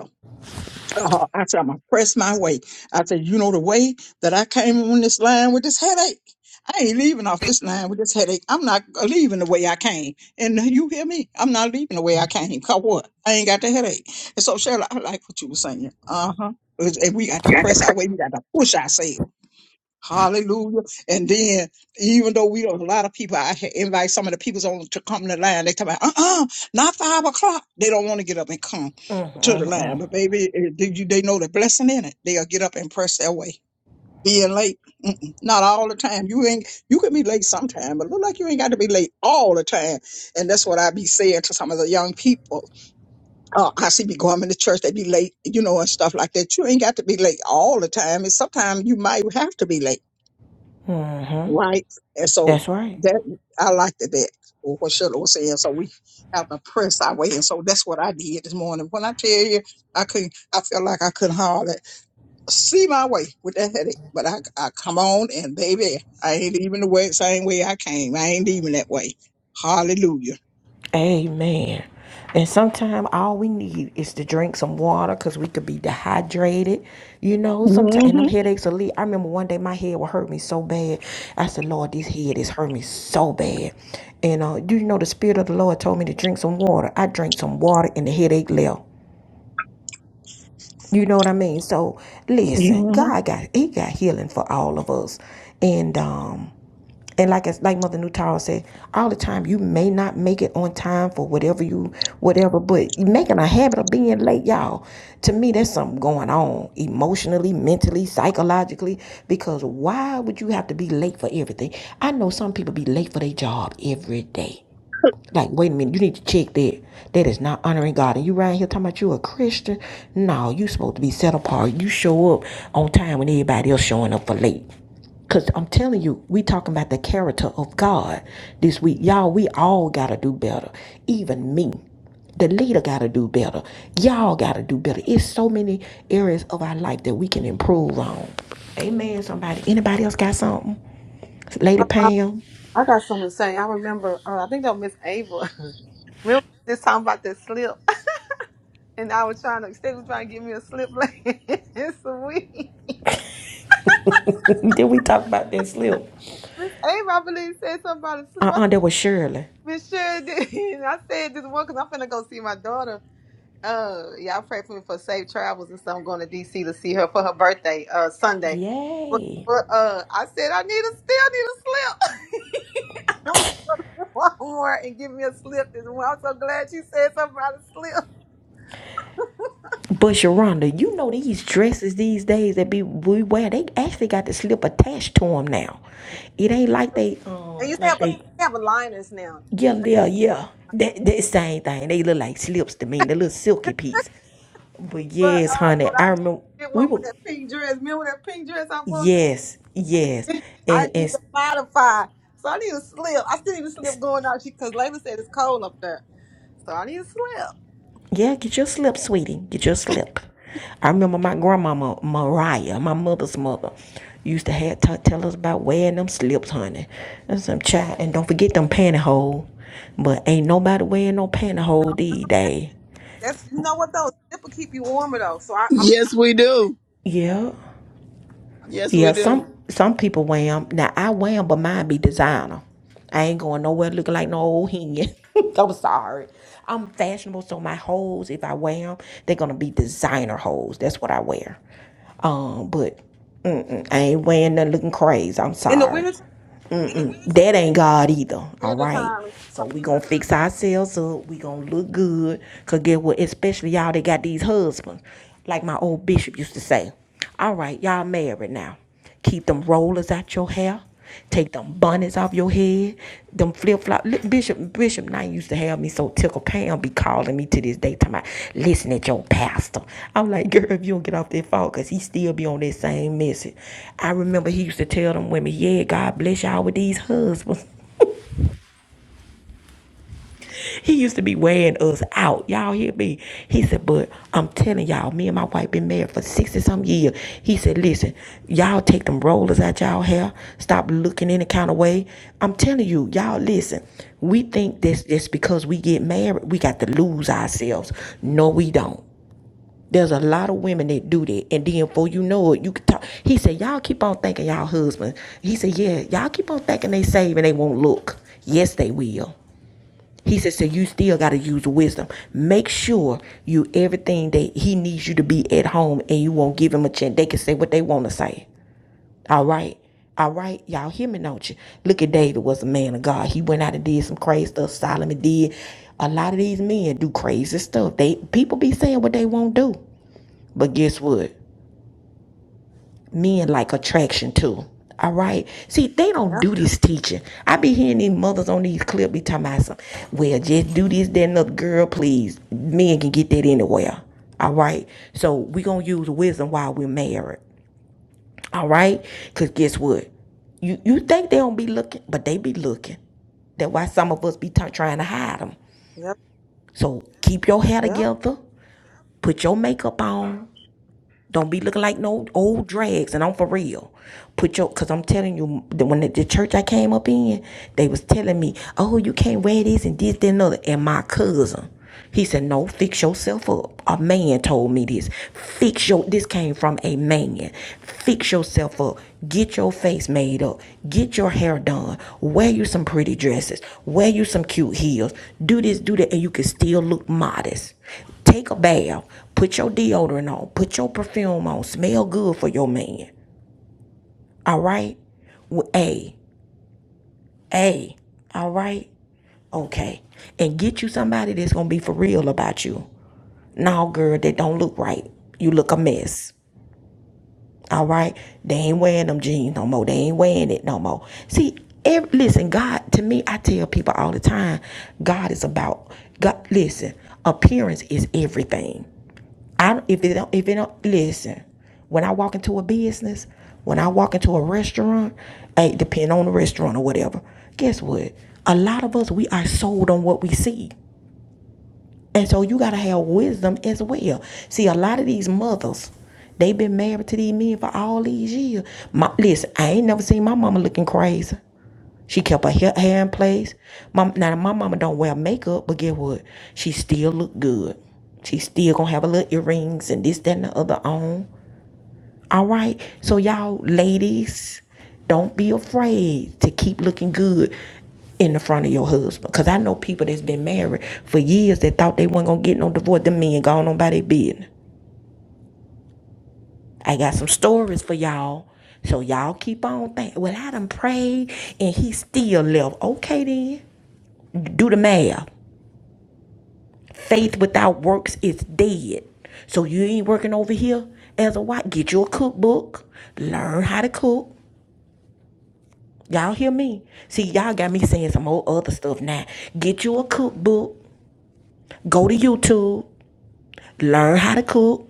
Speaker 2: Uh, I said, I'm gonna press my way. I said, you know, the way that I came on this line with this headache, I ain't leaving off this line with this headache. I'm not leaving the way I came. And you hear me? I'm not leaving the way I came. Cause what? I ain't got the headache. And so, Cheryl, I like what you were saying. Uh huh. And we got to press our way. We got to push ourselves. Hallelujah. And then, even though we don't, a lot of people, I ha- invite some of the peoples on to come to the line. They tell me, uh uh not five o'clock. They don't want to get up and come to the line.
Speaker 1: Mm
Speaker 2: But baby, eh, did you, they know the blessing in it. They'll get up and press their way. Being late, mm-mm, not all the time. You ain't, you can be late sometime, but look like you ain't got to be late all the time. And that's what I be saying to some of the young people. Uh, I see me going to church, they be late, you know, and stuff like that. You ain't got to be late all the time. And sometimes you might have to be late right? And so
Speaker 1: That's right.
Speaker 2: that I liked it that what Shirley was saying. So we have to press our way, and so that's what I did this morning. When I tell you, I couldn't, I felt like I couldn't hardly see my way with that headache. But I, I come on, and baby, I ain't even the way same way I came. I ain't even that way. Hallelujah.
Speaker 1: Amen. And sometimes all we need is to drink some water because we could be dehydrated. You know, sometimes,
Speaker 2: hmm
Speaker 1: and them headaches will leave. I remember one day my head would hurt me so bad. I said, Lord, this head is hurting me so bad. And uh, you know, the Spirit of the Lord told me to drink some water. I drank some water and the headache left. You know what I mean? So listen,
Speaker 2: hmm
Speaker 1: God got He got healing for all of us, and um, and like it's like Mother Nutara said, all the time you may not make it on time for whatever you whatever, but making a habit of being late, y'all. To me, there's something going on emotionally, mentally, psychologically. Because why would you have to be late for everything? I know some people be late for their job every day. Like, wait a minute, you need to check that. That is not honoring God. And you right here talking about you a Christian? No, you supposed to be set apart. You show up on time when everybody else showing up for late. Cause I'm telling you, we talking about the character of God this week. Y'all, we all gotta do better. Even me. The leader gotta do better. Y'all gotta do better. It's so many areas of our life that we can improve on. Amen. Somebody, anybody else got something? Lady Pam.
Speaker 3: I got something to say. I remember, uh, I think that was Miss Ava. Remember this time about the slip? And I was trying to, Steve was trying to give me a slip last week.
Speaker 1: Did we talk about that slip?
Speaker 3: Miss Ava, I believe, said something about a slip.
Speaker 1: Uh-uh, that was Shirley.
Speaker 3: Michelle did. I said this one because I'm finna go see my daughter. Uh, y'all pray for me for safe travels and so I'm going to DC to see her for her birthday, uh, Sunday. But,
Speaker 1: Yay.
Speaker 3: but uh, I said I need a still need a slip. Walmart and give me a slip. This one. I'm so glad you said something about a slip.
Speaker 1: But Sharonda, you know these dresses these days that be we wear, they actually got the slip attached to them now. It ain't like they
Speaker 3: And you
Speaker 1: um
Speaker 3: used to have
Speaker 1: like
Speaker 3: a
Speaker 1: they
Speaker 3: they have a liners now,
Speaker 1: yeah yeah yeah. That that same thing. They look like slips to me. They little silky piece. But
Speaker 3: but
Speaker 1: yes,
Speaker 3: uh,
Speaker 1: honey,
Speaker 3: but
Speaker 1: I
Speaker 3: I need to
Speaker 1: remember
Speaker 3: get
Speaker 1: we
Speaker 3: one for
Speaker 1: were
Speaker 3: that pink dress. Remember that pink dress I wore?
Speaker 1: yes yes and
Speaker 3: I
Speaker 1: and.
Speaker 3: need to modify. So I need a slip. I still need a
Speaker 1: s-
Speaker 3: slip going out because Layla said it's cold up there. So I need a slip.
Speaker 1: Yeah, get your slip, sweetie. Get your slip. I remember my grandmama Mariah, my mother's mother, used to have t- tell us about wearing them slips, honey. That's some child. And don't forget them pantyhose. But ain't nobody wearing no pantyhose these days.
Speaker 3: That's you know what though, slip will keep you warmer though. So I, I'm
Speaker 4: Yes, we do.
Speaker 1: Yeah.
Speaker 4: Yes, we
Speaker 1: Yeah,
Speaker 4: do.
Speaker 1: some some people wham. Now I wham, but mine be designer. I ain't going nowhere looking like no old hen. I'm sorry. I'm fashionable, so my hoes, if I wear 'em, they're gonna be designer hoes. That's what I wear. Um, but mm-mm, I ain't wearing nothing looking crazy. I'm
Speaker 3: in the
Speaker 1: sorry.
Speaker 3: wintertime.
Speaker 1: Mm-mm. That ain't God either. All right.
Speaker 3: Wintertime.
Speaker 1: So we gonna fix ourselves up. We gonna look good. Cause get what? Especially y'all that got these husbands. Like my old bishop used to say. All right, y'all married now. Keep them rollers out your hair. Take them bunnies off off your head. Them flip flop. Bishop Bishop Knight used to have me so tickled. Pam be calling me to this day, talking about, listen at your pastor. I'm like, girl, if you don't get off that phone, because he still be on that same message. I remember he used to tell them women, yeah, God bless y'all with these husbands. He used to be weighing us out. Y'all hear me? He said, but I'm telling y'all, me and my wife been married for 60 some years. He said, listen, y'all take them rollers out y'all hair. Stop looking any kind of way. I'm telling you, y'all listen. We think that's just because we get married, we got to lose ourselves. No, we don't. There's a lot of women that do that, and then before you know it, you can talk. He said, "Y'all keep on thinking y'all husband." He said, "Yeah, y'all keep on thinking they save and they won't look. Yes, they will. He says, so you still got to use wisdom. Make sure you everything that he needs you to be at home and you won't give him a chance. They can say what they want to say. All right. All right, y'all hear me, don't you? Look at David was a man of God. He went out and did some crazy stuff. Solomon did. A lot of these men do crazy stuff. They people be saying what they won't do. But guess what? men like attraction too. All right. See, they don't
Speaker 3: Yep,
Speaker 1: do this teaching. I be hearing these mothers on these clips be talking about some, well, just do this, that, and the girl, please. Men can get that anywhere. All right. So we gonna use wisdom while we're married. All right. Cause guess what? You you think they don't be looking, but they be looking. That's why some of us be t- trying to hide them.
Speaker 3: yep,
Speaker 1: So keep your hair
Speaker 3: yep.
Speaker 1: together. Put your makeup on Don't be looking like no old drags, and I'm for real. Put your, cause I'm telling you, the- when the, the church I came up in, they was telling me, oh, you can't wear this and this, that, and other. And my cousin, he said, no, fix yourself up. A man told me this. Fix your. This came from a man opinion. Fix yourself up. Get your face made up. Get your hair done. Wear you some pretty dresses. Wear you some cute heels. Do this, do that, and you can still look modest. Take a bath. Put your deodorant on. Put your perfume on. Smell good for your man. All right? W- Hey, hey, all right? Okay. And get you somebody that's going to be for real about you. No, girl, that don't look right. You look a mess. All right. They ain't wearing them jeans no more. They ain't wearing it no more. See, ev listen, God, to me, I tell people all the time, God is about God listen, appearance is everything. I don't if it don't if it don't listen, when I walk into a business, when I walk into a restaurant, hey, depending on the restaurant or whatever, guess what? A lot of us we are sold on what we see. And so you gotta have wisdom as well. See, a lot of these mothers, they been married to these men for all these years. My, listen, I ain't never seen my mama looking crazy. She kept her hair, hair in place. Mom, now my mama don't wear makeup, but guess what? She still look good. She still gonna have her little earrings and this, that, and the other on. All right. So y'all ladies, don't be afraid to keep looking good in the front of your husband. Cause I know people that's been married for years that thought they weren't gonna get no divorce. Them men gone on by their business. I got some stories for y'all. So y'all keep on thinking, well, I done prayed and he still left. Okay then. Do the math. Faith without works is dead. So you ain't working over here as a wife. Get you a cookbook. Learn how to cook Y'all hear me? See, y'all got me saying some old other stuff now. Get you a cookbook, go to YouTube, learn how to cook.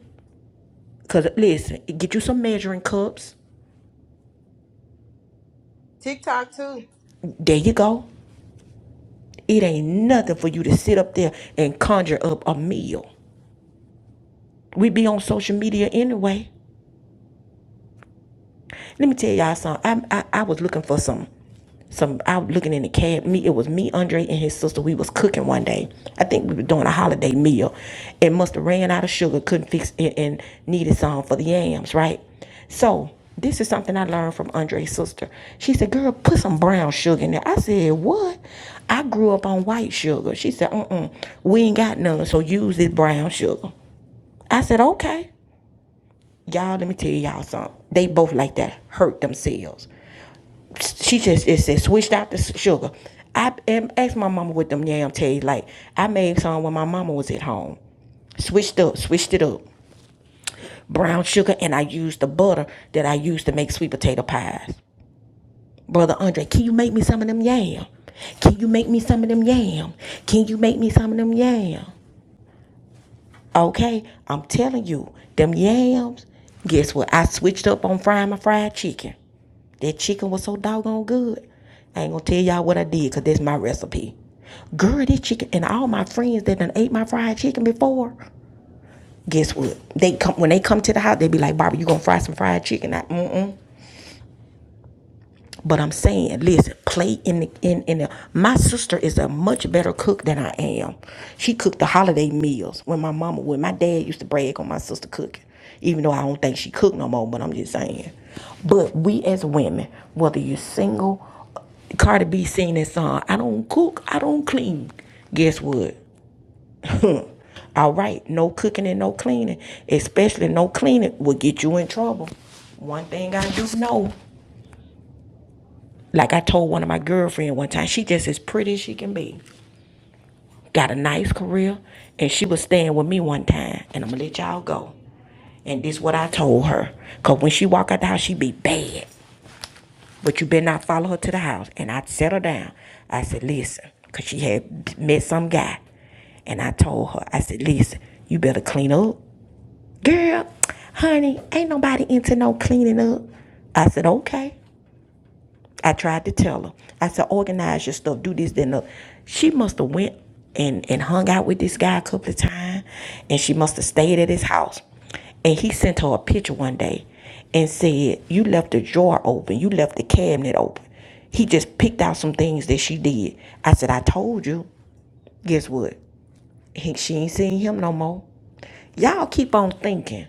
Speaker 1: Cause listen, get you some measuring cups.
Speaker 3: TikTok too.
Speaker 1: There you go. It ain't nothing for you to sit up there and conjure up a meal. We be on social media anyway. Let me tell y'all something. I, I, I was looking for some some out looking in the cab. Me, it was me, Andre, and his sister. We was cooking one day. I think we were doing a holiday meal. It must have ran out of sugar, couldn't fix it, and needed some for the yams, right? So this is something I learned from Andre's sister. She said, "Girl, put some brown sugar in there." I said, "What?" I grew up on white sugar. She said, "Uh-uh, we ain't got none, so use this brown sugar." I said, "Okay." Y'all, let me tell y'all something. They both like that hurt themselves she just it it switched out the sugar. I asked my mama with them yam taste. Like I made some when my mama was at home. Switched up, switched it up. Brown sugar and I used the butter that I used to make sweet potato pies. Brother Andre, can you make me some of them yam? Can you make me some of them yam? Can you make me some of them yam? Okay, I'm telling you, them yams. Guess what? I switched up on frying my fried chicken. That chicken was so doggone good. I ain't gonna tell y'all what I did because that's my recipe. Girl, this chicken and all my friends that done ate my fried chicken before. Guess what? They come when they come to the house. They be like, "Barbara, you gonna fry some fried chicken?" I, mm mm. But I'm saying, listen, play in the in in the. My sister is a much better cook than I am. She cooked the holiday meals when my mama, when my dad used to brag on my sister cooking, even though I don't think she cooked no more. But I'm just saying. But we as women, whether you're single, Cardi B sing that song. I don't cook, I don't clean. Guess what? All right, no cooking and no cleaning, especially no cleaning, will get you in trouble. One thing I do know. Like I told one of my girlfriend one time, she just as pretty as she can be. Got a nice career, and she was staying with me one time. And I'm gonna let y'all go. And this what I told her. Cause when she walk out the house, she be bad. But you better not follow her to the house. And I set her down. I said, listen, cause she had met some guy. And I told her, I said, listen, you better clean up. Girl, honey, ain't nobody into no cleaning up. I said, okay. I tried to tell her. I said, organize your stuff, do this, then the she must have went and, and hung out with this guy a couple of times and she must have stayed at his house. And he sent her a picture one day and said, You left the drawer open, you left the cabinet open. He just picked out some things that she did. I said, I told you. Guess what? He, she ain't seen him no more. Y'all keep on thinking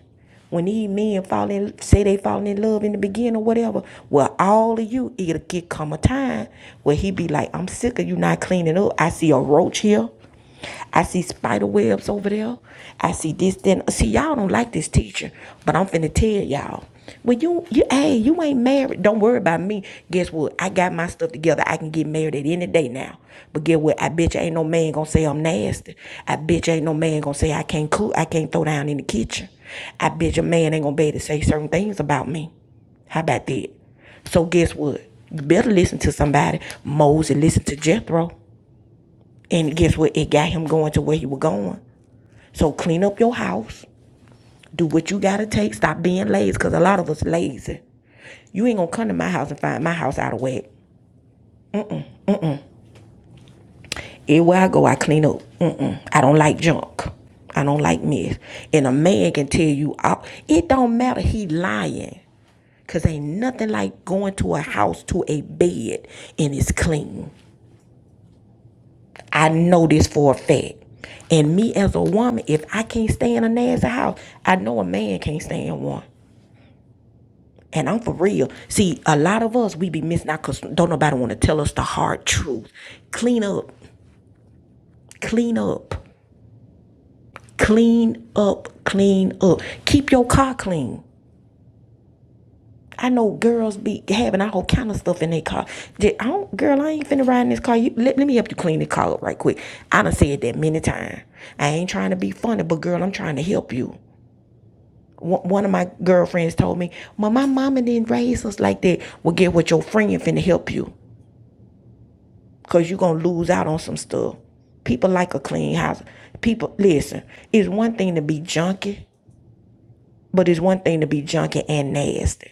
Speaker 1: when these men fall in, say they falling in love in the beginning or whatever. Well, all of you, it'll get come a time where he be like, I'm sick of you not cleaning up. I see a roach here. I see spider webs over there. I see this, then. See, y'all don't like this teacher, but I'm finna tell y'all. When you you hey, you ain't married. Don't worry about me. Guess what? I got my stuff together. I can get married at any day now. But get what? I bet you ain't no man gonna say I'm nasty. I bet you ain't no man gonna say I can't cook. I can't throw down in the kitchen. I bet your man ain't gonna be able to say certain things about me. How about that? So guess what? You better listen to somebody. Moses listened to Jethro. And guess what? It got him going to where he was going. So clean up your house. Do what you gotta take. Stop being lazy. Cause a lot of us lazy. You ain't gonna come to my house and find my house out of whack. Everywhere I go, I clean up. Mm-mm. I don't like junk. I don't like mess. And a man can tell you, all- it don't matter. He lying. Cause ain't nothing like going to a house to a bed and it's clean. I know this for a fact. And me as a woman, if I can't stay in a nasty house, I know a man can't stay in one. And I'm for real. See, a lot of us we be missing out because don't nobody want to tell us the hard truth. Clean up, clean up. Clean up, clean up. Keep your car clean. I know girls be having all kind of stuff in their car. J- I don't, girl, I ain't finna ride in this car. You, let, let me help you clean the car up right quick. I done said that many times. I ain't trying to be funny, but girl, I'm trying to help you. One of my girlfriends told me, "Well, my mama didn't raise us like that. Well, get what your friend finna help you, cause you gonna lose out on some stuff. People like a clean house. People, listen, it's one thing to be junky. But it's one thing to be junky and nasty.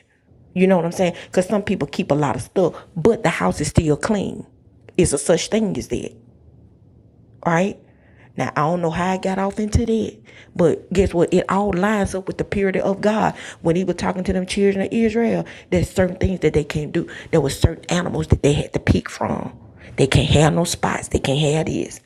Speaker 1: You know what I'm saying? Because some people keep a lot of stuff, but the house is still clean. It's a such thing as that, right? Now I don't know how I got off into that, but guess what? It all lines up with the purity of God when He was talking to them children of Israel. There's certain things that they can't do. There was certain animals that they had to pick from. They can't have no spots. They can't have this.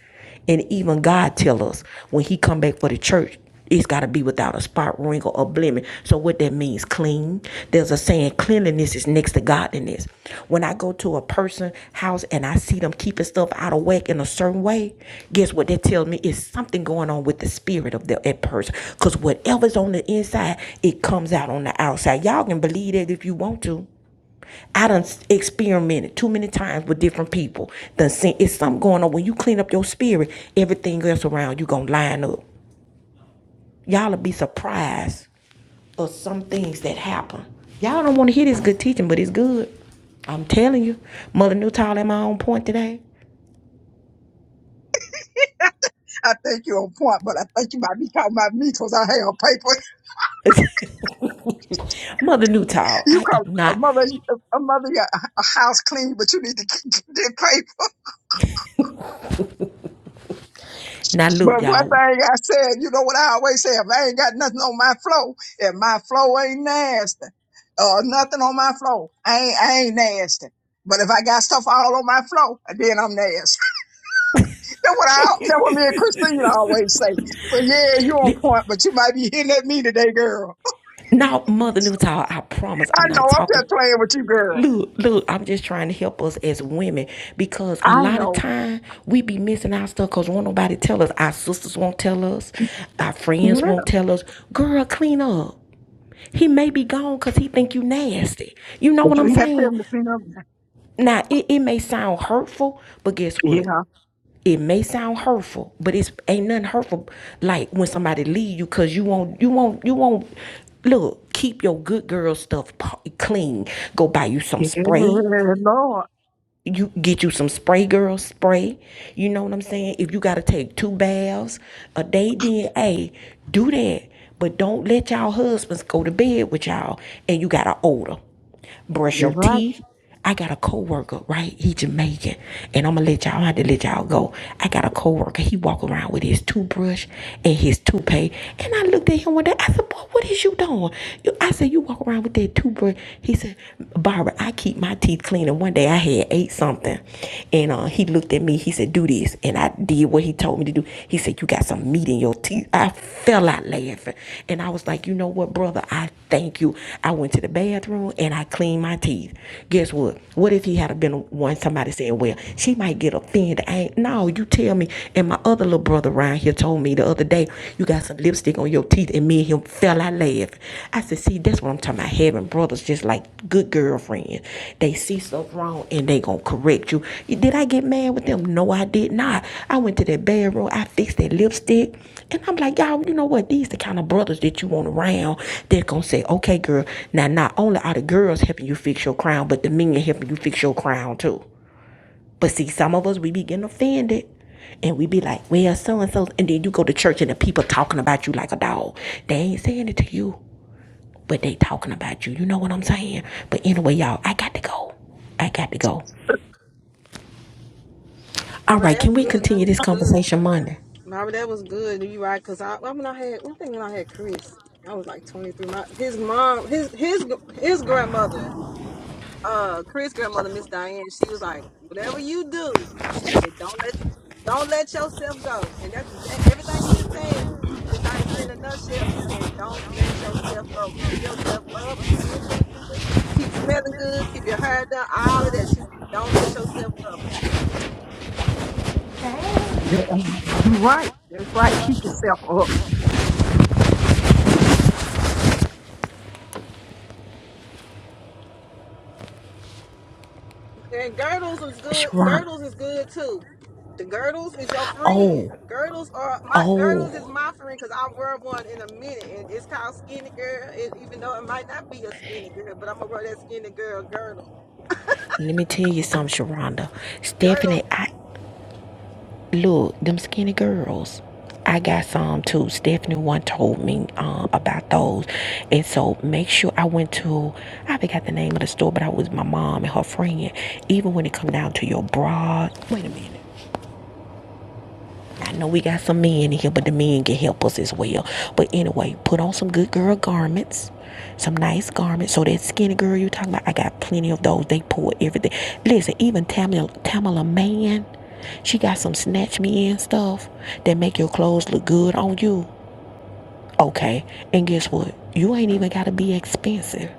Speaker 1: And even God tell us when He come back for the church, it's got to be without a spot, wrinkle, or blemish. So what that means, clean. There's a saying, cleanliness is next to godliness. When I go to a person's house and I see them keeping stuff out of whack in a certain way, guess what that tells me? It's something going on with the spirit of the, that person. Because whatever's on the inside, it comes out on the outside. Y'all can believe that if you want to. I done experimented too many times with different people. Done seen it's something going on. When you clean up your spirit, everything else around you gonna line up. Y'all'll be surprised of some things that happen. Y'all don't want to hear this good teaching, but it's good. I'm telling you, Mother Newtall at my own point today.
Speaker 2: I think you're on point, but I think you might be talking about me because I have paper.
Speaker 1: Mother Newtall,
Speaker 2: You
Speaker 1: I
Speaker 2: call
Speaker 1: am
Speaker 2: a
Speaker 1: not.
Speaker 2: mother, a mother, a a house clean, but you need to get paper.
Speaker 1: Now look,
Speaker 2: But one
Speaker 1: y'all.
Speaker 2: thing I said, you know what I always say, if I ain't got nothing on my flow, if my flow ain't nasty, or nothing on my flow, I ain't, I ain't nasty. But if I got stuff all on my flow, then I'm nasty. That's what I, that's what me and Christina always say. But yeah, you on
Speaker 1: Li-
Speaker 2: point, but you might be hitting at me today, girl.
Speaker 1: Now, Mother Newtall, I promise
Speaker 2: I
Speaker 1: I'm
Speaker 2: know,
Speaker 1: not
Speaker 2: I'm
Speaker 1: talking.
Speaker 2: just playing with you, girl.
Speaker 1: Look, look, I'm just trying to help us as women because a
Speaker 2: I
Speaker 1: lot of
Speaker 2: know.
Speaker 1: time we be missing our stuff because won't nobody tell us. Our sisters won't tell us. Our friends
Speaker 2: Yeah.
Speaker 1: won't tell us. Girl, clean up. He may be gone because he think you nasty. You know
Speaker 2: But
Speaker 1: what
Speaker 2: you
Speaker 1: I'm
Speaker 2: ain't got to tell
Speaker 1: saying?
Speaker 2: me to clean up. now.
Speaker 1: Now it, it may sound hurtful, but guess what?
Speaker 2: Yeah.
Speaker 1: It may sound hurtful, but it's ain't nothing hurtful like when somebody leave you because you won't you won't you won't look, keep your good girl stuff clean. Go buy you some spray
Speaker 2: Yeah, Lord.
Speaker 1: you get you some spray girl spray you know what i'm saying if you got to take two baths a day then hey do that but don't let y'all husbands go to bed with y'all and you got an odor brush
Speaker 2: That's
Speaker 1: your
Speaker 2: right.
Speaker 1: teeth. I got a coworker, right? He Jamaican, and I'm gonna let y'all. I had to let y'all go. I got a coworker. He walk around with his toothbrush and his toupee, and I looked at him one day. I said, "Boy, what is you doing?" You- I said, "You walk around with that toothbrush." He said, "Barbara, I keep my teeth clean." And one day I had ate something, and uh, he looked at me. He said, "Do this," and I I did what he told me to do. He said, You got some meat in your teeth. I fell out laughing. And I was like, You know what, brother? I thank you. I went to the bathroom and I cleaned my teeth. Guess what? What if he had been one somebody saying, Well, she might get offended? I ain't no, you tell me. And my other little brother around here told me the other day, You got some lipstick on your teeth. And me and him fell out laughing. I said, see, that's what I'm talking about. Having brothers just like good girlfriends, They see stuff wrong and they gonna correct you. Did I get mad with them? No, I did not. I went to that bedroom, I fixed that lipstick, and I'm like, y'all, you know what? These the kind of brothers that you want around that gonna say, okay, girl, now not only are the girls helping you fix your crown, but the men helping you fix your crown too. But see, some of us we be getting offended. And we be like, well, so and so. And then you go to church and the people talking about you like a dog. They ain't saying it to you but they talking about you. You know what I'm saying? But anyway, y'all, I got to go. I got to go.
Speaker 3: Oh,
Speaker 1: All
Speaker 3: but
Speaker 1: right, can
Speaker 3: that's
Speaker 1: we
Speaker 3: good. That
Speaker 1: continue this
Speaker 3: was good.
Speaker 1: conversation Monday?
Speaker 3: Mama, that was good. You right? Cause I, I mean, I had one thing when I had Chris. I was like 23. My his mom, his his his grandmother. uh Chris grandmother, Miss Diane, she was like, Whatever you do, she said, Don't let don't let yourself go. And that's exact everything you just said is I said in a nutshell. She said, Don't let yourself go. Keep yourself up, keep looking, keep smelling good, keep your hair done, all of that. She said, Don't let yourself go.
Speaker 2: That- You're right. That's right. Keep yourself up.
Speaker 3: And girdles is good.
Speaker 1: Sharonda.
Speaker 3: Girdles is good too. The girdles is your friend.
Speaker 1: Oh,
Speaker 3: Girdles are my girdles is
Speaker 1: oh.
Speaker 3: my friend because I wear one in a minute, and it's called skinny girl. It, even though it might not be a skinny girl, but I'm gonna wear that skinny girl girdle.
Speaker 1: Let me tell you something, Sharonda.
Speaker 3: Girdles.
Speaker 1: Stephanie, I look, them skinny girls. I got some too. Stephanie one told me uh, about those, and so make sure I went to. I forgot the name of the store, but I was with my mom and her friend. Even when it come down to your bra, wait a minute. I know we got some men in here, but the men can help us as well. But anyway, put on some good girl garments, some nice garments. So that skinny girl you talking about, I got plenty of those. They pull everything. Listen, even Tamala, Tamala Man, she got some snatch me in stuff that make your clothes look good on you. Okay, and guess what? You ain't even gotta be expensive.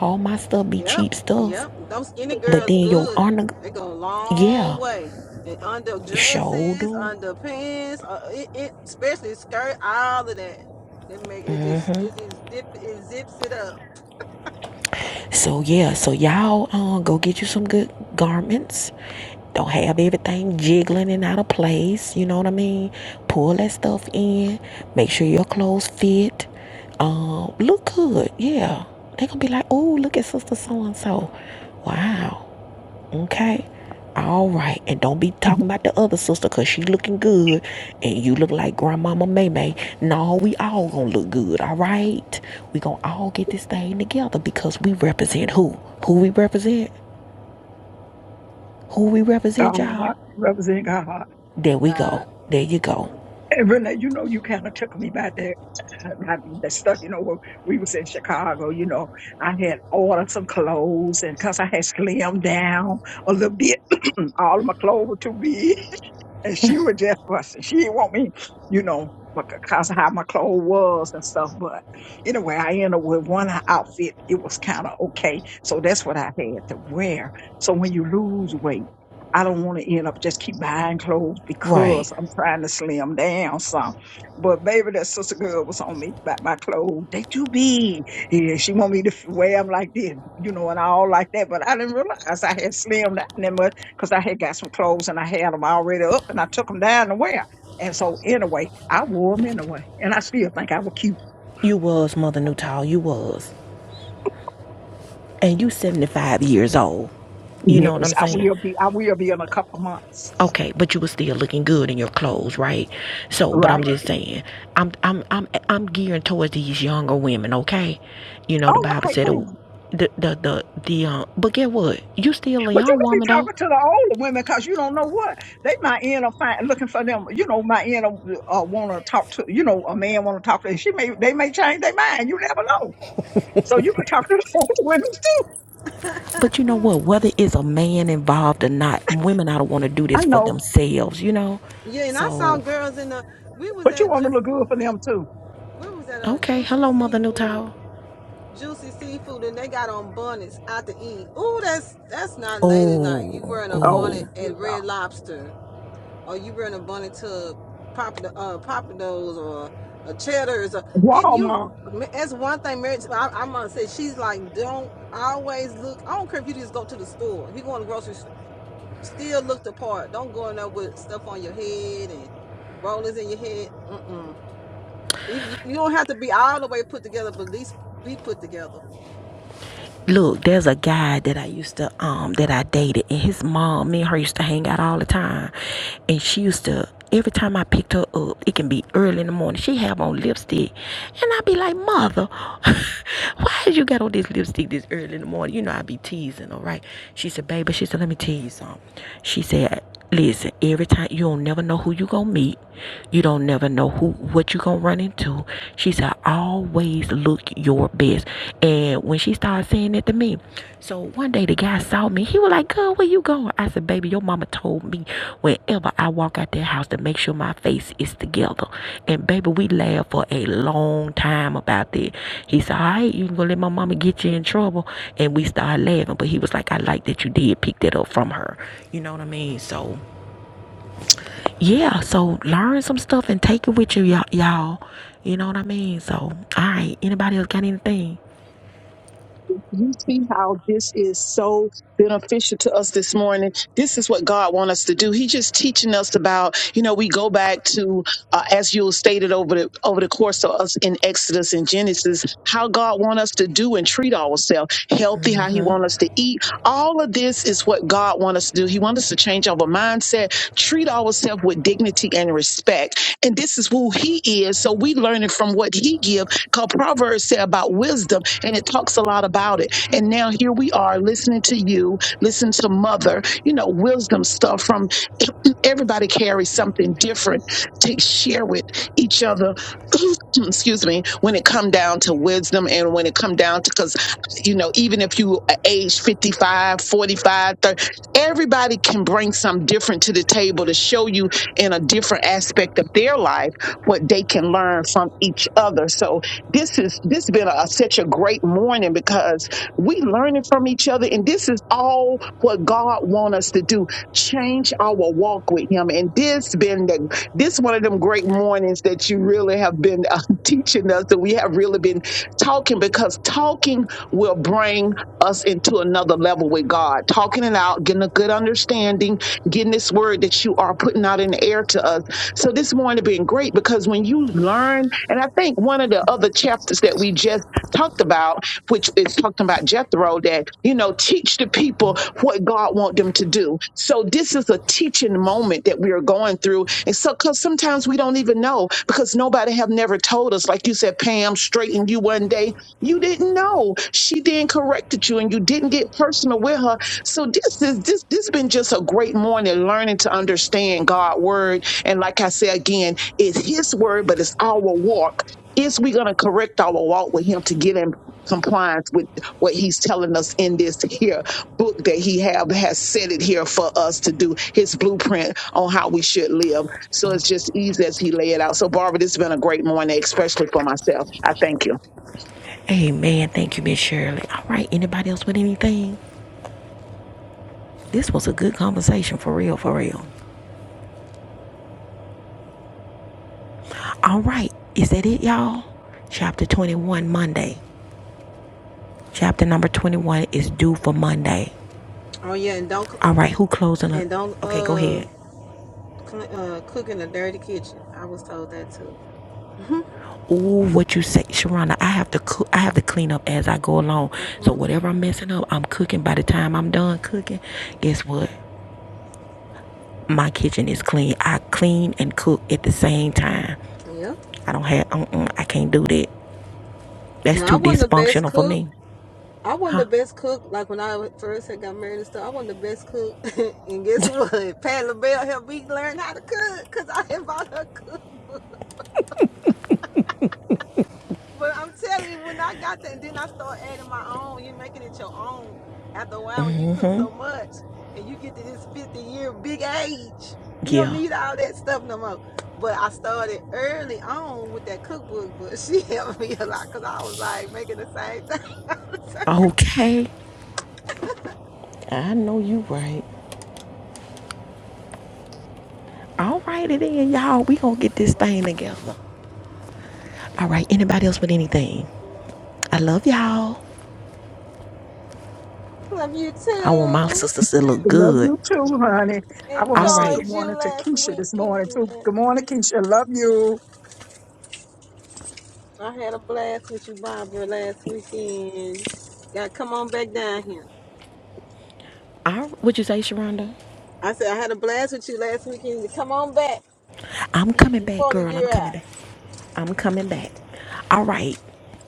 Speaker 1: All my stuff be
Speaker 3: Yep,
Speaker 1: cheap stuff,
Speaker 3: yep. Those skinny
Speaker 1: but
Speaker 3: girls
Speaker 1: then your
Speaker 3: good.
Speaker 1: honor,
Speaker 3: They go a long
Speaker 1: yeah,
Speaker 3: way. And under
Speaker 1: sure
Speaker 3: dresses,
Speaker 1: do.
Speaker 3: under pants, uh, it, it especially skirt, all of that. They make it just it just zip it zips it up.
Speaker 1: So yeah, so y'all uh, go get you some good garments. Don't have everything jiggling and out of place. You know what I mean? Pull that stuff in. Make sure your clothes fit. Um, look good. Yeah, they gonna be like, oh, look at sister so and so. Wow. Okay. All right. And don't be talking about the other sister because she looking good and you look like Grandmama Maymay, May. No, we all gonna look good. All right. We gonna all get this thing together because we represent who? Who we represent? Who we
Speaker 2: uh,
Speaker 1: represent, y'all?
Speaker 2: representing God.
Speaker 1: There we
Speaker 3: God.
Speaker 1: go. There you go.
Speaker 3: Mm-hmm.
Speaker 2: And Renee, you know, you kind of took me back there. I mean, that stuff, you know, when we was in Chicago, you know, I had ordered some clothes and because I had slimmed down a little bit, all of my clothes were too big and she was just fussing. She didn't want me, you know, because of how my clothes was and stuff. But anyway, I ended up with one outfit. It was kind of okay. So that's what I had to wear. So when you lose weight, I don't want to end up just keep buying clothes
Speaker 1: Right.
Speaker 2: because I'm trying to slim down some. But baby, that sister girl was on me about my clothes. They too big. Yeah, she want me to f- wear them like this, you know, and all like that. But I didn't realize I had slimmed down that much because I had got some clothes and I had them already up and I took them down to wear. And so anyway, I wore them anyway, and I still think I was cute.
Speaker 1: You was Mother Nutall. You was. And you 75 years old. You know what
Speaker 2: Yes,
Speaker 1: I'm
Speaker 2: I
Speaker 1: saying?
Speaker 2: will be. I will be in a couple months,
Speaker 1: Okay, but you were still looking good in your clothes, right? So, but I'm
Speaker 2: right?
Speaker 1: just saying, I'm I'm I'm I'm gearing towards these younger women, okay? You know the
Speaker 2: Oh,
Speaker 1: Bible
Speaker 2: okay,
Speaker 1: said
Speaker 2: cool.
Speaker 1: the the the the, the uh, but get what? You still a
Speaker 2: But you
Speaker 1: young
Speaker 2: could be
Speaker 1: woman though.
Speaker 2: talking to the older women because you don't know what they might end up find, looking for them. You know, might end up uh, want to talk to. You know, a man want to talk to. And she may they may change their mind. You never know. So you could talk to the older women too.
Speaker 1: But you know what? Whether it's a man involved or not, women I don't want to do
Speaker 2: I
Speaker 1: this for
Speaker 2: know,
Speaker 1: themselves, you know.
Speaker 3: Yeah, and I saw
Speaker 1: So,
Speaker 3: girls in the. We was
Speaker 2: but you
Speaker 3: at
Speaker 2: want
Speaker 3: Ju-
Speaker 2: to look good for them too.
Speaker 3: we was at a
Speaker 1: okay,
Speaker 3: juicy
Speaker 1: hello, Mother
Speaker 3: seafood,
Speaker 1: Newtown.
Speaker 3: juicy seafood, and they got on bonnets out to eat. Ooh, that's that's not ladylike. You
Speaker 1: Oh,
Speaker 3: wearing a
Speaker 1: oh.
Speaker 2: Oh
Speaker 3: bonnet
Speaker 2: yeah.
Speaker 3: at Red Lobster, or you wearing a bonnet to Papa uh Papados or a Cheddar's, or, and you.
Speaker 2: Walmart.
Speaker 3: That's one thing, Mary. I, I'm gonna say she's like, don't always look. I don't care if you just go to the store. If you go in the grocery store Still look the part. Don't go in there with stuff on your head and rollers in your head. Mm-mm. If you, you don't have to be all the way put together, but at least be put together.
Speaker 1: Look, there's a guy that I used to um that I dated, and his mom, me and her used to hang out all the time, and she used to every time I picked her up, it can be early in the morning. She have on lipstick, and I be like, "Mother, why you got on this lipstick this early in the morning?" You know, I be teasing all right? She said, "Baby," she said, "Let me tell you something." She said, Listen, every time you don't never know who you gonna meet, you don't never know who what you gonna run into. She said, always look your best. And when she started saying that to me, so one day the guy saw me. He was like, "Girl, where you going?" I said, "Baby, your mama told me whenever I walk out that house to make sure my face is together. And baby, we laughed for a long time about that. He said, All right, you gonna let my mama get you in trouble. And we started laughing. But he was like, I like that you did pick that up from her. You know what I mean? So yeah, so learn some stuff and take it with you, y'all. y'all. You know what I mean? So, all right, anybody else got anything?
Speaker 6: you see how this is so beneficial to us this morning this is what god wants us to do he just teaching us about you know we go back to uh, as you stated over the over the course of us in exodus and genesis how god want us to do and treat ourselves healthy how he want us to eat all of this is what god want us to do he want us to change our mindset treat ourselves with dignity and respect and this is who he is so we learning from what he give because proverbs say about wisdom and it talks a lot about it. And now here we are listening to you, listen to mother, you know, wisdom stuff from everybody carries something different to share with each other. excuse me, when it come down to wisdom and when it come down to because you know, even if you a- age 55, 45, 30, everybody can bring some different to the table to show you in a different aspect of their life what they can learn from each other. So this is this been a, such a great morning because we learning from each other, and this is all what God want us to do: change our walk with Him. And this been the, this one of them great mornings that you really have been uh, teaching us, and we have really been talking because talking will bring us into another level with God. Talking it out, getting a good understanding, getting this word that you are putting out in the air to us so this morning been great because when you learn, and I think one of the other chapters that we just talked about, which is talking about Jethro, that you know, teach the people what God want them to do. So this is a teaching moment that we are going through, and so because sometimes we don't even know because nobody have never told us. Like you said, Pam straightened you one day, you didn't know. She then corrected you, and you didn't get personal with her. So this is this this been just a great morning learning to understand God's word and like I say again, it's His word, but it's our walk. Is we going to correct our walk with Him to get in compliance with what He's telling us in this here book that He have has set it here for us to do His blueprint on how we should live? So it's just easy as He lay it out. So Barbara, this has been a great morning, especially for myself. I thank you.
Speaker 1: Hey man, thank you, Miss Shirley. All right, anybody else with anything? This was a good conversation for real, for real. All right. Is that it, y'all? Chapter 21, Monday. Chapter number 21 is due for Monday.
Speaker 3: Oh yeah, and don't cl-
Speaker 1: All right. Who closing? A-
Speaker 3: and don't
Speaker 1: okay, go
Speaker 3: uh,
Speaker 1: ahead.
Speaker 3: cl- uh cook in a dirty kitchen. I was told that too.
Speaker 1: Ooh, what you say, Sharana? I have to cook. I have to clean up as I go along. So
Speaker 3: hmm
Speaker 1: whatever I'm messing up, I'm cooking. By the time I'm done cooking, guess what? My kitchen is clean. I clean and cook at the same time.
Speaker 3: Yep.
Speaker 1: I don't have. Uh-uh, I can't do that. That's
Speaker 3: Now I
Speaker 1: too
Speaker 3: wasn't the best
Speaker 1: dysfunctional for
Speaker 3: cook.
Speaker 1: me.
Speaker 3: I wasn't
Speaker 1: Huh?
Speaker 3: the best cook. Like when I first had got married and stuff, I wasn't the best cook. and guess what? Pat LaBelle helped me learn how to cook because I had bought her cookbook. But I'm telling you, when I got that, and then I start adding my own, you're making it your own after a while when you cook so much and you get to this 50 year big age. You don't
Speaker 1: Yeah.
Speaker 3: need all that stuff no more. But I started early on with that cookbook, but she helped me a lot because I was like making the same thing.
Speaker 1: Okay. I know you right. All righty then, y'all. We gonna get this thing together. All right. Anybody else with anything? I love y'all.
Speaker 3: Love you
Speaker 1: I want my
Speaker 3: too.
Speaker 1: sisters to look
Speaker 2: We Love
Speaker 1: good.
Speaker 2: you too, honey. I want to
Speaker 1: All
Speaker 2: say
Speaker 1: right.
Speaker 2: good
Speaker 3: Enjoyed you
Speaker 2: morning to
Speaker 3: last
Speaker 2: Keisha this morning
Speaker 3: weekend.
Speaker 2: too. Good morning, Keisha. Love you.
Speaker 3: I had a blast with you, Barbara, last weekend. Gotta come on back down here.
Speaker 1: I, what'd you say, Sharonda?
Speaker 3: I said I had a blast with you last weekend. Come on back
Speaker 1: I'm coming back,
Speaker 3: before the
Speaker 1: girl. I'm
Speaker 3: year
Speaker 1: coming
Speaker 3: out.
Speaker 1: back. I'm coming back. All right.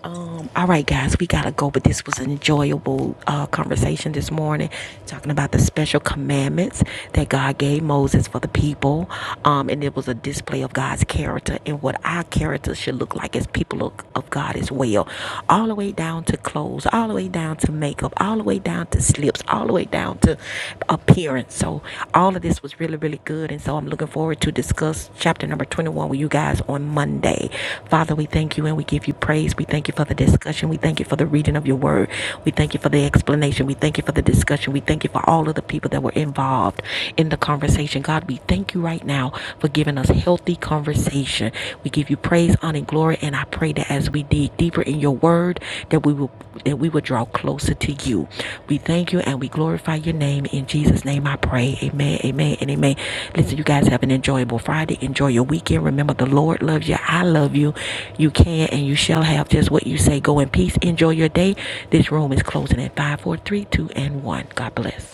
Speaker 1: Um, all right, guys, we gotta go. But this was an enjoyable uh, conversation this morning, talking about the special commandments that God gave Moses for the people, um, and it was a display of God's character and what our character should look like as people of, of God as well. All the way down to clothes, all the way down to makeup, all the way down to slips, all the way down down to appearance. So all of this was really, really good. And so I'm looking forward to discuss chapter number 21 with you guys on Monday. Father, we thank you and we give you praise. We thank you for the discussion. We thank you for the reading of your word. We thank you for the explanation. We thank you for the discussion. We thank you for all of the people that were involved in the conversation. God, we thank you right now for giving us healthy conversation. We give you praise, honor, and glory. And I pray that as we dig deeper in your word, that we will that we will draw closer to you. We thank you and we glorify your name. In Jesus' name I pray. Amen. Amen and amen. Listen, you guys have an enjoyable Friday. Enjoy your weekend. Remember the Lord loves you. I love you. You can and you shall have just what you say. Go in peace. Enjoy your day. This room is closing at 5, 4, 3, 2, and 1. God bless.